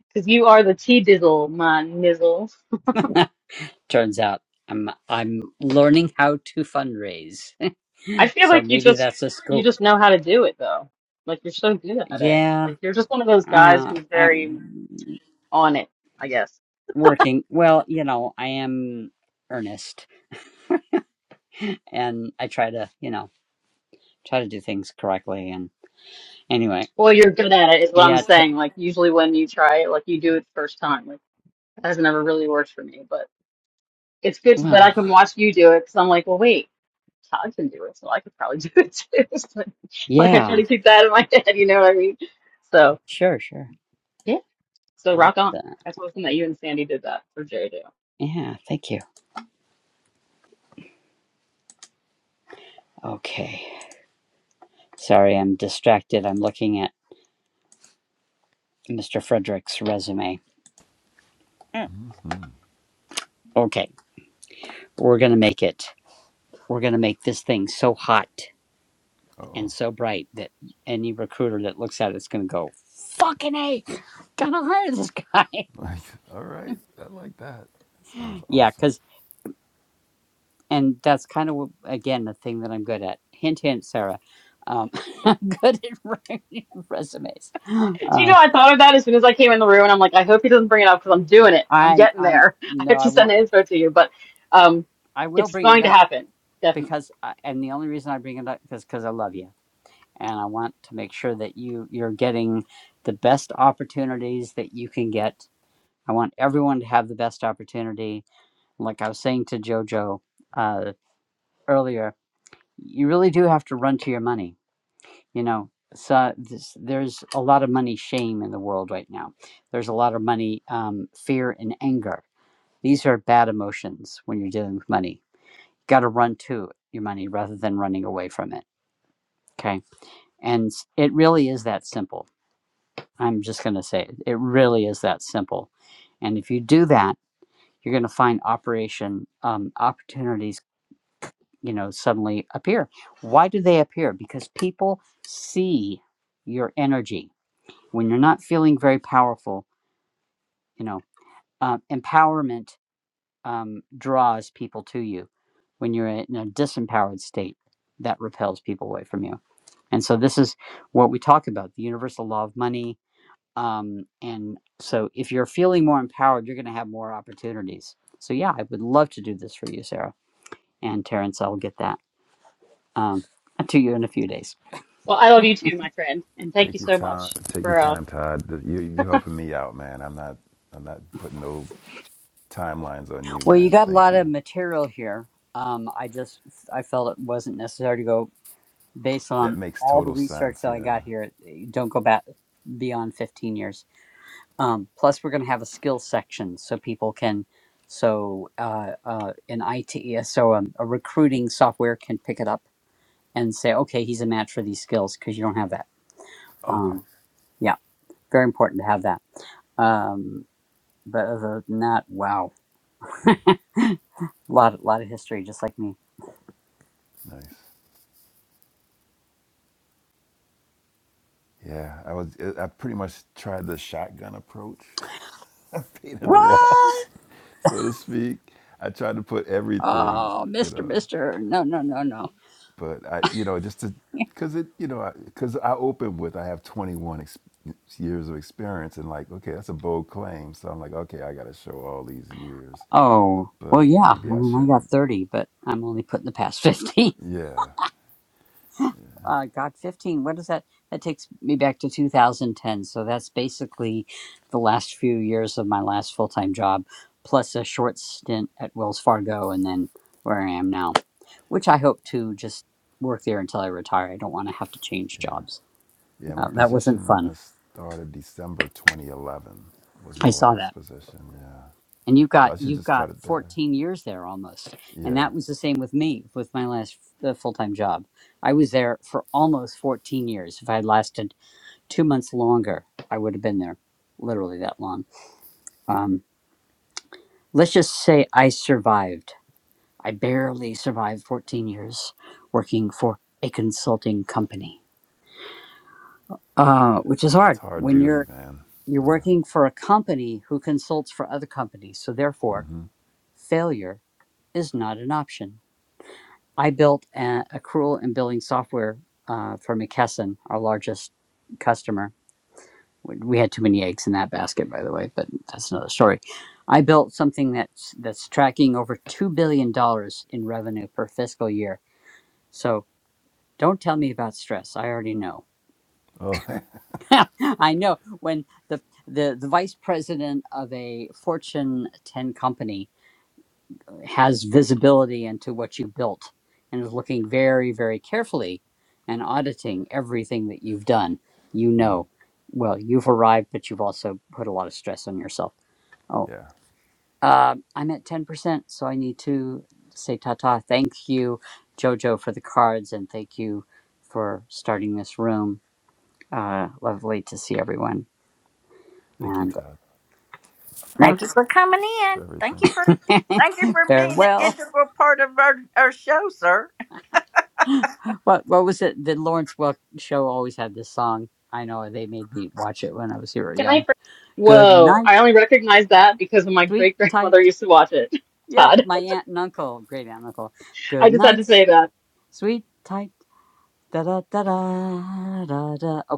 I: because you are the tea dizzle, my nizzle.
E: Turns out I'm I'm learning how to fundraise.
I: I feel
E: so
I: like you
E: maybe
I: just,
E: that's a
I: you
E: scope.
I: just know how to do it though. Like you're so good at it.
E: Yeah,
I: Like you're just one of those guys
E: Uh,
I: who's very
E: I'm
I: on it, I guess.
E: working. Well, you know, I am earnest and I try to, you know, try to do things correctly. And anyway,
I: Well, you're good at it is what I'm
E: yeah, t-
I: saying. Like usually when you try it, like you do it first time. Like that has never really worked for me, it's good that I
E: well,
I: can watch you do it because I'm like, well, wait, Todd can do it, so I could probably do it too. It's like, like I try
E: yeah,
I: to keep that in my head, you know what I mean? So
E: sure, sure.
I: yeah, so
E: Uh,
I: rock on. That's awesome that you and Sandy did that for JoJo.
E: yeah, thank you. Okay. Sorry, I'm distracted. I'm looking at Mr. Frederick's resume. Mm.
D: mm
E: Okay, we're going to make it. We're going to make this thing so hot.
D: Uh oh.
E: and so bright that any recruiter that looks at it's going to go fucking a gotta hire this guy
D: Like all right. I like that. That Sounds
E: yeah
D: awesome.
E: because and that's kind of again the thing that i'm good at hint hint sarah um, i'm good at writing resumes uh,
I: Do you know I thought of that as soon as I came in the room, and I'm like, I hope he doesn't bring it up because I'm doing it. I'm
E: i'm
I: getting
E: i'm
I: there. I
E: no
I: have
E: i
I: to send
E: won't
I: the info to you, but um,
E: i will
I: it's
E: bring it
I: going to
E: up
I: happen definitely.
E: because I, and the only reason i bring it up is because i love you and i want to make sure that you you're getting the best opportunities that you can get i want everyone to have the best opportunity Like I was saying to JoJo uh, earlier, you really do have to run to your money. You know, so this, there's a lot of money shame in the world right now. There's a lot of money um, fear and anger. These are bad emotions when you're dealing with money. got to run to your money rather than running away from it. Okay. And it really is that simple. I'm just going to say it. It really is that simple. And if you do that, you're going to find operation um, opportunities you know suddenly appear why do they appear because people see your energy when you're not feeling very powerful you know uh, empowerment um, draws people to you when you're in a disempowered state that repels people away from you and so this is what we talk about the universal law of money um, and so if you're feeling more empowered you're going to have more opportunities so yeah i would love to do this for you sarah and terrence i'll get that um, to you in a few days
I: Well, I love you too, my friend, and thank you
D: Take your
I: so
D: time.
I: much
D: Take your
I: for uh,
D: time, Todd. You you helping me out, man. I'm not I'm not putting no timelines on you,
E: Well, you
D: man.
E: got a
D: Thank
E: lot
D: you.
E: of material here. Um, I just I felt it wasn't necessary to go based
D: That
E: on
D: makes
E: all the
D: total
E: research
D: sense.
E: that I
D: Yeah.
E: got here. Don't go back beyond fifteen years. Um, plus, we're going to have a skill section so people can so uh, uh, an IT so um, a recruiting software can pick it up and say, okay, he's a match for these skills because you don't have that.
D: Okay.
E: Um, yeah, very important to have that. Um, but other than that, wow, a lot lot of history, just like me.
D: Nice. Yeah. I was I pretty much tried the shotgun approach. I painted the walls,
E: What?
D: so to speak. I tried to put everything,
E: Oh,
D: you
E: Mister,
D: know.
E: Mister, no, no, no, no.
D: but I, you know, just to, cause it, you know, because I, 'cause I opened with I have 21 ex- years of experience, and like, okay, that's a bold claim. So I'm like, okay, I got to show all these years,
E: Oh, well,
D: but
E: yeah.
D: maybe
E: I
D: I
E: mean, I got
D: shouldn't.
E: thirty, but I'm only putting the past fifteen.
D: Yeah,
E: Uh, God, fifteen. What is that? That takes me back to 2010. So that's basically the last few years of my last full time job, plus a short stint at Wells Fargo, and then where I am now, which I hope to just work there until I retire. I don't want to have to change
D: yeah,
E: jobs.
D: yeah. My
E: Uh, that wasn't
D: position I
E: fun.
D: started December 2011 was my
E: I saw that.
D: last position. Yeah,
E: and you've
D: so
E: got
D: I should
E: you've
D: just cut
E: got
D: it there.
E: 14 years there almost and
D: Yeah,
E: that was the same with me with my last uh, full-time job i was there for almost 14 years if i had lasted two months longer i would have been there literally that long um, let's just say i survived i barely survived 14 years working for a consulting company uh, which is
D: that's
E: hard
D: hard
E: when
D: duty,
E: you're
D: man.
E: you're working for a company who consults for other companies so therefore failure is not an option I built a accrual and billing software uh, for McKesson, our largest customer. We we had too many eggs in that basket, by the way, but that's another story. I built something that's that's tracking over two billion dollars in revenue per fiscal year. So don't tell me about stress. I already know.
D: Oh,
E: I know when the, the the vice president of a Fortune 10 company has visibility into what you built and is looking very, very carefully and auditing everything that you've done. You know, well, you've arrived, but you've also put a lot of stress on yourself. Oh,
D: yeah.
E: uh, I'm at 10%, so I need to say ta ta. Thank you, Jojo, for the cards, and thank you for starting this room. Uh, lovely to see everyone.
D: Thank you,
E: And
D: Todd,
A: Thank
E: next,
A: you for coming in.
D: for
A: Thank
D: everything.
A: you for thank you for being an
E: farewell.
A: integral part of our, our show, sir.
E: What what was it? The Lawrence Welk show always had this song. I know they made me watch it when I was here
I: Can I?
E: young.
I: fr-
E: Good
I: Whoa! I
E: night,
I: only recognize that because my
E: sweet
I: great grandmother
E: tight.
I: used to watch it.
E: Yep,
I: Todd,
E: my aunt and uncle, great aunt and uncle.
I: I
E: Good
I: just had to
E: night,
I: say that.
E: sweet tight. Da da da da da da.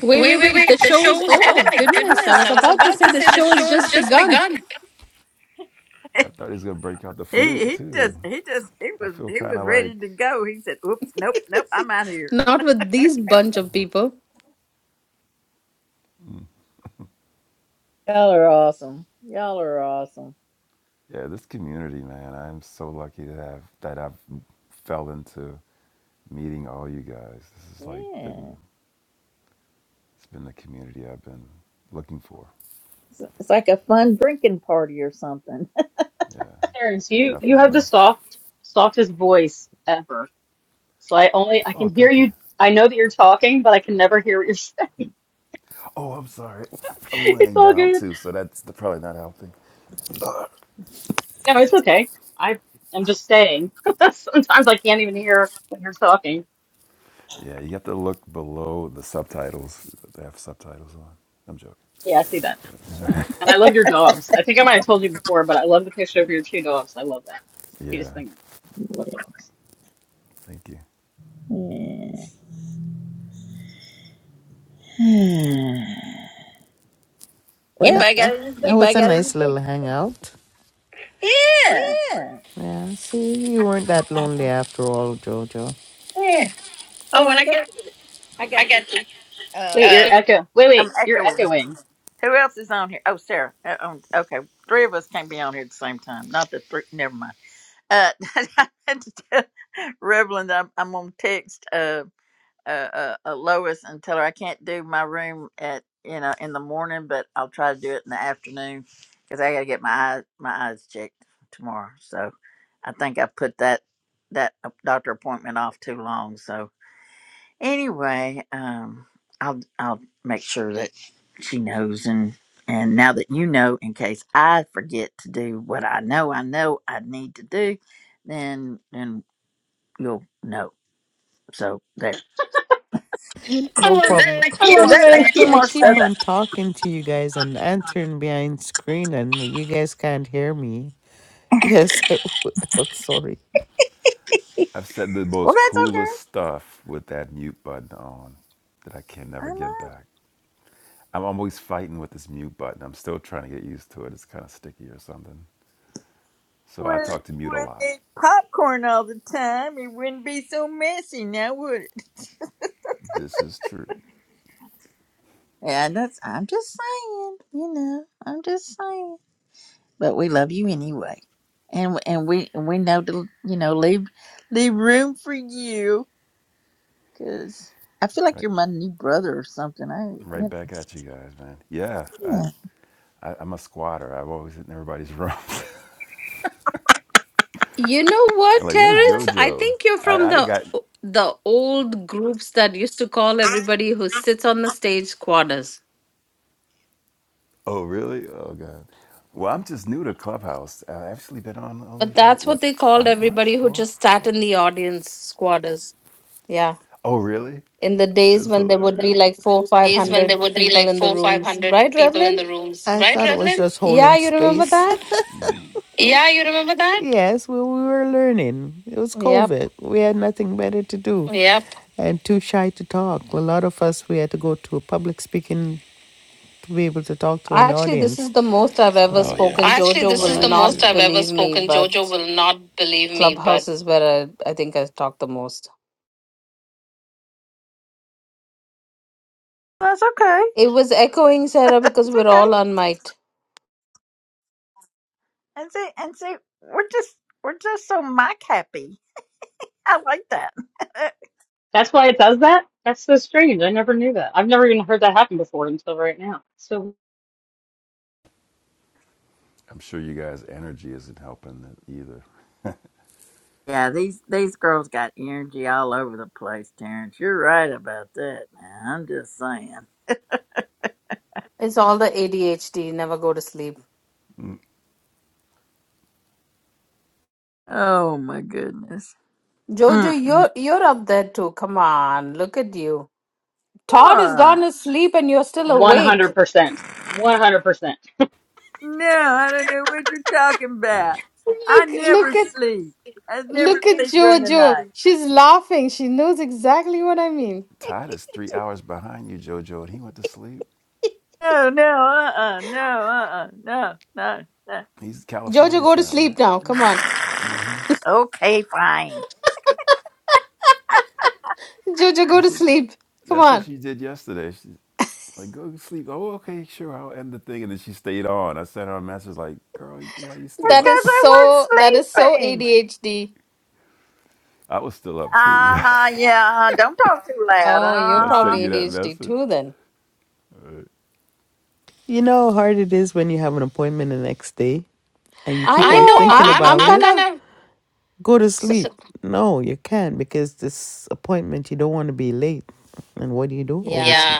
F: Wait,
B: Wait,
F: wait,
B: wait,
F: wait.
B: wait.
F: The
B: The
F: show is.
B: show's.
F: Oh
B: Oh
F: my
B: my
F: goodness. I
B: goodness.
F: was
B: I was
F: about to
B: about
F: say
B: to
F: the
B: say the
F: show
B: show
F: has
B: has
F: just
B: just
F: begun.
B: begun.
D: I thought he was gonna break out the
A: He
D: flute
A: he just
D: too.
A: he just he
D: I
A: was
D: feel
A: he
D: kind
A: was
D: of like,
A: ready to go. He said, Oops, nope, nope, I'm out of here.
F: Not with these bunch of people.
A: Y'all are awesome. Y'all are awesome.
D: yeah, this community, man. I'm so lucky to have that I've fell into meeting all you guys. This is like been
A: Yeah.
D: it's been the community I've been looking for.
A: It's, it's like a fun drinking party or something.
D: Yeah,
I: Terrence, you you have the
D: definitely.
I: soft softest voice ever. So I only I
D: Oh,
I: can hear
D: thank you.
I: you. I know that you're talking, but I can never hear what you're saying.
D: Oh, I'm sorry. I'm
I: It's
D: laying
I: all
D: down
I: good.
D: too, so that's the, probably not helping.
I: No, it's okay. I I'm just saying. Sometimes I can't even hear when you're talking.
D: Yeah, you have to look below the subtitles. They have subtitles on. I'm joking.
I: Yeah, I see that now actually. And I love your dogs. I think I might have told you before, but I love the picture of your two dogs. I love that. It's the
D: Yeah,
I: Cutest thing ever. I love dogs.
D: thank you.
A: Yeah.
B: In That,
A: well,
B: that like,
A: anybody
B: was a
A: got
B: nice
A: anything?
B: little hangout. yeah.
A: Yeah.
B: Yeah, see, you weren't that lonely after all, Jojo. Yeah.
A: Yeah. Oh,
B: Oh,
A: and
B: and
A: I
B: I
A: got,
B: got,
A: I
B: I
A: got you.
B: got the,
A: Uh,
I: Wait, you're
B: uh,
I: echo. Wait,
A: I'm
I: wait, you're
A: echoing.
I: echoing.
A: Who else is on here? Oh, Sarah. Uh, um, okay, three of us can't be on here at the same time. Not the three. Never mind. Uh, Reverend, I'm, I'm on text. Uh, uh, uh, uh, Lois and tell her I can't do my room at you know in the morning, but I'll try to do it in the afternoon because I gotta get my eyes my eyes checked tomorrow. So I think I put that that uh, doctor appointment off too long. So anyway, um, I'll I'll make sure that she knows and and now that you know, in case I forget to do what I know I know I need to do, then then you'll know. So there.
B: No oh, is problem. that problem.
I: I love
A: Does
B: keyboard
I: the
B: I,
A: that
I: way
A: make
I: that
B: set?
A: any
I: you
B: I
A: more
B: keep
I: said that.
B: on talking to you guys and answering behind screen, and you guys can't hear me. Yes, I, am sorry.
D: I've said the
A: Well,
D: most
A: that's okay.
D: coolest stuff with that mute button on that I can
A: I
D: never
A: know.
D: get back. I'm always fighting with this mute button. I'm still trying to get used to it. It's kind of sticky or something. So I
A: With,
D: talk to mute a
A: with
D: lot.
A: the popcorn all the time, it wouldn't be so messy now, would it?
D: This is true.
A: Yeah, that's. I'm just saying. You know, I'm just saying. But we love you anyway, and and we and we know to you know leave leave room for you because I feel like
D: Right,
A: you're my new brother or something. I you
D: right
A: know.
D: back at you guys, man. Yeah, I,
A: Yeah.
D: I I'm a squatter. i have always hit in everybody's room.
F: You know
D: I'm
F: what,
D: like, where's
F: Terrence?
A: Well,
F: I
D: JoJo?
F: think you're
D: I
F: from
D: I
F: the
D: got.
F: the old groups that used to call everybody who sits on the stage squatters.
D: Oh really? Oh god. Well, I'm just new to Clubhouse. I've actually been on only
F: But
D: about
F: that's what
D: what
F: they called
D: five months,
F: everybody who
D: Four?
F: just sat
D: Four?
F: in the audience squatters. Yeah.
D: Oh, really?
F: in the days
D: It's
F: when there would be
D: hilarious.
F: like four, five
B: Days when
F: hundred
B: there would be
F: people
B: like
F: in the
B: four, five
F: rooms,
B: hundred
F: right,
B: people in
F: Revlin?
B: the rooms, I right, thought it was Raglan? just
F: Yeah,
B: holding
F: you remember
B: space.
F: that?
B: Yeah, you remember that? Yes, we, we were learning. It was
F: Yep.
B: COVID. We had nothing better to do Yep. and too shy to talk. A lot of us, we had to go to a public speaking to be able to talk to an
F: Actually, this
B: audience.
F: is the most I've ever
D: Oh
B: Oh
D: yeah,
B: yeah.
F: spoken.
D: that's
B: Actually,
D: that's
F: Jojo
B: this
D: my
F: will
B: is the
D: biggest
B: most
F: not
D: fear.
B: I've ever
F: believe me,
B: spoken.
F: but
B: Jojo will not believe me,
F: Clubhouse
B: but
F: is where I, I think I talk the most.
A: that's okay.
F: It was echoing, Sarah, because
A: It's
F: we're
A: okay.
F: all on mic.
A: And see and see, we're just we're just so mic happy. I like that.
I: That's why it does that? That's so strange. I never knew that. I've never even heard that happen before until right now. So
D: I'm sure you guys' energy isn't helping that either.
A: Yeah, these these girls got energy all over the place, Terrence. You're right about that, man. I'm just saying.
F: It's all the ADHD, never go to sleep.
D: Mm.
A: Oh my goodness.
F: Jojo,
A: Mm-mm.
F: you're you're up there too. Come on, look at you. Todd has gone
A: What?
F: to sleep and you're still awake.
I: 100%. 100%. Did
A: No, I don't know what you're talking
D: Yeah,
A: about. I
F: Look,
A: never
F: look at.
A: sleep. I never
F: Look at
A: sleep during the night.
F: Jojo. She's laughing. She knows exactly what I mean.
D: Todd is three hours behind you, Jojo, and he went to sleep.
A: No, no, uh-uh, no, uh-uh, no, no, no.
D: He's
F: Jojo,
D: California
F: go to
D: time,
F: sleep
D: right?
F: now. Come on.
D: Mm-hmm.
A: Okay, fine.
F: Jojo, go to
D: That's what
F: sleep. Come
D: that's what
F: on.
D: she did yesterday. She's like go to sleep. Oh, okay, sure, I'll end the thing, and then she stayed on. I sent her a message like, "Girl, why are you
A: It's
D: still
F: That
A: because
D: up?"
F: is
A: I
F: so that is
A: was
F: so
A: sleeping.
F: ADHD.
D: I was still up too
A: Uh huh, yeah, uh-huh. don't talk too loud.
F: Oh, you're
D: when I
A: uh-huh.
D: sent
F: probably
D: you that
F: ADHD
D: message.
F: too then.
B: You know how hard it is when you have an appointment the next day and you
F: I
B: keep I on know
F: know.
B: thinking
F: I'm
B: I'm about
F: I'm
B: I'm it.
F: kind
B: kind
F: of
B: of Go to so,
F: so,
B: sleep. No, you can't because this appointment, you don't want to be late. And what do you do? Oversleep.
F: yeah,
B: yeah.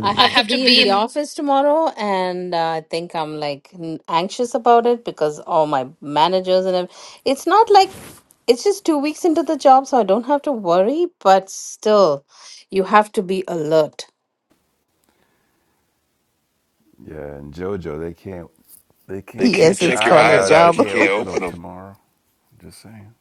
F: I
B: I
F: have to
B: have to
F: be in
B: be
F: the
B: in.
F: office tomorrow, and uh, I think I'm like n- anxious about it because all my managers and ev- it's not like it's just two weeks into the job, so I don't have to worry, but still, you have to be alert.
D: Yeah, and JoJo, they can't they can't
B: Yes,
D: check your
B: it's Check your called
D: eyes
B: a eyes
D: out if you
B: out if job
D: can't
B: you can't
D: open them
B: open them.
D: tomorrow. Just saying.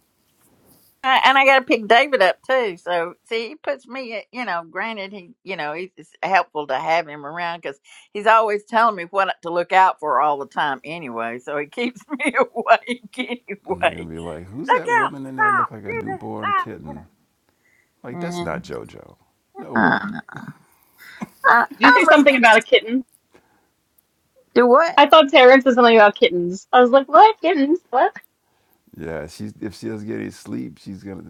A: I, and I got to pick David up too. So see, he puts me. at- You know, granted, he you know he's it's helpful to have him around because he's always telling me what to look out for all the time. Anyway, so he keeps me awake
D: And they're gonna
A: anyway.
D: be like, "Who's
A: Look
D: that
A: out!
D: woman in there?
A: Stop!
D: Look like a
A: Do this!
D: newborn
A: Stop! You
D: kitten?
A: know.
D: Like that's
A: Yeah.
D: not JoJo. No
A: I,
D: way."
A: don't know. I,
I: you say
A: I'm a,
I: something about a kitten?
A: do what?
I: I thought Terrence said something about kittens. I was like, what? Kittens? What?
D: Yeah, she's if she doesn't get any sleep, she's gonna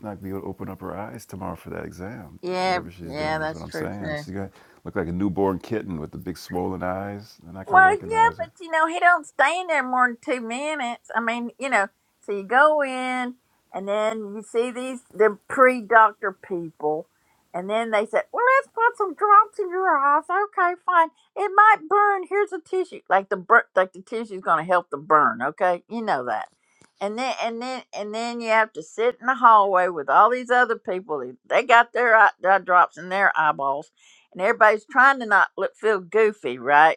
D: not be able to open up her eyes tomorrow for that exam.
A: Yeah,
D: Whatever she's
A: yeah,
D: doing is
A: that's
D: what I'm
A: true
D: saying.
A: too.
D: She's gonna look like a newborn kitten with the big swollen eyes. They're not gonna
A: Well, yeah,
D: recognize her.
A: but you know, he don't stay in there more than two minutes. I mean, you know, so you go in and then you see these the pre doctor people and then they say, Well let's put some drops in your eyes. Okay, fine. It might burn. Here's a tissue. Like the bur- like the tissue's gonna help the burn, okay? You know that. And then and then and then you have to sit in the hallway with all these other people. They they got their eye, their drops in their eyeballs and everybody's trying to not look feel goofy, right?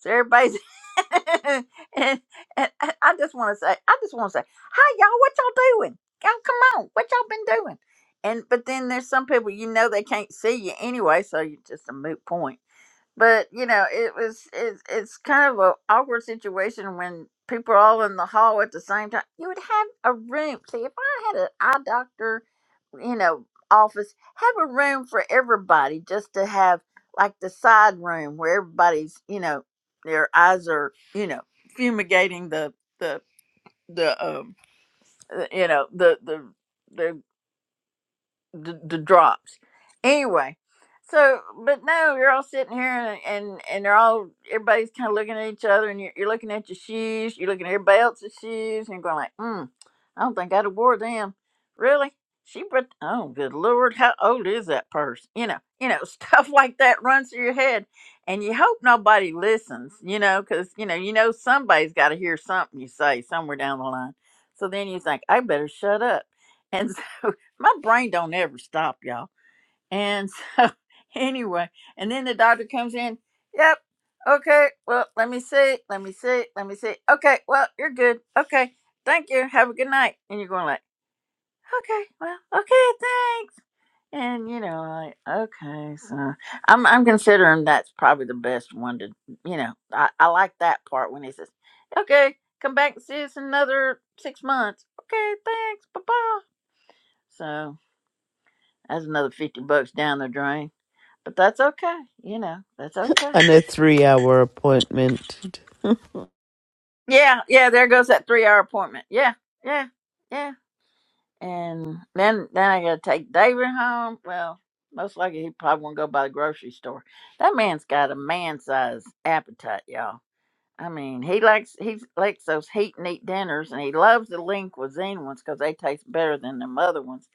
A: So everybody's and, and I I just want to say, I just want to say, hi y'all, what y'all doing? Y'all come on, what y'all been doing? And but then there's some people you know they can't see you anyway, so you're just a moot point but you know it was it's it's kind of an awkward situation when people are all in the hall at the same time you would have a room see if i had an eye doctor you know office have a room for everybody just to have like the side room where everybody's you know their eyes are you know fumigating the the the um uh, you know the the the the, the drops. Anyway, so but no, you're all sitting here and and, and they're all everybody's kind of looking at each other, and you're, you're looking at your shoes, you're looking at everybody else's shoes, and you're going like, mm, I don't think I'd have wore them. Really? She put, oh good lord, how old is that purse? You know, you know stuff like that runs through your head, and you hope nobody listens, you know, because you know you know somebody's got to hear something you say somewhere down the line. So then you think I better shut up, and so. my brain don't ever stop, y'all. And so anyway, and then the doctor comes in. Yep. Okay. Well, let me see. Let me see. Let me see. Okay. Well, you're good. Okay. Thank you. Have a good night. And you're going like, okay. Well, okay. Thanks. And you know, like, okay, so I'm I'm considering that's probably the best one to you know, I, I like that part when he says, Okay, come back and see us in another six months. Okay, thanks, bye bye. That's another 50 bucks down the drain. But that's okay. You know, that's okay.
B: and a three hour appointment.
A: Yeah, yeah, there goes that three hour appointment. Yeah, yeah, yeah. And then then I gotta take David home. Well, most likely he probably won't go by the grocery store. That man's got a man size appetite, y'all. I mean, he likes he likes those heat and eat dinners, and he loves the lean cuisine ones because they taste better than them other ones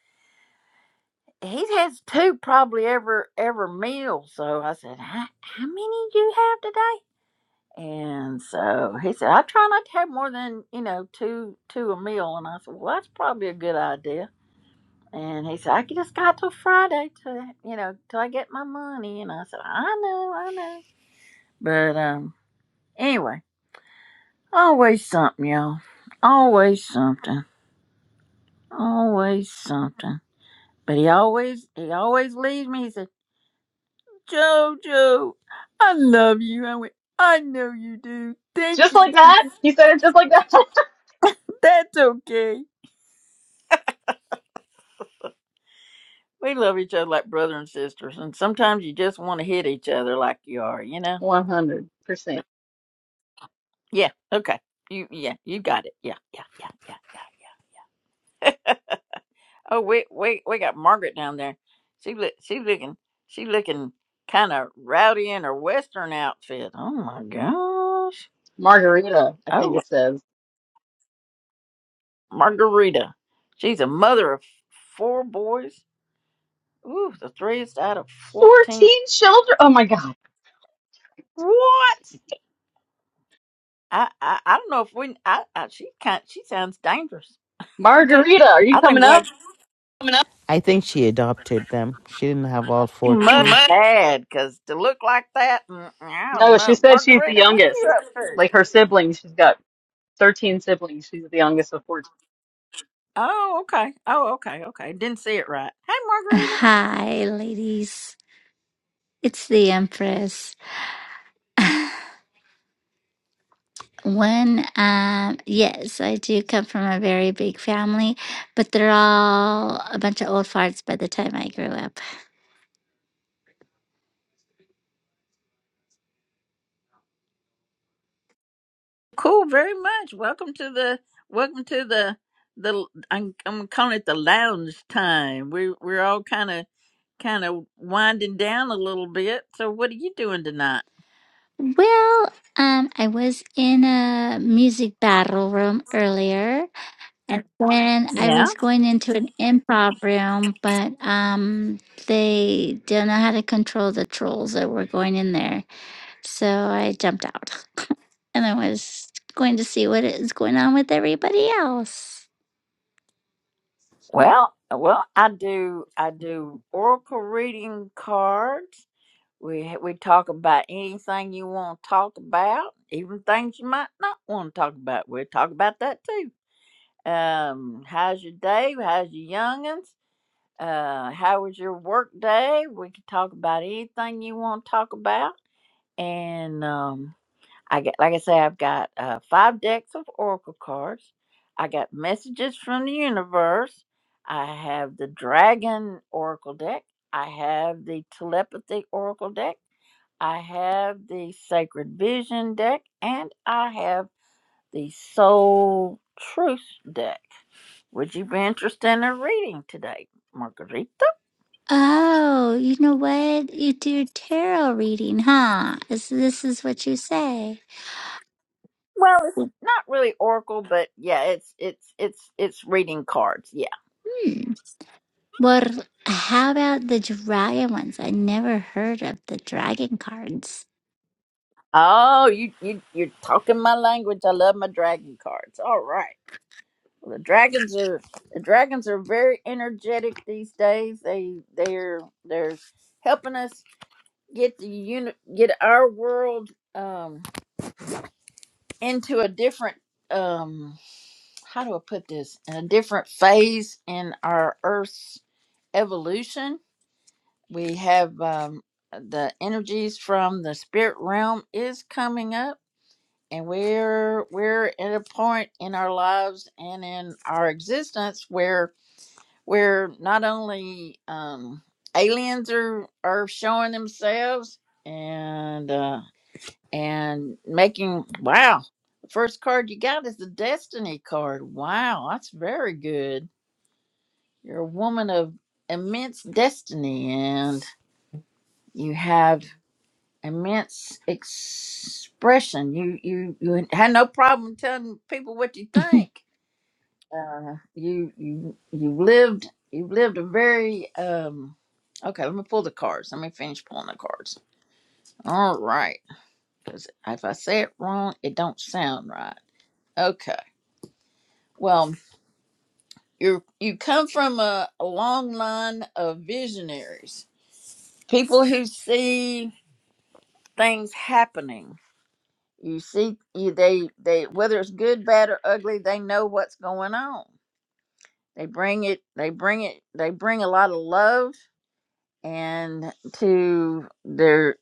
A: he has two probably ever ever meal. So I said, how, how many do you have today? And so he said, I try not to have more than, you know, two two a meal. And I said, Well, that's probably a good idea. And he said, I could just got till Friday to, you know, till I get my money. And I said, I know, I know. But um, anyway, always something, y'all. Always something. Always something. But he always, he always leaves me. He said, Jojo, I love you. I went, I know you do. Thank
I: Just
A: you.
I: like that? He said it just like that?
A: That's okay. We love each other like brother and sisters, and sometimes you just want to hit each other like you are, you know?
I: 100%.
A: Yeah, okay. You yeah, you got it. Yeah, yeah, yeah, yeah, yeah, yeah. yeah. Oh, we we we got Margaret down there. She look she looking she looking kind of rowdy in her western outfit. Oh my gosh!
I: Margarita, I
A: Oh,
I: think
A: look,
I: it says.
A: Margarita, she's a mother of four boys. Ooh, the threest out of fourteen.
I: 14 children. Oh my God.
A: What? I I, I don't know if we. I, I she kind she sounds dangerous. Do-
I: Margarita, are you
A: I
I: coming
A: think we
I: up?
A: had
B: coming up I think she adopted them. She didn't have all
A: she
B: 14.
A: must had because to look like that, mm, I don't
I: No, she
A: know.
I: said she's the
A: Margarita, what you
I: youngest.
A: up to?
I: Like her siblings, she's got 13 siblings. She's the youngest of 14.
A: Oh, okay. Oh, okay. Okay. Didn't see it right. Hey, Margarita.
J: Hi, ladies. It's the Empress. When, um, yes, I do come from a very big family, but they're all a bunch of old farts by the time I grew up.
A: Cool. Very much. Welcome to the. Welcome to the. The I'm, I'm calling it the lounge time. We we're all kind of kind of winding down a little bit. So what are you doing tonight?
J: Well, um, I was in a music battle room earlier, and then I
A: Yeah.
J: was going into an improv room, but um, they don't know how to control the trolls that were going in there, so I jumped out. and I was going to see what is going on with everybody else.
A: Well, well, I do I do oracle reading cards. We we talk about anything you want to talk about, even things you might not want to talk about. We'll talk about that too. Um, how's your day? How's your youngins? Uh, how was your work day? We can talk about anything you want to talk about. And um, I get like I say, I've got uh, five decks of oracle cards. I got messages from the universe. I have the dragon oracle deck. I have the telepathy oracle deck. I have the Sacred Vision deck and I have the Soul Truth deck. Would you be interested in a reading today, Margarita?
J: Oh, you know what? You do tarot reading, huh? Is this is what you say?
A: Well, it's
J: Well,
A: not really oracle, but yeah, it's it's it's it's reading cards. Yeah.
J: hmm. Well, how about the dragon ones? I never heard of the dragon cards.
A: Oh, you you you're talking my language. I love my dragon cards. All right. Well, the dragons are the dragons are very energetic these days. They they're they're helping us get the unit get our world um into a different um how do I put this in a different phase in our Earth's evolution. We have um, the energies from the spirit realm is coming up, and we're we're at a point in our lives and in our existence where where not only um, aliens are are showing themselves. And uh and making wow the first card you got is the destiny card wow that's very good you're a woman of immense destiny and you have immense expression you you you had no problem telling people what you think uh you you you lived you lived a very um okay let me pull the cards let me finish pulling the cards all right because if i say it wrong it don't sound right okay Well, you you come from a, a long line of visionaries, people who see things happening. You see, you, they they whether it's good, bad, or ugly, they know what's going on. They bring it. They bring it. They bring a lot of love and to their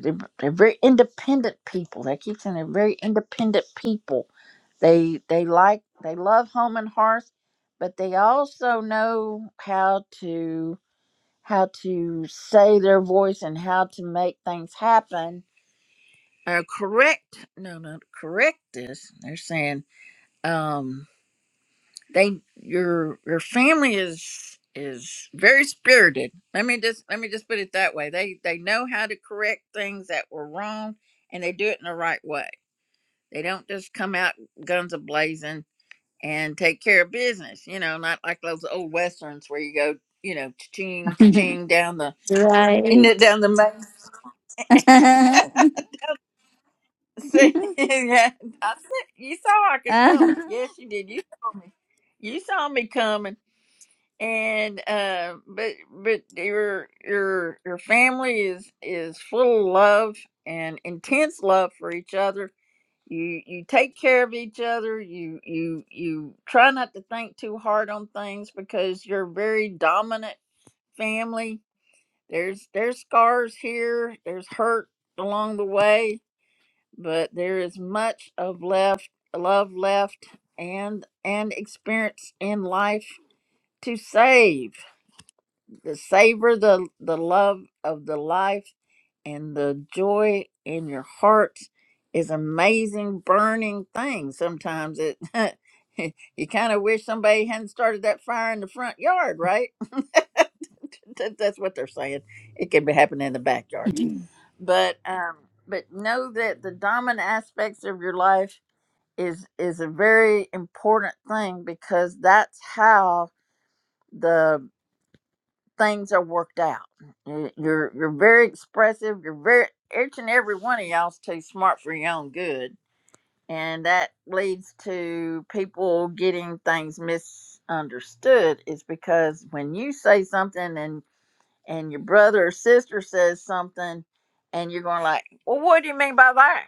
A: They're, they're very independent people. They keep saying they're very independent people. They they like they love home and hearth, but they also know how to how to say their voice and how to make things happen. Or correct no no correct this. They're saying um they your your family is is very spirited let me just let me just put it that way they they know how to correct things that were wrong and they do it in the right way they don't just come out guns a blazing and take care of business you know not like those old westerns where you go you know ching ching down the in the-
J: right.
A: down the main
J: I'm
A: See, yeah, I said, you saw I could coming. Yes, you did. You saw me. You saw me coming. and uh but but your your your family is is full of love and intense love for each other you you take care of each other you you you try not to think too hard on things because you're a very dominant family there's there's scars here there's hurt along the way but there is much of left love left and and experience in life to save the savor the the love of the life and the joy in your heart is amazing burning thing sometimes it you kind of wish somebody hadn't started that fire in the front yard right that, that's what they're saying it could be happening in the backyard but um but know that the dominant aspects of your life is is a very important thing because that's how the things are worked out. You- You're you're very expressive. You're very each and every one of y'all's too smart for your own good, and that leads to people getting things misunderstood. Is because when you say something and and your brother or sister says something, and you're going like, well, what do you mean by that?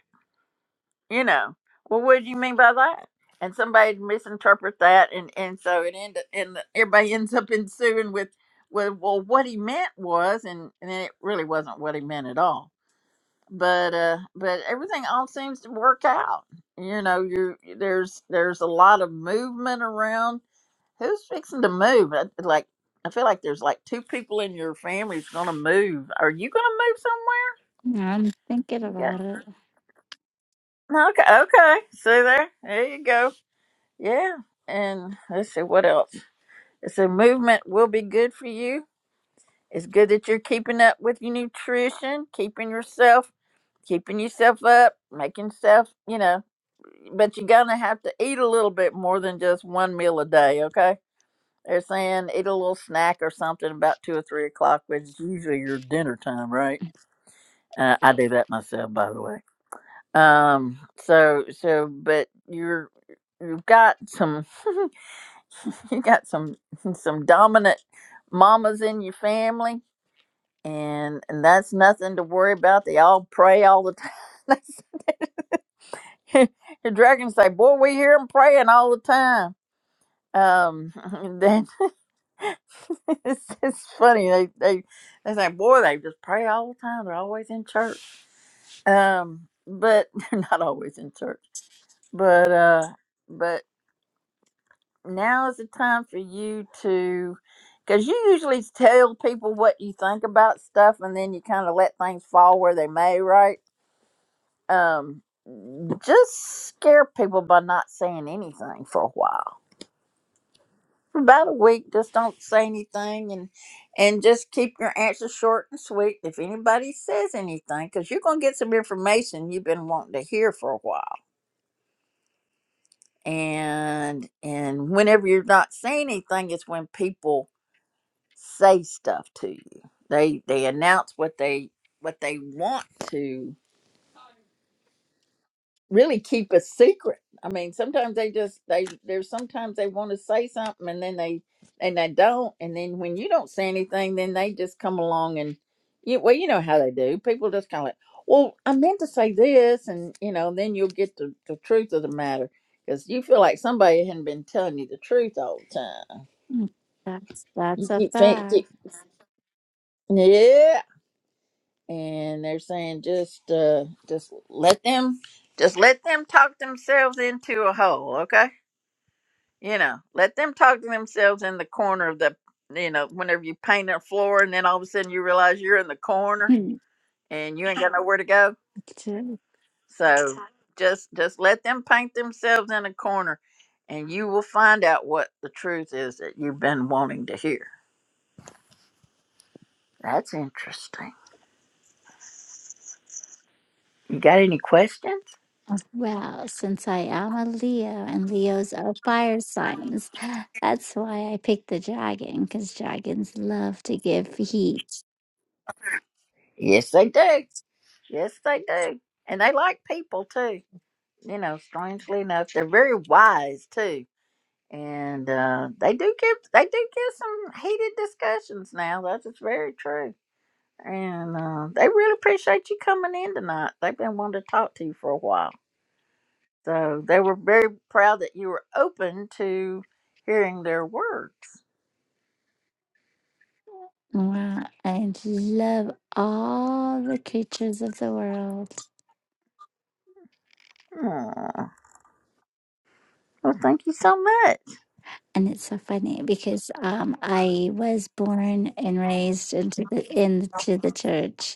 A: you know well what do you mean by that and somebody misinterpret that and and so it end and everybody ends up ensuing with with well what he meant was and and it really wasn't what he meant at all but uh but everything all seems to work out you know you there's there's a lot of movement around who's fixing to move I- like I feel like there's like two people in your family's gonna move. Are you gonna
J: thinking
A: move somewhere?
J: about it.
A: You got- Okay, okay. See there? There you go Yeah. And let's see what else. It's a movement will be good for you. It's good that you're keeping up with your nutrition, keeping yourself, keeping yourself up, making self, you know, but you're gonna have to eat a little bit more than just one meal a day, okay? They're saying eat a little snack or something about two or three o'clock, which is usually your dinner time, right? Uh, I do that myself, by the way. Um, so so, but you're you've got some. you got some some dominant mamas in your family and and that's nothing to worry about they all pray all the time That's- the dragons say boy we hear them praying all the time um and then it's, it's funny they they they say boy they just pray all the time they're always in church um but they're not always in church but uh but now is the time for you to because you usually tell people what you think about stuff and then you kind of let things fall where they may right um just scare people by not saying anything for a while for about a week just don't say anything and and just keep your answers short and sweet if anybody says anything because you're going to get some information you've been wanting to hear for a while and and whenever you're not saying anything it's when people say stuff to you. They they announce what they what they want to really keep a secret. I mean, sometimes they just they there's sometimes they want to say something and then they and they don't and then when you don't say anything, then they just come along and you well you know how they do. People just kind of like, well, I meant to say this, and you know, then you'll get the, the truth of the matter because you feel like somebody hadn't been telling you the truth all the time.
J: That's
A: You
J: that's a
A: keep, fin- keep
J: fact.
A: yeah, and they're saying just uh just let them just let them talk themselves into a hole okay you know let them talk to themselves in the corner of the you know whenever you paint a floor and then all of a sudden you realize you're in the corner and you ain't got nowhere to go
J: Too.
A: so just just let them paint themselves in a corner and you will find out what the truth is that you've been wanting to hear that's interesting you got any questions
J: Well, since I am a Leo and Leos are fire signs, that's why I picked the dragon because dragons love to give heat.
A: yes they do Yes, they do. And they like people too. You know, strangely enough, they're very wise too. And uh, they do give they do give some heated discussions now. That is very true. And uh, they really appreciate you coming in tonight. They've been wanting to talk to you for a while. So they were very proud that you were open to hearing their words.
J: Wow, I love all the creatures of the world,
A: Aw, Well, thank you so much.
J: and it's so funny because um, I was born and raised into the into the church,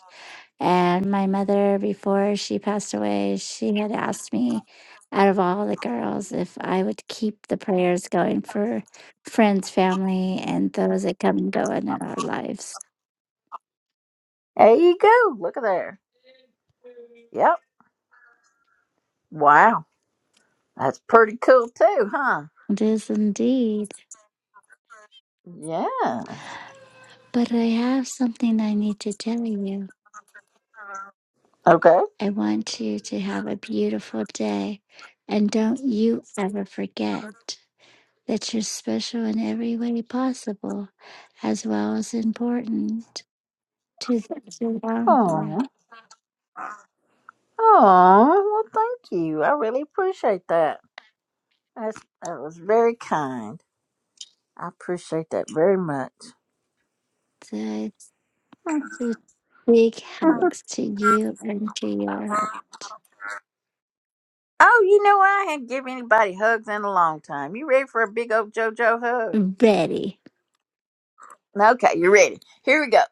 J: And my mother, before she passed away, she had asked me out of all the girls if I would keep the prayers going for friends, family, and those that come and go in our lives.
A: There you go. Look at there. Yep. Wow. That's pretty cool too, huh?
J: It is indeed.
A: Yeah.
J: But I have something I need to tell you.
A: Okay.
J: I want you to have a beautiful day. And don't you ever forget that you're special in every way possible, as well as important to those around you.
A: Oh. Oh. Well, thank you. I really appreciate that. That's, that was very kind. I appreciate that very much.
J: that to big hugs to you and to your heart.
A: oh, you know I haven't given anybody hugs in a long time. You ready for a big old JoJo hug?
J: Very.
A: Okay, you ready? Here we go.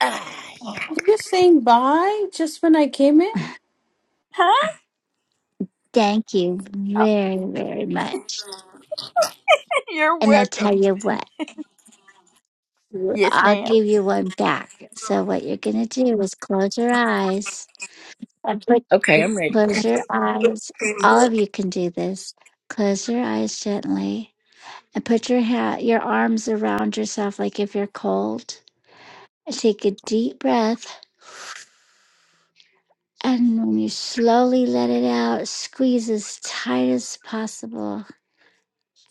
A: Ah,
F: Are
A: yeah.
F: you saying bye just when I came in?
A: Huh?
J: Thank you very, very much.
A: You're
J: And I
A: welcome.
J: tell you what, you-
A: Yes,
J: I'll
A: ma'am.
J: give you one back. So what you're gonna do is close your eyes and put
A: Okay, I'm ready.
J: close your eyes. All of you can do this. Close your eyes gently and put your ha- your arms around yourself like if you're cold. And take a deep breath. And when you slowly let it out, squeeze as tight as possible.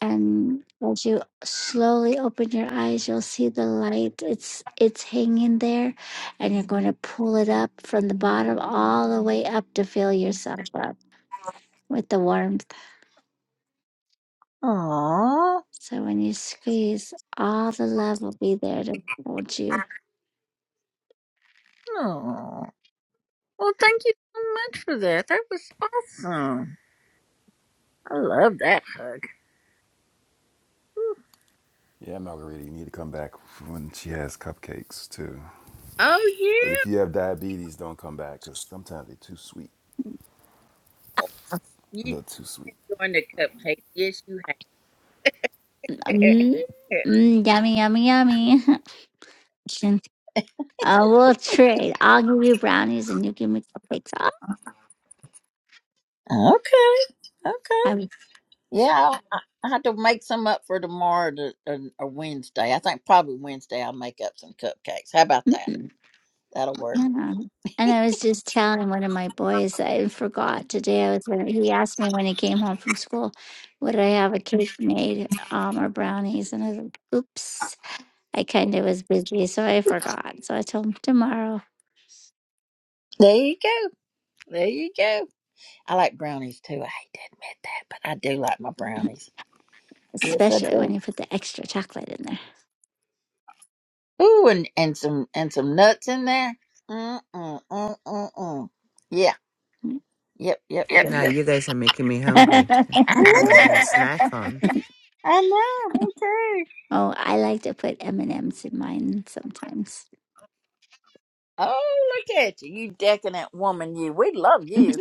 J: And as you slowly open your eyes, you'll see the light. It's it's hanging there, and you're going to pull it up from the bottom all the way up to fill yourself up with the warmth.
A: Aww.
J: So when you squeeze, all the love will be there to hold you.
A: Oh. Well, thank you so much for that. That was awesome. I love that hug. Ooh.
D: Yeah, Margarita, you need to come back when she has cupcakes too.
A: Oh
D: But
A: yeah,
D: if you have diabetes, don't come back because sometimes they're too sweet, a
A: you
D: little too sweet.
A: enjoying the cupcake? Yes, you have.
J: Mm, mm, yummy, yummy, yummy. I will trade. I'll give you brownies, and you give me cupcakes. Oh,
A: Okay. Okay.
J: I'm-
A: Yeah, I, I have to make some up for tomorrow to, or, or Wednesday. I think probably Wednesday I'll make up some cupcakes. How about that?
J: mm.
A: That'll work.
J: Yeah. And I was just telling one of my boys, I forgot today. I was he asked me when he came home from school, would I have a cake made um, or brownies? And I was like, oops, I kind of was busy, so I forgot. So I told him tomorrow,
A: There you go. There you go. I like brownies too. I hate to admit that, but I do like my brownies. Yes, I
J: especially
A: do.
J: when you put the extra chocolate in
A: Ooh, and, and some and some nuts in there. Mm mm mm mm mm. Yeah. Yep. Yep. Yep.
B: Now you guys are making me
J: there.
B: hungry.
A: I
B: What am I gonna
A: know.
B: snack on?
A: I know. Me too.
J: oh, I like to put M and M's in mine sometimes.
A: Oh, look at you, you decadent woman. You. We love
J: well,
A: you.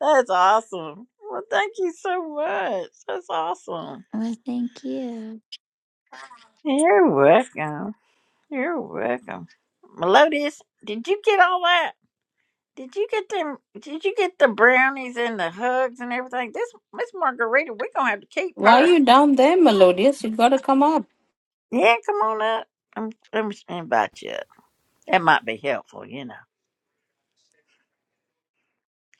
A: That's awesome. Well, thank you so much. That's awesome.
J: thank you.
A: You're welcome. You're welcome. Melodious, did you get all that? Did you get them? Did you get the brownies and the hugs and everything? This Miss Margarita, we're gonna have to keep
F: Why are
A: her.
F: you down there, Melodious? You gotta come up.
A: Yeah, come on up. I'm, let me invite you up. That might be helpful, you know.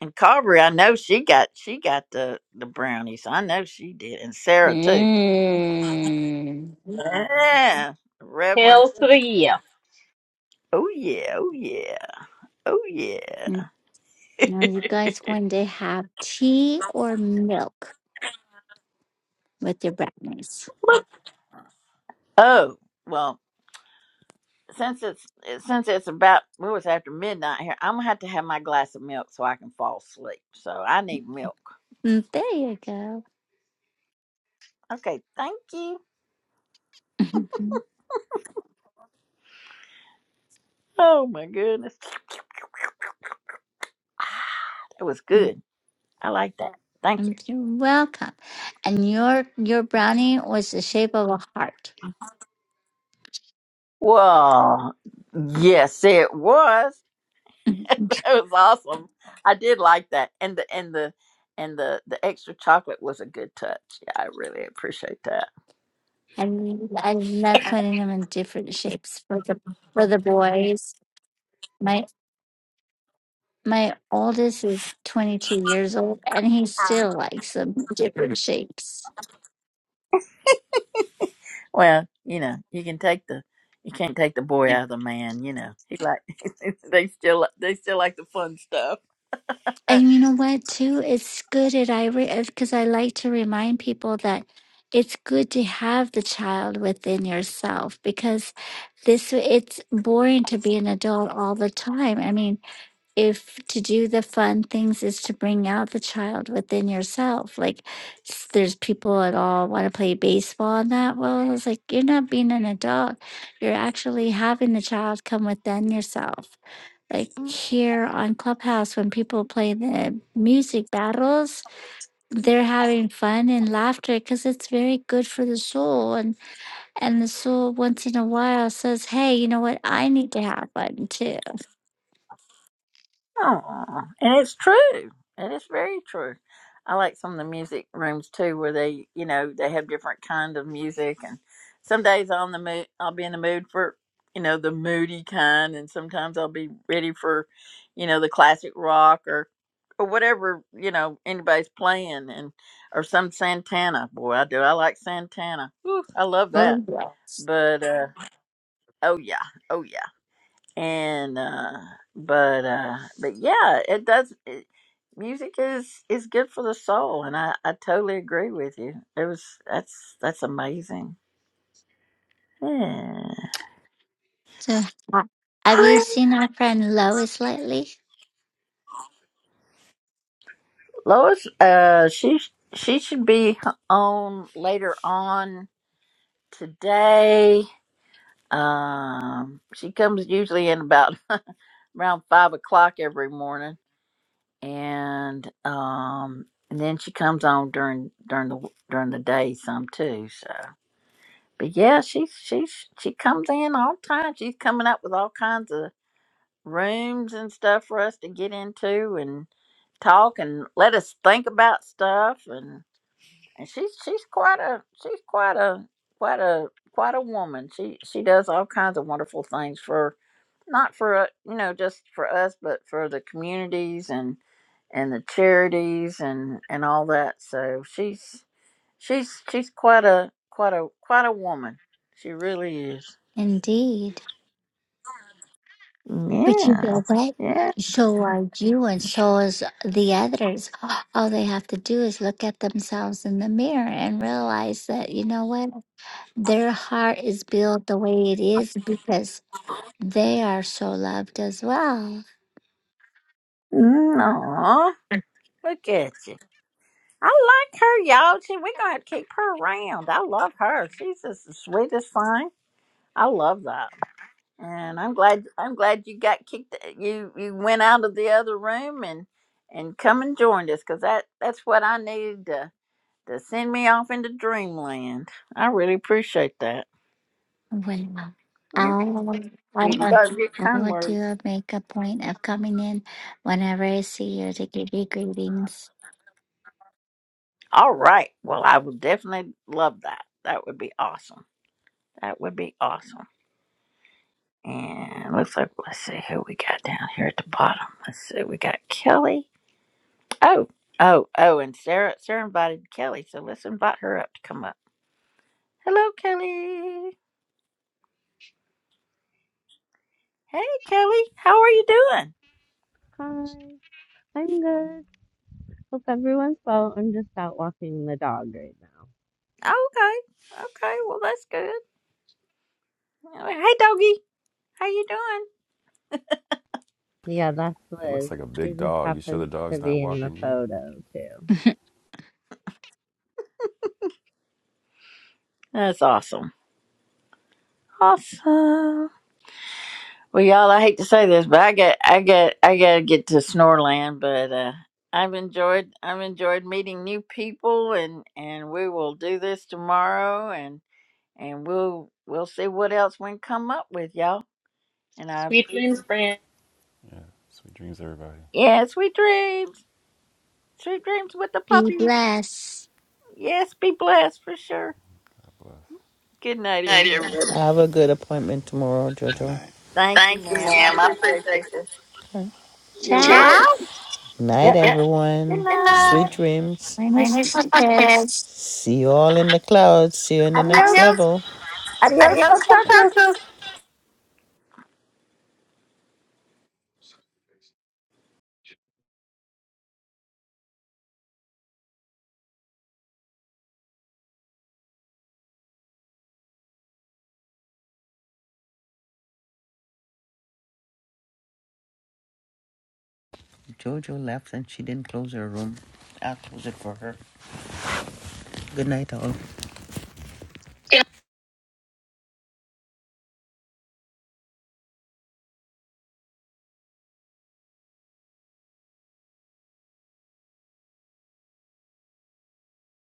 A: And Carberry, I know she got she got the the brownies. I know she did, and Sarah too.
F: Mm.
A: Yeah, Revlon.
I: Tales to the year.
A: Oh yeah, oh yeah, oh yeah.
J: Mm. Now, you guys going to have tea or milk with your brownies?
A: Look. Oh well, since it's since it's about well, it's after midnight here. I'm gonna have to have my glass of milk so I can fall asleep. So I need milk.
J: Mm, There you go.
A: Okay, thank you. Oh my goodness, that was
J: Mm,
A: good. I like that. Thank you.
J: mm, You're welcome. And your your brownie was the shape of a heart.
A: Well, yes, it was.
J: Mm,
A: That was awesome. I did like that, and the and the and the the extra chocolate was a good touch. Yeah, I really appreciate that.
J: And I love putting them in different shapes for the for the boys. My my oldest is 22 years old, and he still likes them different shapes.
A: Well, you know, you can take the you can't take the boy out of the man. You know, he like they still they still like the fun stuff.
J: And you know what, too? It's good at I because I like to remind people that it's good to have the child within yourself because this way, it's boring to be an adult all the time i mean if to do the fun things is to bring out the child within yourself like s- there's people at all want to play baseball and that well it's like you're not being an adult you're actually having the child come within yourself like Mm. here on clubhouse when people play the music battles they're having fun and laughter because it's very good for the soul and. And so once in a while says, Hey, you know what? I need to have one too.
A: Aw, and it's true. It is very true. I like some of the music rooms too, where they, you know, they have different kind of music, and some days on the mood, I'll be in the mood for, you know, the moody kind, and sometimes I'll be ready for, you know, the classic rock or, or whatever, you know, anybody's playing, and or some Santana. Boy, I do. I like Santana. Whew, I love that.
J: Oh, yes.
A: But uh, oh yeah, oh yeah and uh but uh but yeah it does it, music is is good for the soul and i i totally agree with you it was that's that's amazing yeah
J: So, ha- have you seen our friend Lois lately?
A: lois uh she she should be on later on today um she comes usually in about around five o'clock every morning and um and then she comes on during during the during the day some too so But yeah, she's she's she comes in all the time. She's coming up with all kinds of rooms and stuff for us to get into and talk and let us think about stuff and and she's she's quite a she's quite a quite a quite a woman. She she does all kinds of wonderful things for not for uh, you know just for us but for the communities and and the charities and and all that. So she's She's she's quite a quite a quite a woman. She really is.
J: Indeed. But you
A: Yeah.
J: know what?
A: Yeah.
J: So are you, and so is the others. All they have to do is look at themselves in the mirror and realize that, you know what? Their heart is built the way it is because they are so loved as well.
A: No. Look at you. I like her, y'all. She, we're gonna have to keep her around. I love her. She's just the sweetest thing. I love that. And I'm glad I'm glad you got kicked you you went out of the other room and and come and joined us because that that's what I needed to to send me off into dreamland. I really appreciate that.
J: Well,
A: you
J: I would, I
A: we
J: would,
A: love your
J: I
A: kind
J: would
A: words.
J: do a make a point of coming in whenever I see you to give you greetings.
A: All right. Well, I would definitely love that. That would be awesome. That would be awesome. And looks like let's see who we got down here at the bottom. Let's see, we got Kelly. Oh, oh, oh, and Sarah Sarah invited Kelly, so let's invite her up to come up. Hello, Kelly. Hey Kelly, how are you doing?
K: Hi, I'm good. Hope everyone's well. I'm just out walking the dog right now.
A: Oh, okay. Okay, well that's good. Hey doggy, how you doing?
K: Yeah, that's
D: That looks
K: Liz.
D: like a
K: She
D: big
K: just
D: dog. You sure
K: happens
D: the
K: to
D: dog's not
K: be in the
D: walking you?
K: photo too.
A: That's awesome. Awesome. Well, y'all, I hate to say this, but I got, I got, I gotta get to Snoreland. But uh, I've enjoyed, I've enjoyed meeting new people, and and we will do this tomorrow, and and we'll we'll see what else we can come up with, y'all. And I,
I: Sweet dreams,
A: appreciate-
I: friend.
D: Yeah. Sweet dreams, everybody.
A: yeah, sweet dreams, sweet dreams with the
J: Be
A: puppies.
J: blessed.
A: Yes, be blessed for sure.
D: God bless.
A: Good night,
B: night,
A: everyone.
B: everybody. Have a good appointment tomorrow,
D: Good night.
B: Jojo.
A: Thank you,
B: Thank you,
A: ma'am. I
B: ma'am. I
A: appreciate you.
B: appreciate this.
A: You're
J: Ciao.
A: welcome.
B: Night, Yeah.
A: Yep.
B: everyone.
A: Good
B: Good
A: night.
B: night. Sweet
D: Good
B: dreams.
J: When
B: My
J: it's
B: name's
J: not this.
B: Podcast. See you all in the clouds. See you in the next Adios.
A: Adios.
B: level.
D: night.
A: Adios, muchachos.
B: Jojo left and she didn't close her room. I'll close it for her. Good night, all. Good